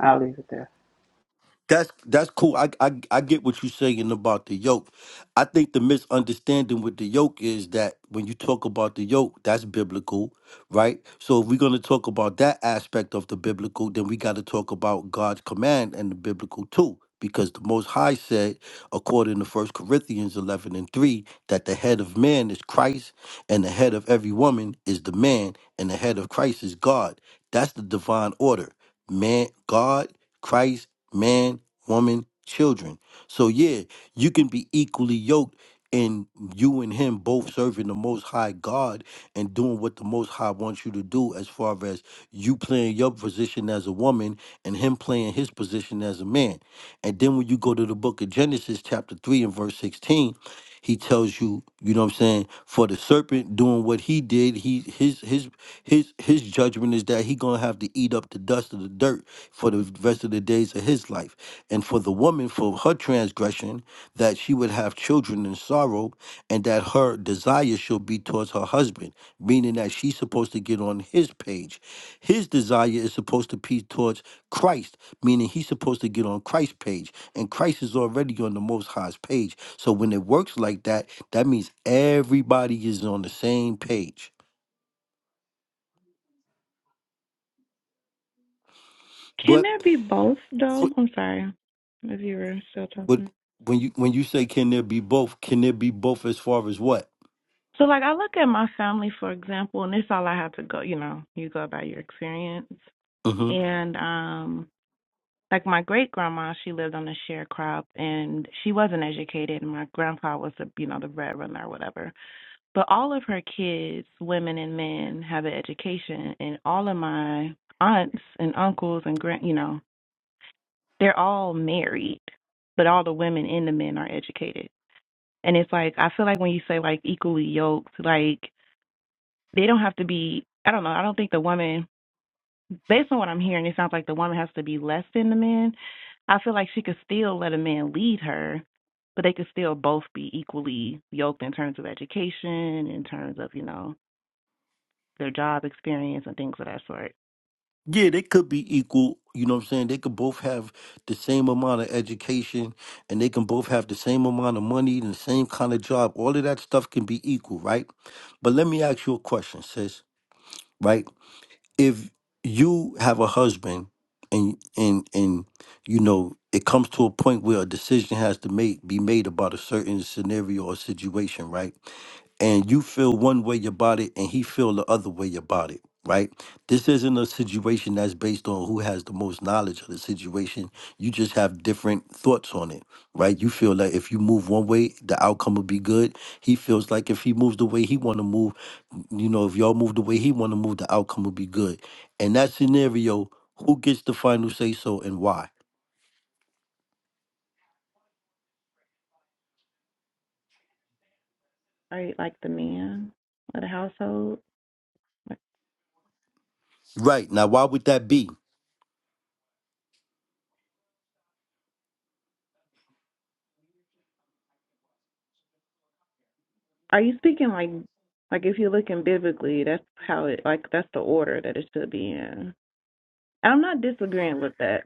[SPEAKER 9] I'll leave it there.
[SPEAKER 1] That's that's cool. I, I I get what you're saying about the yoke. I think the misunderstanding with the yoke is that when you talk about the yoke, that's biblical, right? So if we're going to talk about that aspect of the biblical, then we got to talk about God's command and the biblical too, because the Most High said, according to First Corinthians 11 and 3, that the head of man is Christ, and the head of every woman is the man, and the head of Christ is God. That's the divine order: man, God. Christ man, woman, children. So yeah, you can be equally yoked and you and him both serving the most high God and doing what the most high wants you to do as far as you playing your position as a woman and him playing his position as a man. And then when you go to the book of Genesis chapter 3 and verse 16, he tells you, you know what I'm saying, for the serpent doing what he did, he his his his his judgment is that he going to have to eat up the dust of the dirt for the rest of the days of his life. And for the woman, for her transgression, that she would have children in sorrow, and that her desire shall be towards her husband, meaning that she's supposed to get on his page. His desire is supposed to be towards Christ, meaning he's supposed to get on Christ's page, and Christ is already on the Most High's page. So when it works like that, that means everybody is on the same page. But
[SPEAKER 3] Sure. If you're talking
[SPEAKER 1] But when you when you say can there be both, can there be both as far as what?
[SPEAKER 3] to clients.
[SPEAKER 1] hmm
[SPEAKER 3] And um, like my great grandma, she lived on a sharecrop and she wasn't educated and my grandpa was the you know, the breadwinner or whatever. But all of her kids, women and men, have an education and all of my aunts and uncles and grand you know, they're all married, but all the women and the men are educated. And it's like I feel like when you say like equally yoked, like they don't have to be I don't know, I don't think the woman based on what I'm hearing, if the woman has to be less than the man, I feel like she could still let a man lead her but they could still both be equally yoked in terms of education, in terms of, you know, their job experience and things of that sort.
[SPEAKER 1] Yeah, they could be equal. You know what I'm saying? They could both have the same amount of education, and they can both have the same amount of money and the same kind of job. All of that stuff can be equal, right? But let me ask you a question, sis. Right? if you have a husband and and and you know it comes to a point where a decision has to make be made about a certain scenario or situation right and you feel one way about it and he feel the other way about it right this isn't a situation that's based on who has the most knowledge of the situation you just have different thoughts on it right you feel like if you move one way the outcome will be good he feels like if he moves the way he want to move you know, if y'all move the way he want to move, the outcome will be good. In that scenario, who gets the final say so and why?
[SPEAKER 3] Are you like the man of the household? Like,
[SPEAKER 1] Right. Now, why would that be?
[SPEAKER 3] Are you speaking like, like if you're looking biblically, that's how it, like that's the order that it should be in. I'm not disagreeing with that.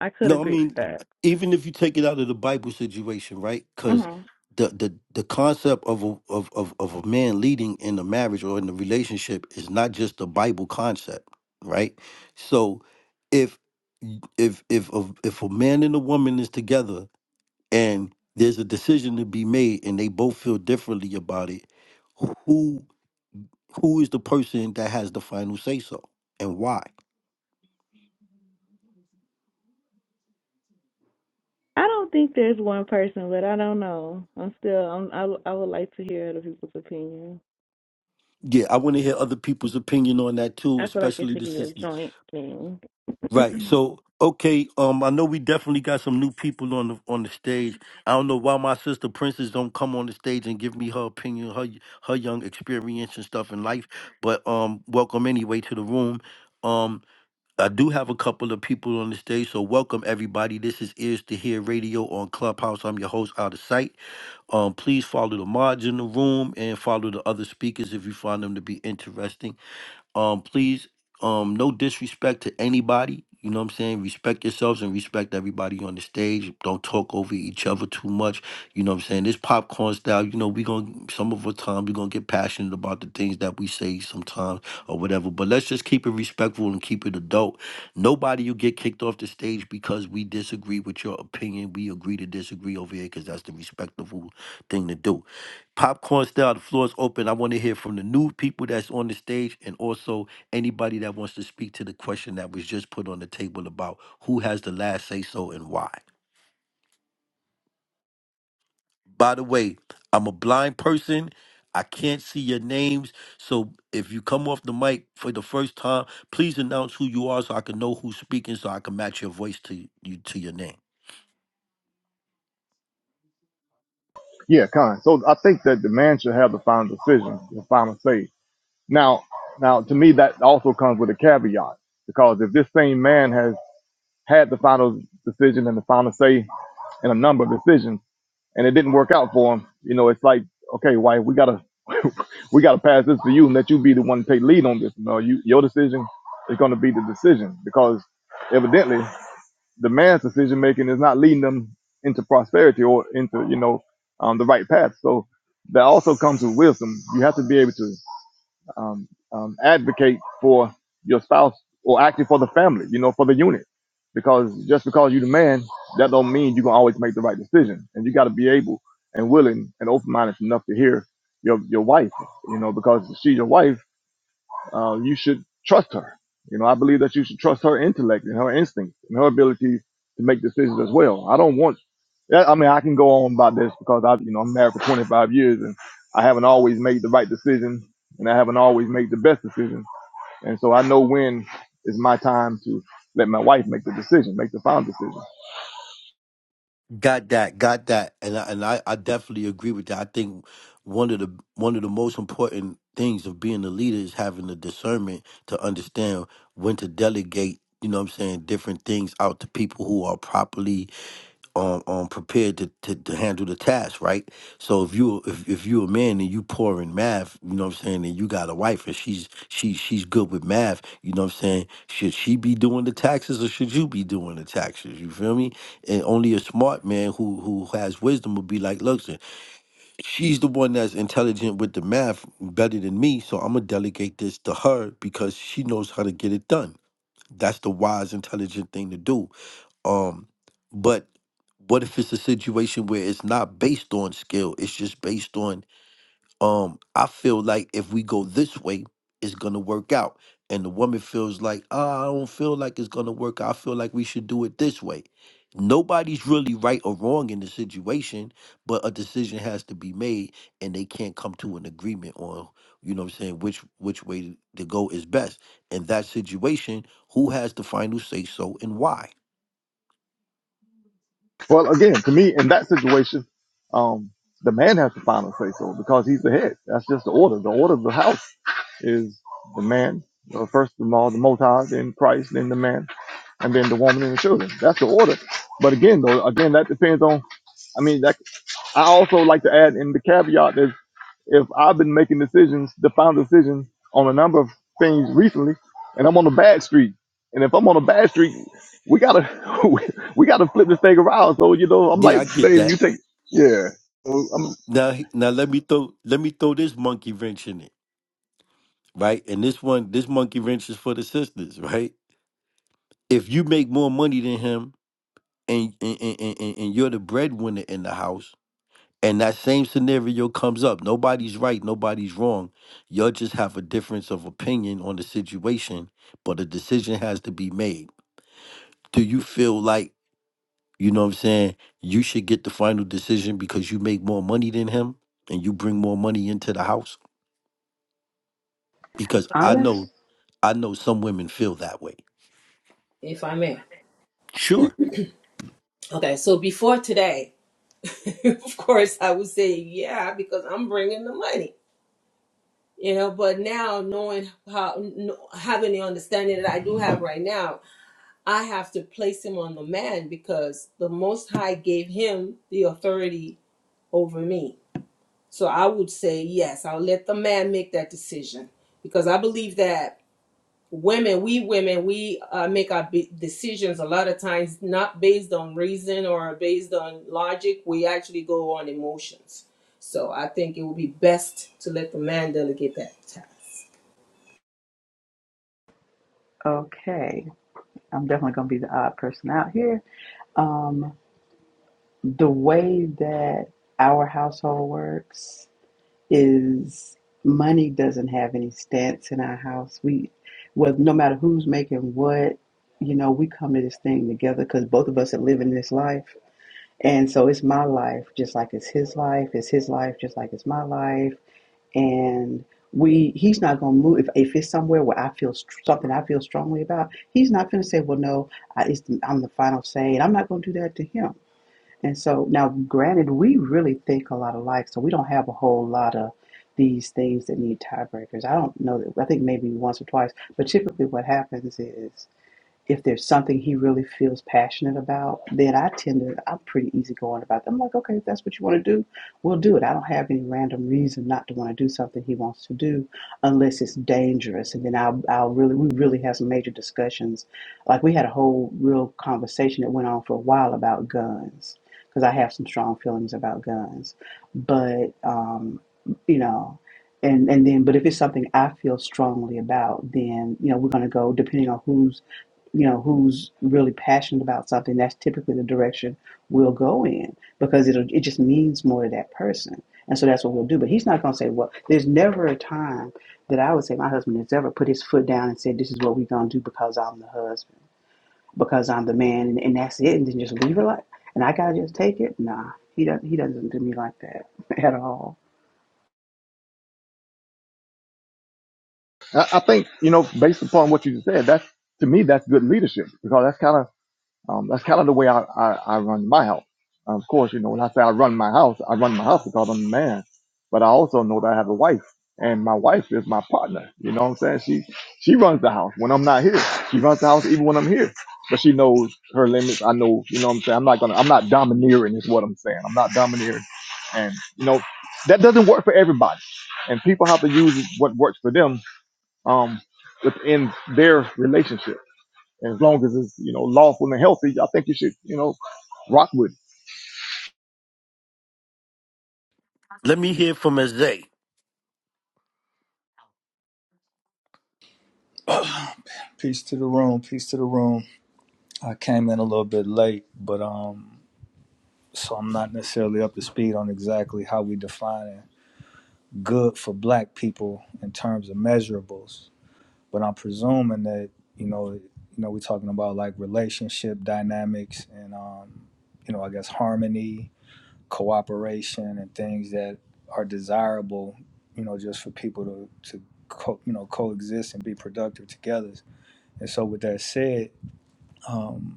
[SPEAKER 3] I could
[SPEAKER 1] No, I
[SPEAKER 3] agree with
[SPEAKER 1] mean,
[SPEAKER 3] that.
[SPEAKER 1] even if you take it out of the Bible situation, right? Because
[SPEAKER 3] hmm
[SPEAKER 1] the, the the concept of a of, of of a man leading in a marriage or in a relationship is not just a Bible concept, right? So if if if if if a man and a woman is together and there's a decision to be made and they both feel differently about it who who is the person that has the final say so and why
[SPEAKER 3] I don't think there's one person, but I don't know. I'm still, I'm, I, w- I would like to hear other people's opinion.
[SPEAKER 1] yeah i want to hear other people's opinion on that too
[SPEAKER 3] I feel like it
[SPEAKER 1] especially
[SPEAKER 3] should
[SPEAKER 1] the
[SPEAKER 3] be a
[SPEAKER 1] sisters
[SPEAKER 3] joint thing.
[SPEAKER 1] right so okay um i know we definitely got some new people on the on the stage i don't know why my sister princess don't come on the stage and give me her opinion her her young experience and stuff in life but um welcome anyway to the room Um. I do have a couple of people on the stage, so welcome everybody. This is Ears to Hear Radio on Clubhouse. I'm your host, Out of Sight. Um, please follow the mods in the room and follow the other speakers if you find them to be interesting. Um, please, um, no disrespect to anybody. You know what I'm saying? Respect yourselves and respect everybody on the stage. Don't talk over each other too much. You know what I'm saying? This popcorn style, you know, we going to some of the time we gonna get passionate about the things that we say sometimes or whatever. But let's just keep it respectful and keep it adult. Nobody you get kicked off the stage because we disagree with your opinion. We agree to disagree over here because that's the respectable thing to do. Popcorn style, the floor is open. I want to hear from the new people that's on the stage and also anybody that wants to speak to the question that was just put on the table about who has the last say so and why. By the way, I'm a blind person. I can't see your names. So if you come off the mic for the first time, please announce who you are so I can know who's speaking so I can match your voice to you to your name.
[SPEAKER 11] Yeah, con. So I think that the man should have the final decision, the final say Now, now to me that also comes with a caveat because if this same man has had the final decision and the final say in a number of decisions and it didn't work out for him, you know, it's like, okay, wife, we gotta we gotta pass this to you and let you be the one to take lead on this. No, you your decision is gonna be the decision because evidently the man's decision making is not leading them into prosperity or into, you know, um, the right path. So that also comes with wisdom. You have to be able to um, um, advocate for your spouse or actually for the family, you know, for the unit. Because just because you're the man, that don't mean you're gonna always make the right decision. And you gotta be able and willing and open minded enough to hear your your wife, you know, because she's your wife uh, you should trust her. You know, I believe that you should trust her intellect and her instinct and her ability to make decisions as well. I don't want. yeah, I mean, I can go on about this because I, you know, I'm married for 25 years and I haven't always made the right decision and I haven't always made the best decision. And so I know when is my time to let my wife make the decision, make the final decision.
[SPEAKER 1] Got that, got that, and I, and I, I definitely agree with that. I think one of the one of the most important things of being a leader is having the discernment to understand when to delegate. You know what I'm saying? Different things out to people who are properly um, um prepared to, to, to handle the task, right? So if you if, if you're a man and you poor in math, you know what I'm saying, and you got a wife and she's she she's good with math, you know what I'm saying? Should she be doing the taxes or should you be doing the taxes? You feel me? And only a smart man who who has wisdom would be like, look, son, she's the one that's intelligent with the math better than me, so I'm gonna delegate this to her because she knows how to get it done. That's the wise, intelligent thing to do um, but what if it's a situation where it's not based on skill? It's just based on um. I feel like if we go this way, it's gonna work out, and the woman feels like, ah, I don't feel like it's gonna work. out. I feel like we should do it this way. Nobody's really right or wrong in the situation, but a decision has to be made, and they can't come to an agreement on, you know, what I'm saying which which way to go is best in that situation, who has the final say so and why?
[SPEAKER 11] Well, again, to me, in that situation, um, the man has the final say so because he's the head. That's just the order. The order of the house is the man, uh, first of all, the Most High, then Christ, then the man, and then the woman and the children. That's the order. But again, though, again, that depends on. I mean, that I also like to add in the caveat is if I've been making decisions, the final decisions on a number of things recently, and I'm on a bad streak. And if I'm on a bad streak, we gotta we we gotta flip this thing around. So you know, I'm
[SPEAKER 1] Yeah,
[SPEAKER 11] like,
[SPEAKER 1] I get
[SPEAKER 11] baby,
[SPEAKER 1] that.
[SPEAKER 11] you take yeah. So, I'm,
[SPEAKER 1] Now, he- now let me throw let me throw this monkey wrench in it, right? And this one, this monkey wrench is for the sisters, right? If you make more money than him, and and, and, and and- you're the breadwinner in the house and that same scenario comes up nobody's right nobody's wrong you'll just have a difference of opinion on the situation but a decision has to be made do you feel like you know what i'm saying you should get the final decision because you make more money than him and you bring more money into the house because i know
[SPEAKER 9] Honest.
[SPEAKER 1] i know some women feel that way
[SPEAKER 5] if I may.
[SPEAKER 1] sure
[SPEAKER 5] Okay, so before today, of course, I would say yeah because I'm bringing the money, you know. But now, knowing how, kn- having the understanding that I do have right now, I have to place him on the man because the Most High gave him the authority over me. So I would say yes. I'll let the man make that decision because I believe that. women we women we uh, make our be- decisions a lot of times not based on reason or based on logic we actually go on emotions so i think it would be best to let the man delegate that task
[SPEAKER 9] Okay, I'm definitely gonna be the odd person out here. Um, the way that our household works is money doesn't have any stance in our house. We, well, no matter who's making what, you know, we come to this thing together because both of us are living this life. And so it's my life, just like it's his life. It's his life, just like it's my life. And we, he's not gonna move if, if it's somewhere where I feel str- something I feel strongly about. He's not gonna say, "Well, no, I, it's, I'm the final say," and I'm not gonna do that to him and so now, granted, we really think a lot alike, so we don't have a whole lot of these things that need tiebreakers. I don't know that, I think maybe once or twice, but typically what happens is if there's something he really feels passionate about, then I tend to, I'm pretty easygoing about that. I'm like, okay, if that's what you want to do, we'll do it. I don't have any random reason not to want to do something he wants to do unless it's dangerous. And then I'll, I'll really, we really have some major discussions. Like we had a whole real conversation that went on for a while about guns because I have some strong feelings about guns. But, um, you know, and and then but if it's something I feel strongly about, then you know we're going to go depending on who's you know, who's really passionate about something, that's typically the direction we'll go in because it'll, it just means more to that person. And so that's what we'll do. But he's not going to say, well, there's never a time that I would say my husband has ever put his foot down and said, this is what we're going to do because I'm the husband, because I'm the man, and, and that's it, and then just leave it like, and I got to just take it. Nah, he doesn't, he doesn't do me like that at all.
[SPEAKER 11] I, I think you know, based upon what you just said, that's to me that's good leadership because that's kind of Um, that's kind of the way I, I, I run my house. Of course, you know, when I say I run my house, I run my house because I'm a man. But I also know that I have a wife, and my wife is my partner. You know what I'm saying? She she runs the house when I'm not here. She runs the house even when I'm here. But she knows her limits. I know, you know what I'm saying? I'm not gonna I'm not domineering is what I'm saying. I'm not domineering. And you know, that doesn't work for everybody. And people have to use what works for them um within their relationship as long as it's, you know, lawful and healthy, I think you should, you know, rock with it.
[SPEAKER 1] let me hear from Azay.
[SPEAKER 12] Peace to the room. Peace to the room. I came in a little bit late, but um, so I'm not necessarily up to speed on exactly how we define good for Black people in terms of measurables. But I'm presuming that you know, you know, we're talking about like relationship dynamics and um, you know, I guess harmony, cooperation, and things that are desirable. You know, just for people to to co- you know coexist and be productive together. And so, with that said. Um,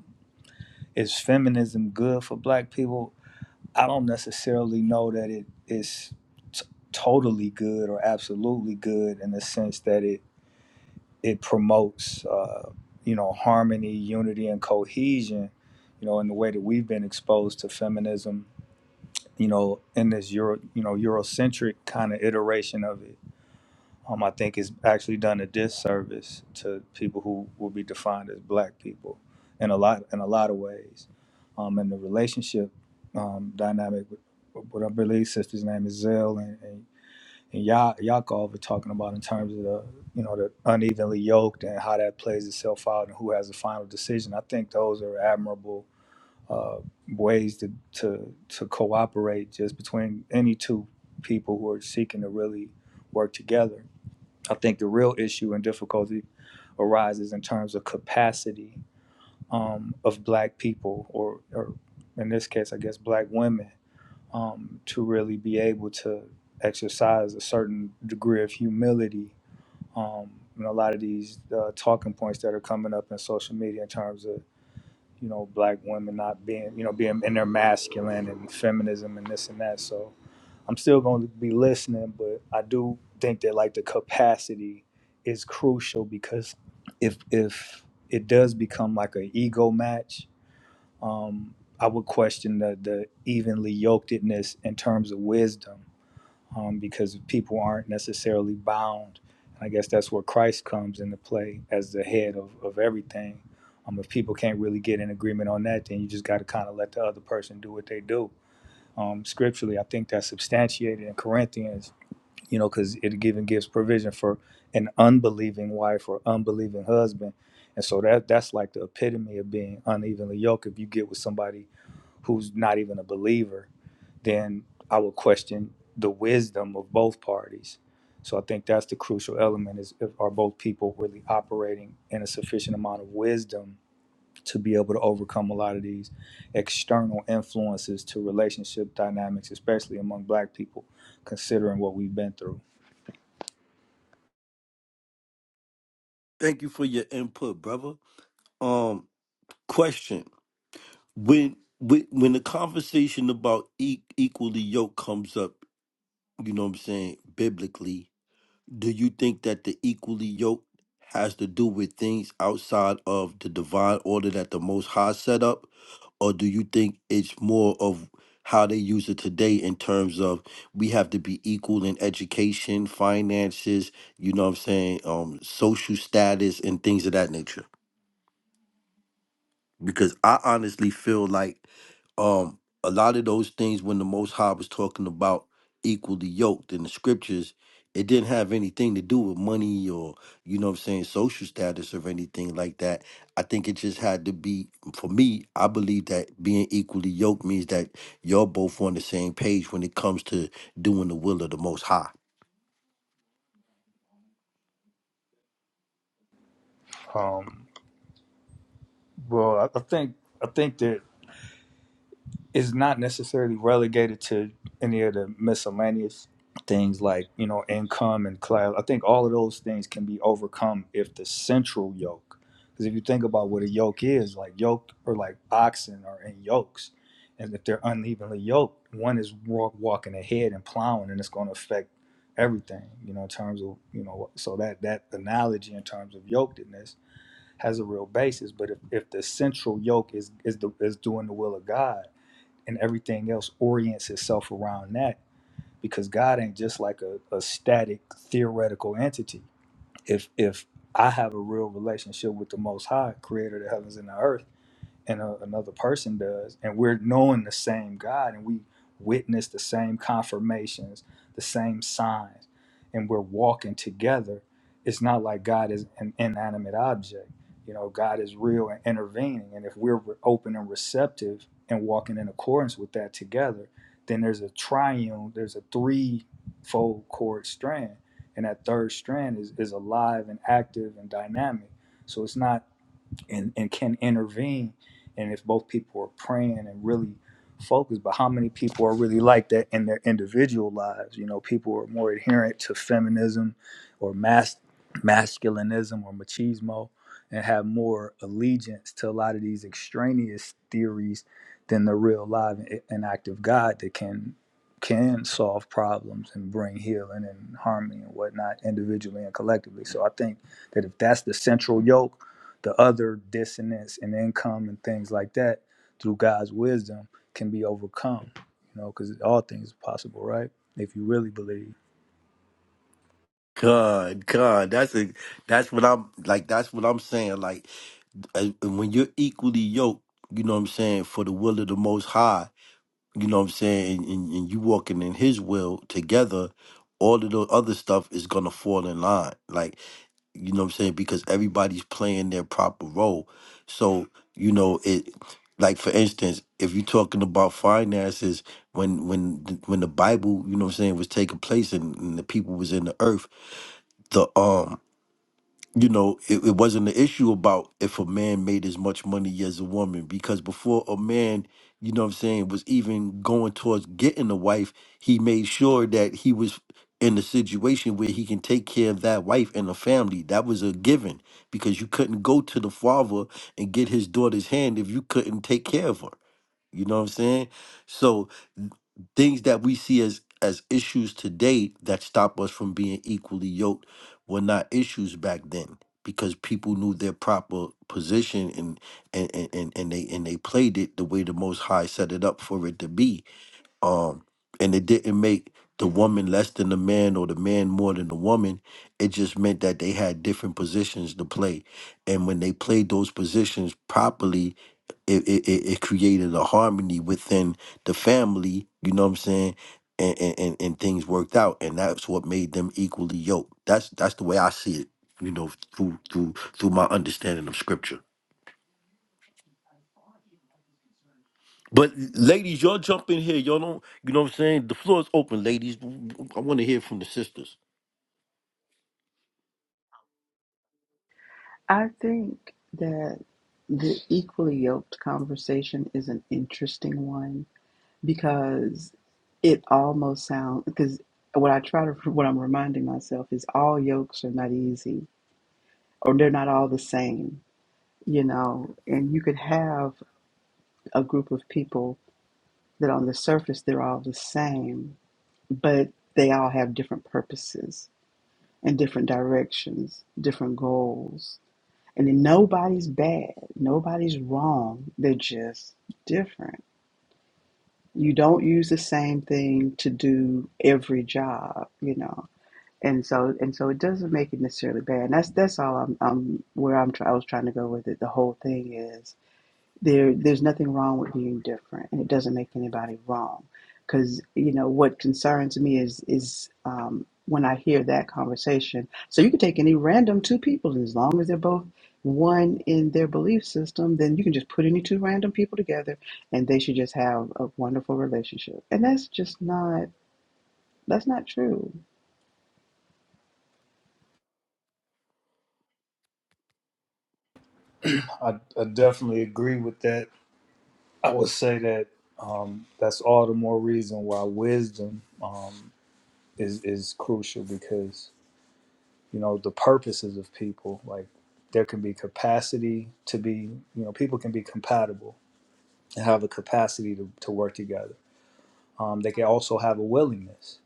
[SPEAKER 12] Is feminism good for black people? I don't necessarily know that it is t- totally good or absolutely good in the sense that it it promotes uh, you know harmony, unity, and cohesion. You know, in the way that we've been exposed to feminism, you know, in this Euro, you know, Eurocentric kind of iteration of it um, I think it's actually done a disservice to people who will be defined as black people in a lot in a lot of ways. Um, and the relationship um, dynamic with what I believe sister's name is Zell and, and, and Ya- Yaakov are talking about in terms of the you know the unevenly yoked and how that plays itself out and who has the final decision. I think those are admirable uh, ways to, to to cooperate just between any two people who are seeking to really work together I think the real issue and difficulty arises in terms of capacity um, of black people, or, or in this case, I guess, black women, um, to really be able to exercise a certain degree of humility. Um, and a lot of these uh, talking points that are coming up in social media in terms of you know black women not being you know being in their masculine and feminism and this and that. So I'm still going to be listening, but I do think that like the capacity is crucial because if if it does become like an ego match, um, I would question the the evenly yokedness in terms of wisdom um, because people aren't necessarily bound. And I guess that's where Christ comes into play as the head of, of everything. Um, if people can't really get in agreement on that, then you just got to kind of let the other person do what they do um, scripturally. I think that's substantiated in Corinthians, you know, because it even gives provision for an unbelieving wife or unbelieving husband. And so that that's like the epitome of being unevenly yoked. If you get with somebody who's not even a believer, then I would question the wisdom of both parties. So I think that's the crucial element is if, are both people really operating in a sufficient amount of wisdom to be able to overcome a lot of these external influences to relationship dynamics, especially among Black people, considering what we've been through.
[SPEAKER 1] thank you for your input brother um question when when when the conversation about e- equally yoked comes up, you know what I'm saying, biblically, do you think that the equally yoked has to do with things outside of the divine order that the Most High set up, or do you think it's more of how they use it today in terms of we have to be equal in education, finances, you know what I'm saying, um, social status, and things of that nature? because I honestly feel like um a lot of those things when the Most High was talking about equally yoked in the scriptures, it didn't have anything to do with money or you know what I'm saying social status or anything like that. I think it just had to be for me. I believe that being equally yoked means that you're both on the same page when it comes to doing the will of the Most High.
[SPEAKER 12] Um, well, I, I think I think that is not necessarily relegated to any of the miscellaneous things like you know income and class i think all of those things can be overcome if the central yoke because if you think about what a yoke is like yoke or like oxen are in yokes and if they're unevenly yoked one is walk walking ahead and plowing and it's going to affect everything you know in terms of you know so that that analogy in terms of yokedness has a real basis but if, if the central yoke is is the is doing the will of god and everything else orients itself around that because God ain't just like a, a static theoretical entity. If if I have a real relationship with the Most High, Creator of the heavens and the earth and a, another person does and we're knowing the same god and we witness the same confirmations the same signs and we're walking together it's not like god is an inanimate object you know god is real and intervening and if we're re- open and receptive and walking in accordance with that together then there's a triune there's a three-fold chord strand and that third strand is, is alive and active and dynamic so it's not and, and can intervene. And if both people are praying and really focused, but how many people are really like that in their individual lives? You know, people are more adherent to feminism or mas- masculinism or machismo and have more allegiance to a lot of these extraneous theories than the real live and and active God that can can solve problems and bring healing and harmony and whatnot individually and collectively. So I think that if that's the central yoke the other dissonance and income and things like that through God's wisdom can be overcome, you know, because all things are possible, right? If you really believe.
[SPEAKER 1] God, God, that's a that's what I'm like. That's what I'm saying. Like and and when you're equally yoked, you know what I'm saying, for the will of the Most High, you know what I'm saying, and, and, and you walking in His will together, all of the other stuff is gonna fall in line. Like you know what I'm saying? Because everybody's playing their proper role. So, you know, it like for instance, if you're talking about finances, when when the- when the Bible, you know what I'm saying, was taking place and, and the people was in the earth, the um you know, it, it wasn't an issue about if a man made as much money as a woman because before a man, you know what I'm saying, was even going towards getting a wife, he made sure that he was in a situation where he can take care of that wife and the family. That was a given because you couldn't go to the father and get his daughter's hand if you couldn't take care of her. You know what I'm saying? So things that we see as as issues today that stop us from being equally yoked were not issues back then because people knew their proper position and and and, and and they and they played it the way the most high set it up for it to be um and it didn't make the woman less than the man or the man more than the woman it just meant that they had different positions to play and when they played those positions properly it it, it, it created a harmony within the family you know what i'm saying and, and and and things worked out and that's what made them equally yoked that's that's the way i see it you know through through through my understanding of scripture But ladies, y'all jump in here. Y'all don't, you know what I'm saying? The floor is open, ladies. I want to hear from the sisters.
[SPEAKER 9] I think that the equally yoked conversation is an interesting one. because it almost sounds because what I try to what I'm reminding myself is all yokes are not easy or they're not all the same, you know. And you could have a group of people that on the surface they're all the same, but they all have different purposes and different directions, different goals. And then nobody's bad, nobody's wrong. They're just different. You don't use the same thing to do every job, you know and so and so it doesn't make it necessarily bad. And that's that's all I'm, I'm where I'm try, I was trying to go with it. The whole thing is there there's nothing wrong with being different, and it doesn't make anybody wrong. Because you know what concerns me is is um, when I hear that conversation. So you can take any random two people, and as long as they're both one in their belief system, then you can just put any two random people together, and they should just have a wonderful relationship. And that's just not that's not true
[SPEAKER 12] I, I definitely agree with that. I would say that um, that's all the more reason why wisdom um, is is crucial because you know the purposes of people like there can be capacity to be you know people can be compatible and have a capacity to, to work together um, they can also have a willingness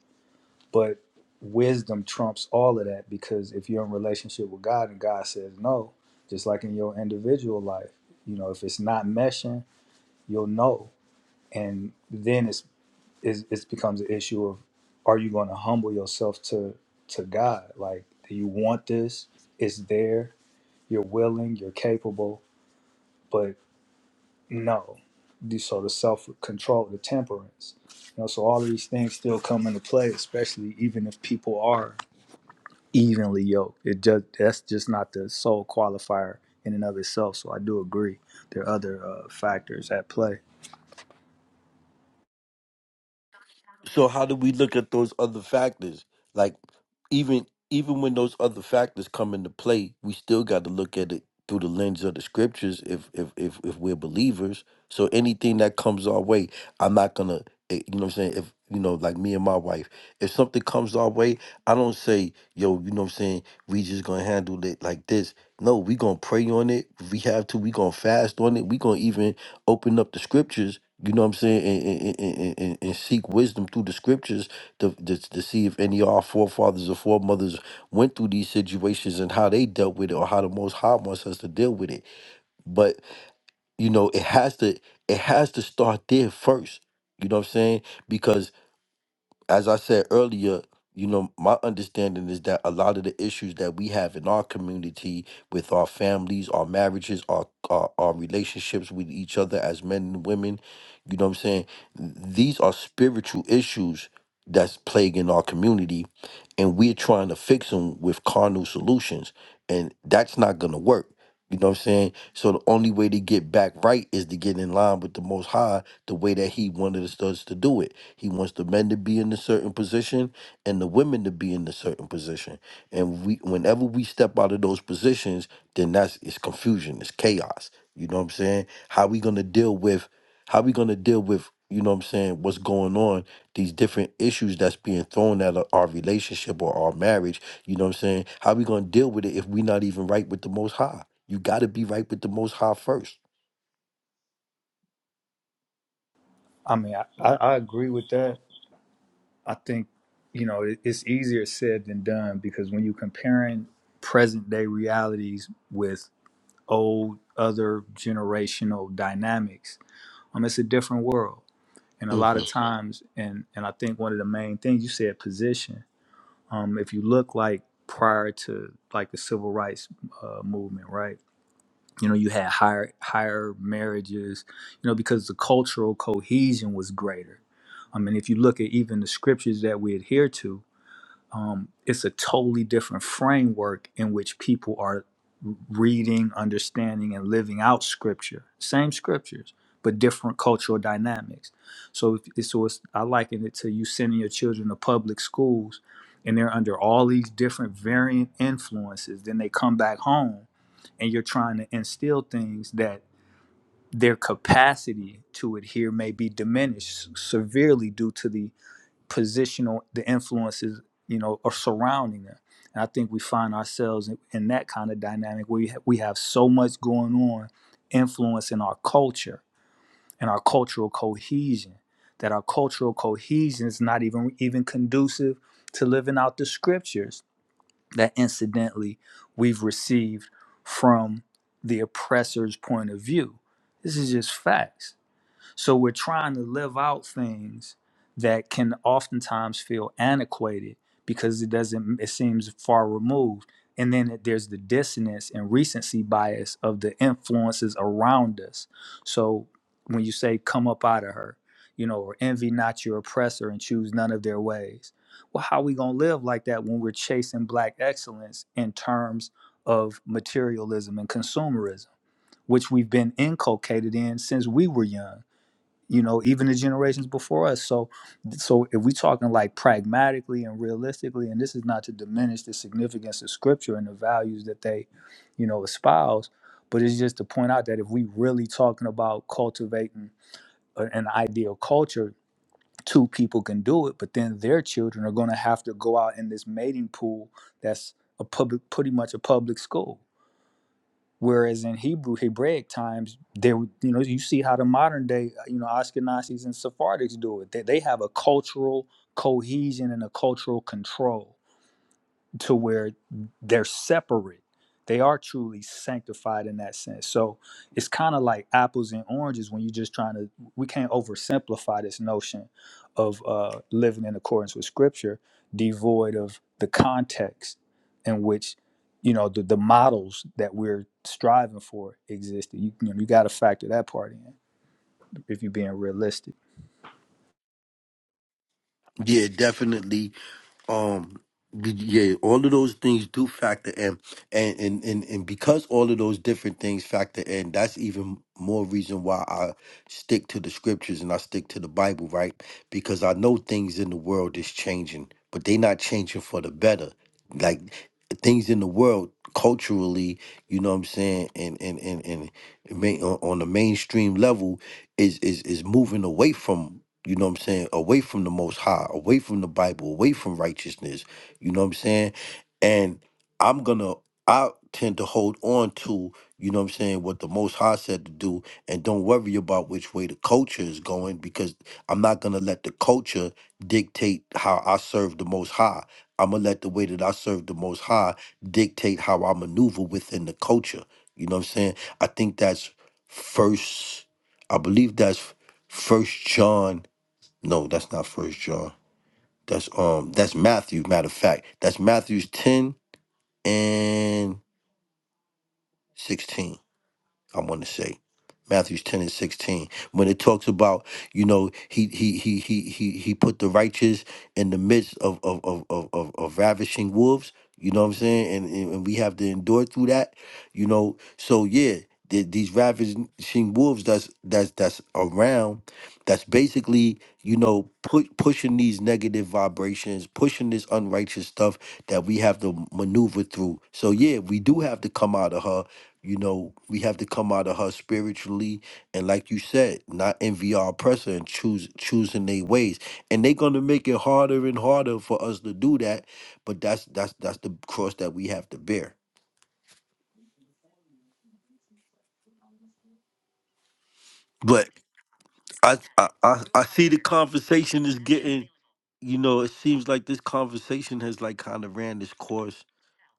[SPEAKER 12] But wisdom trumps all of that because if you're in relationship with God and God says no, just like in your individual life, you know, if it's not meshing, you'll know. And then it's, it's it becomes an issue of are you going to humble yourself to to God? Like, do you want this? It's there. You're willing. You're capable. But no. Do- sort of self control, the temperance, you know, so all of these things still come into play, especially even if people are evenly yoked. It just that's just not the sole qualifier in and of itself. So I do agree there are other uh, factors at play.
[SPEAKER 1] So how do we look at those other factors? Like even even when those other factors come into play, we still got to look at it through the lens of the scriptures if if if if we're believers. So anything that comes our way, I'm not going to you know what I'm saying, if you know like me and my wife, if something comes our way, I don't say, yo, you know what I'm saying, we just going to handle it like this. No, we going to pray on it. If we have to, we going to fast on it. We going to even open up the scriptures you know what I'm saying? And, and, and, and, and seek wisdom through the scriptures to, to, to see if any of our forefathers or foremothers went through these situations and how they dealt with it or how the Most High wants us to deal with it. But, you know, it has to it has to start there first. You know what I'm saying? because as I said earlier, you know, my understanding is that a lot of the issues that we have in our community with our families, our marriages, our our, our relationships with each other as men and women, you know what I'm saying? These are spiritual issues that's plaguing our community and we're trying to fix them with carnal solutions and that's not going to work. You know what I'm saying? So the only way to get back right is to get in line with the most high the way that he wanted us to do it he wants the men to be in a certain position and the women to be in a certain position. And we whenever we step out of those positions, then that's it's confusion, it's chaos. You know what I'm saying? How we gonna deal with how we gonna deal with, you know what I'm saying, what's going on, these different issues that's being thrown at our our relationship or our marriage, you know what I'm saying? How we gonna deal with it if we not even right with the most high? You gotta be right with the most high 1st
[SPEAKER 12] I mean, I, I, I agree with that. I think you know it, it's easier said than done because when you're comparing present day realities with old other generational dynamics, um, it's a different world. And a lot of times, and and I think one of the main things you said position. um, if you look like prior to like the civil rights uh, movement, right? You know, you had higher higher marriages, you know, because the cultural cohesion was greater. I mean, if you look at even the scriptures that we adhere to, um, it's a totally different framework in which people are reading, understanding, and living out scripture. Same scriptures, but different cultural dynamics. So, if, so it's, I liken it to you sending your children to public schools and they're under all these different variant influences. Then they come back home and you're trying to instill things that their capacity to adhere may be diminished severely due to the positional the influences you know are surrounding them and i think we find ourselves in, in that kind of dynamic where we, ha- we have so much going on influencing our culture and our cultural cohesion that our cultural cohesion is not even even conducive to living out the scriptures that incidentally we've received from the oppressor's point of view this is just facts so we're trying to live out things that can oftentimes feel antiquated because it doesn't it seems far removed. And then there's the dissonance and recency bias of the influences around us. So when you say come up out of her, you know, or envy not your oppressor and choose none of their ways. Well, how are we gonna live like that when we're chasing black excellence in terms of materialism and consumerism, which we've been inculcated in since we were young? you know even the generations before us so so if we're talking like pragmatically and realistically and this is not to diminish the significance of scripture and the values that they you know espouse but it's just to point out that if we really talking about cultivating a- an ideal culture two people can do it but then their children are going to have to go out in this mating pool that's a public pretty much a public school Whereas in Hebrew, Hebraic times, there you know you see how the modern day uh, you know Ashkenazis and Sephardics do it. They they have a cultural cohesion and a cultural control to where they're separate. They are truly sanctified in that sense. So it's kind of like apples and oranges when you're just trying to. We can't oversimplify this notion of uh, living in accordance with Scripture, devoid of the context in which you know the, the models that we're striving for existed. You, you know, you got to factor that part in if you're being realistic.
[SPEAKER 1] Yeah, definitely. Um, be- yeah, all of those things do factor in, and and and and because all of those different things factor in, that's even more reason why I stick to the scriptures and I stick to the Bible, right? Because I know things in the world is changing, but they not changing for the better. Like things in the world culturally, you know what I'm saying, and and and and main, on on the mainstream level is is is moving away from you know what I'm saying, away from the most high, away from the Bible, away from righteousness, you know what I'm saying? And I'm gonna I tend to hold on to, you know what I'm saying, what the most high said to do and don't worry about which way the culture is going because I'm not gonna let the culture dictate how I serve the most high. I'm gonna let the way that I serve the most high dictate how I maneuver within the culture. You know what I'm saying? I think that's first I believe that's first John no, that's not First John. That's um, that's Matthew. Matter of fact, that's Matthew's ten and sixteen. I want to say. Matthew's 10 and 16. When it talks about, you know, he he he he he he put the righteous in the midst of of of of, of, of ravishing wolves, you know what I'm saying? And, and and we have to endure through that, you know. So yeah, the, these ravishing wolves that's that's that's around, that's basically, you know, pu- pushing these negative vibrations, pushing this unrighteous stuff that we have to maneuver through. So yeah, we do have to come out of her you know, we have to come out of her spiritually, and like you said, not envy our oppressor and choose choosing their ways. And they're gonna make it harder and harder for us to do that. But that's that's that's the cross that we have to bear. But I I I, I see the conversation is getting. You know, it seems like this conversation has like kind of ran this course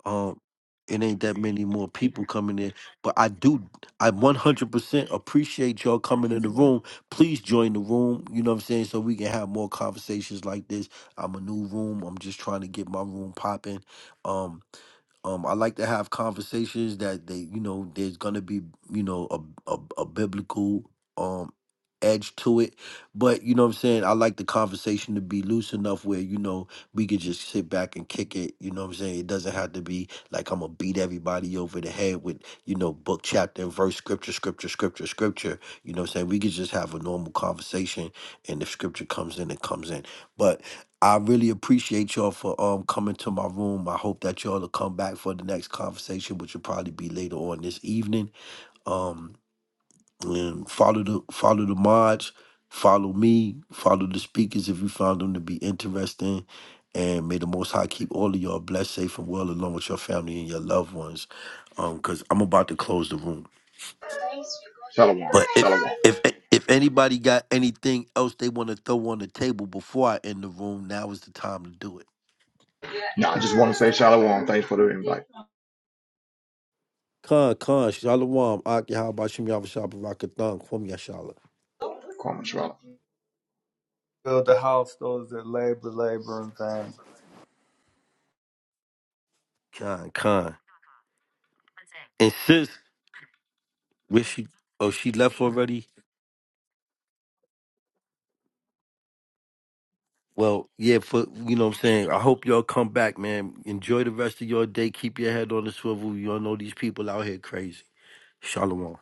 [SPEAKER 1] Um, it ain't that many more people coming in, but I do. I 100% appreciate y'all coming in the room. Please join the room. You know what I'm saying, so we can have more conversations like this. I'm a new room. I'm just trying to get my room popping. Um, um, I like to have conversations that they, you know, there's gonna be, you know, a a, a biblical um edge to it. But you know what I'm saying? I like the conversation to be loose enough where, you know, we could just sit back and kick it. You know what I'm saying? It doesn't have to be like I'm gonna beat everybody over the head with, you know, book, chapter, and verse, scripture, scripture, scripture, scripture. You know what I'm saying? We could just have a normal conversation and if scripture comes in, it comes in. But I really appreciate y'all for um coming to my room. I hope that y'all will come back for the next conversation, which will probably be later on this evening. Um, and follow the follow the mods, follow me, follow the speakers if you found them to be interesting. And may the Most High keep all of y'all blessed, safe, and well, along with your family and your loved ones. Um, cause I'm about to close the room.
[SPEAKER 11] Shalom.
[SPEAKER 1] But if
[SPEAKER 11] Shalom.
[SPEAKER 1] if if anybody got anything else they want to throw on the table before I end the room, now is the time to do it.
[SPEAKER 11] No, I just want to say shalom. Thanks for the invite.
[SPEAKER 1] Khan, Khan, Shalom, Aki, how about Shim Yavashab, Rakathan, Kwam Yashala.
[SPEAKER 11] Kwame Shalom.
[SPEAKER 12] Build the house, those that labor, labor and vain.
[SPEAKER 1] Khan, Khan. And sis, where she, oh, she left already? Well, yeah, for, you know what I'm saying? I hope y'all come back, man. Enjoy the rest of your day. Keep your head on the swivel. Y'all know these people out here crazy. Shalom.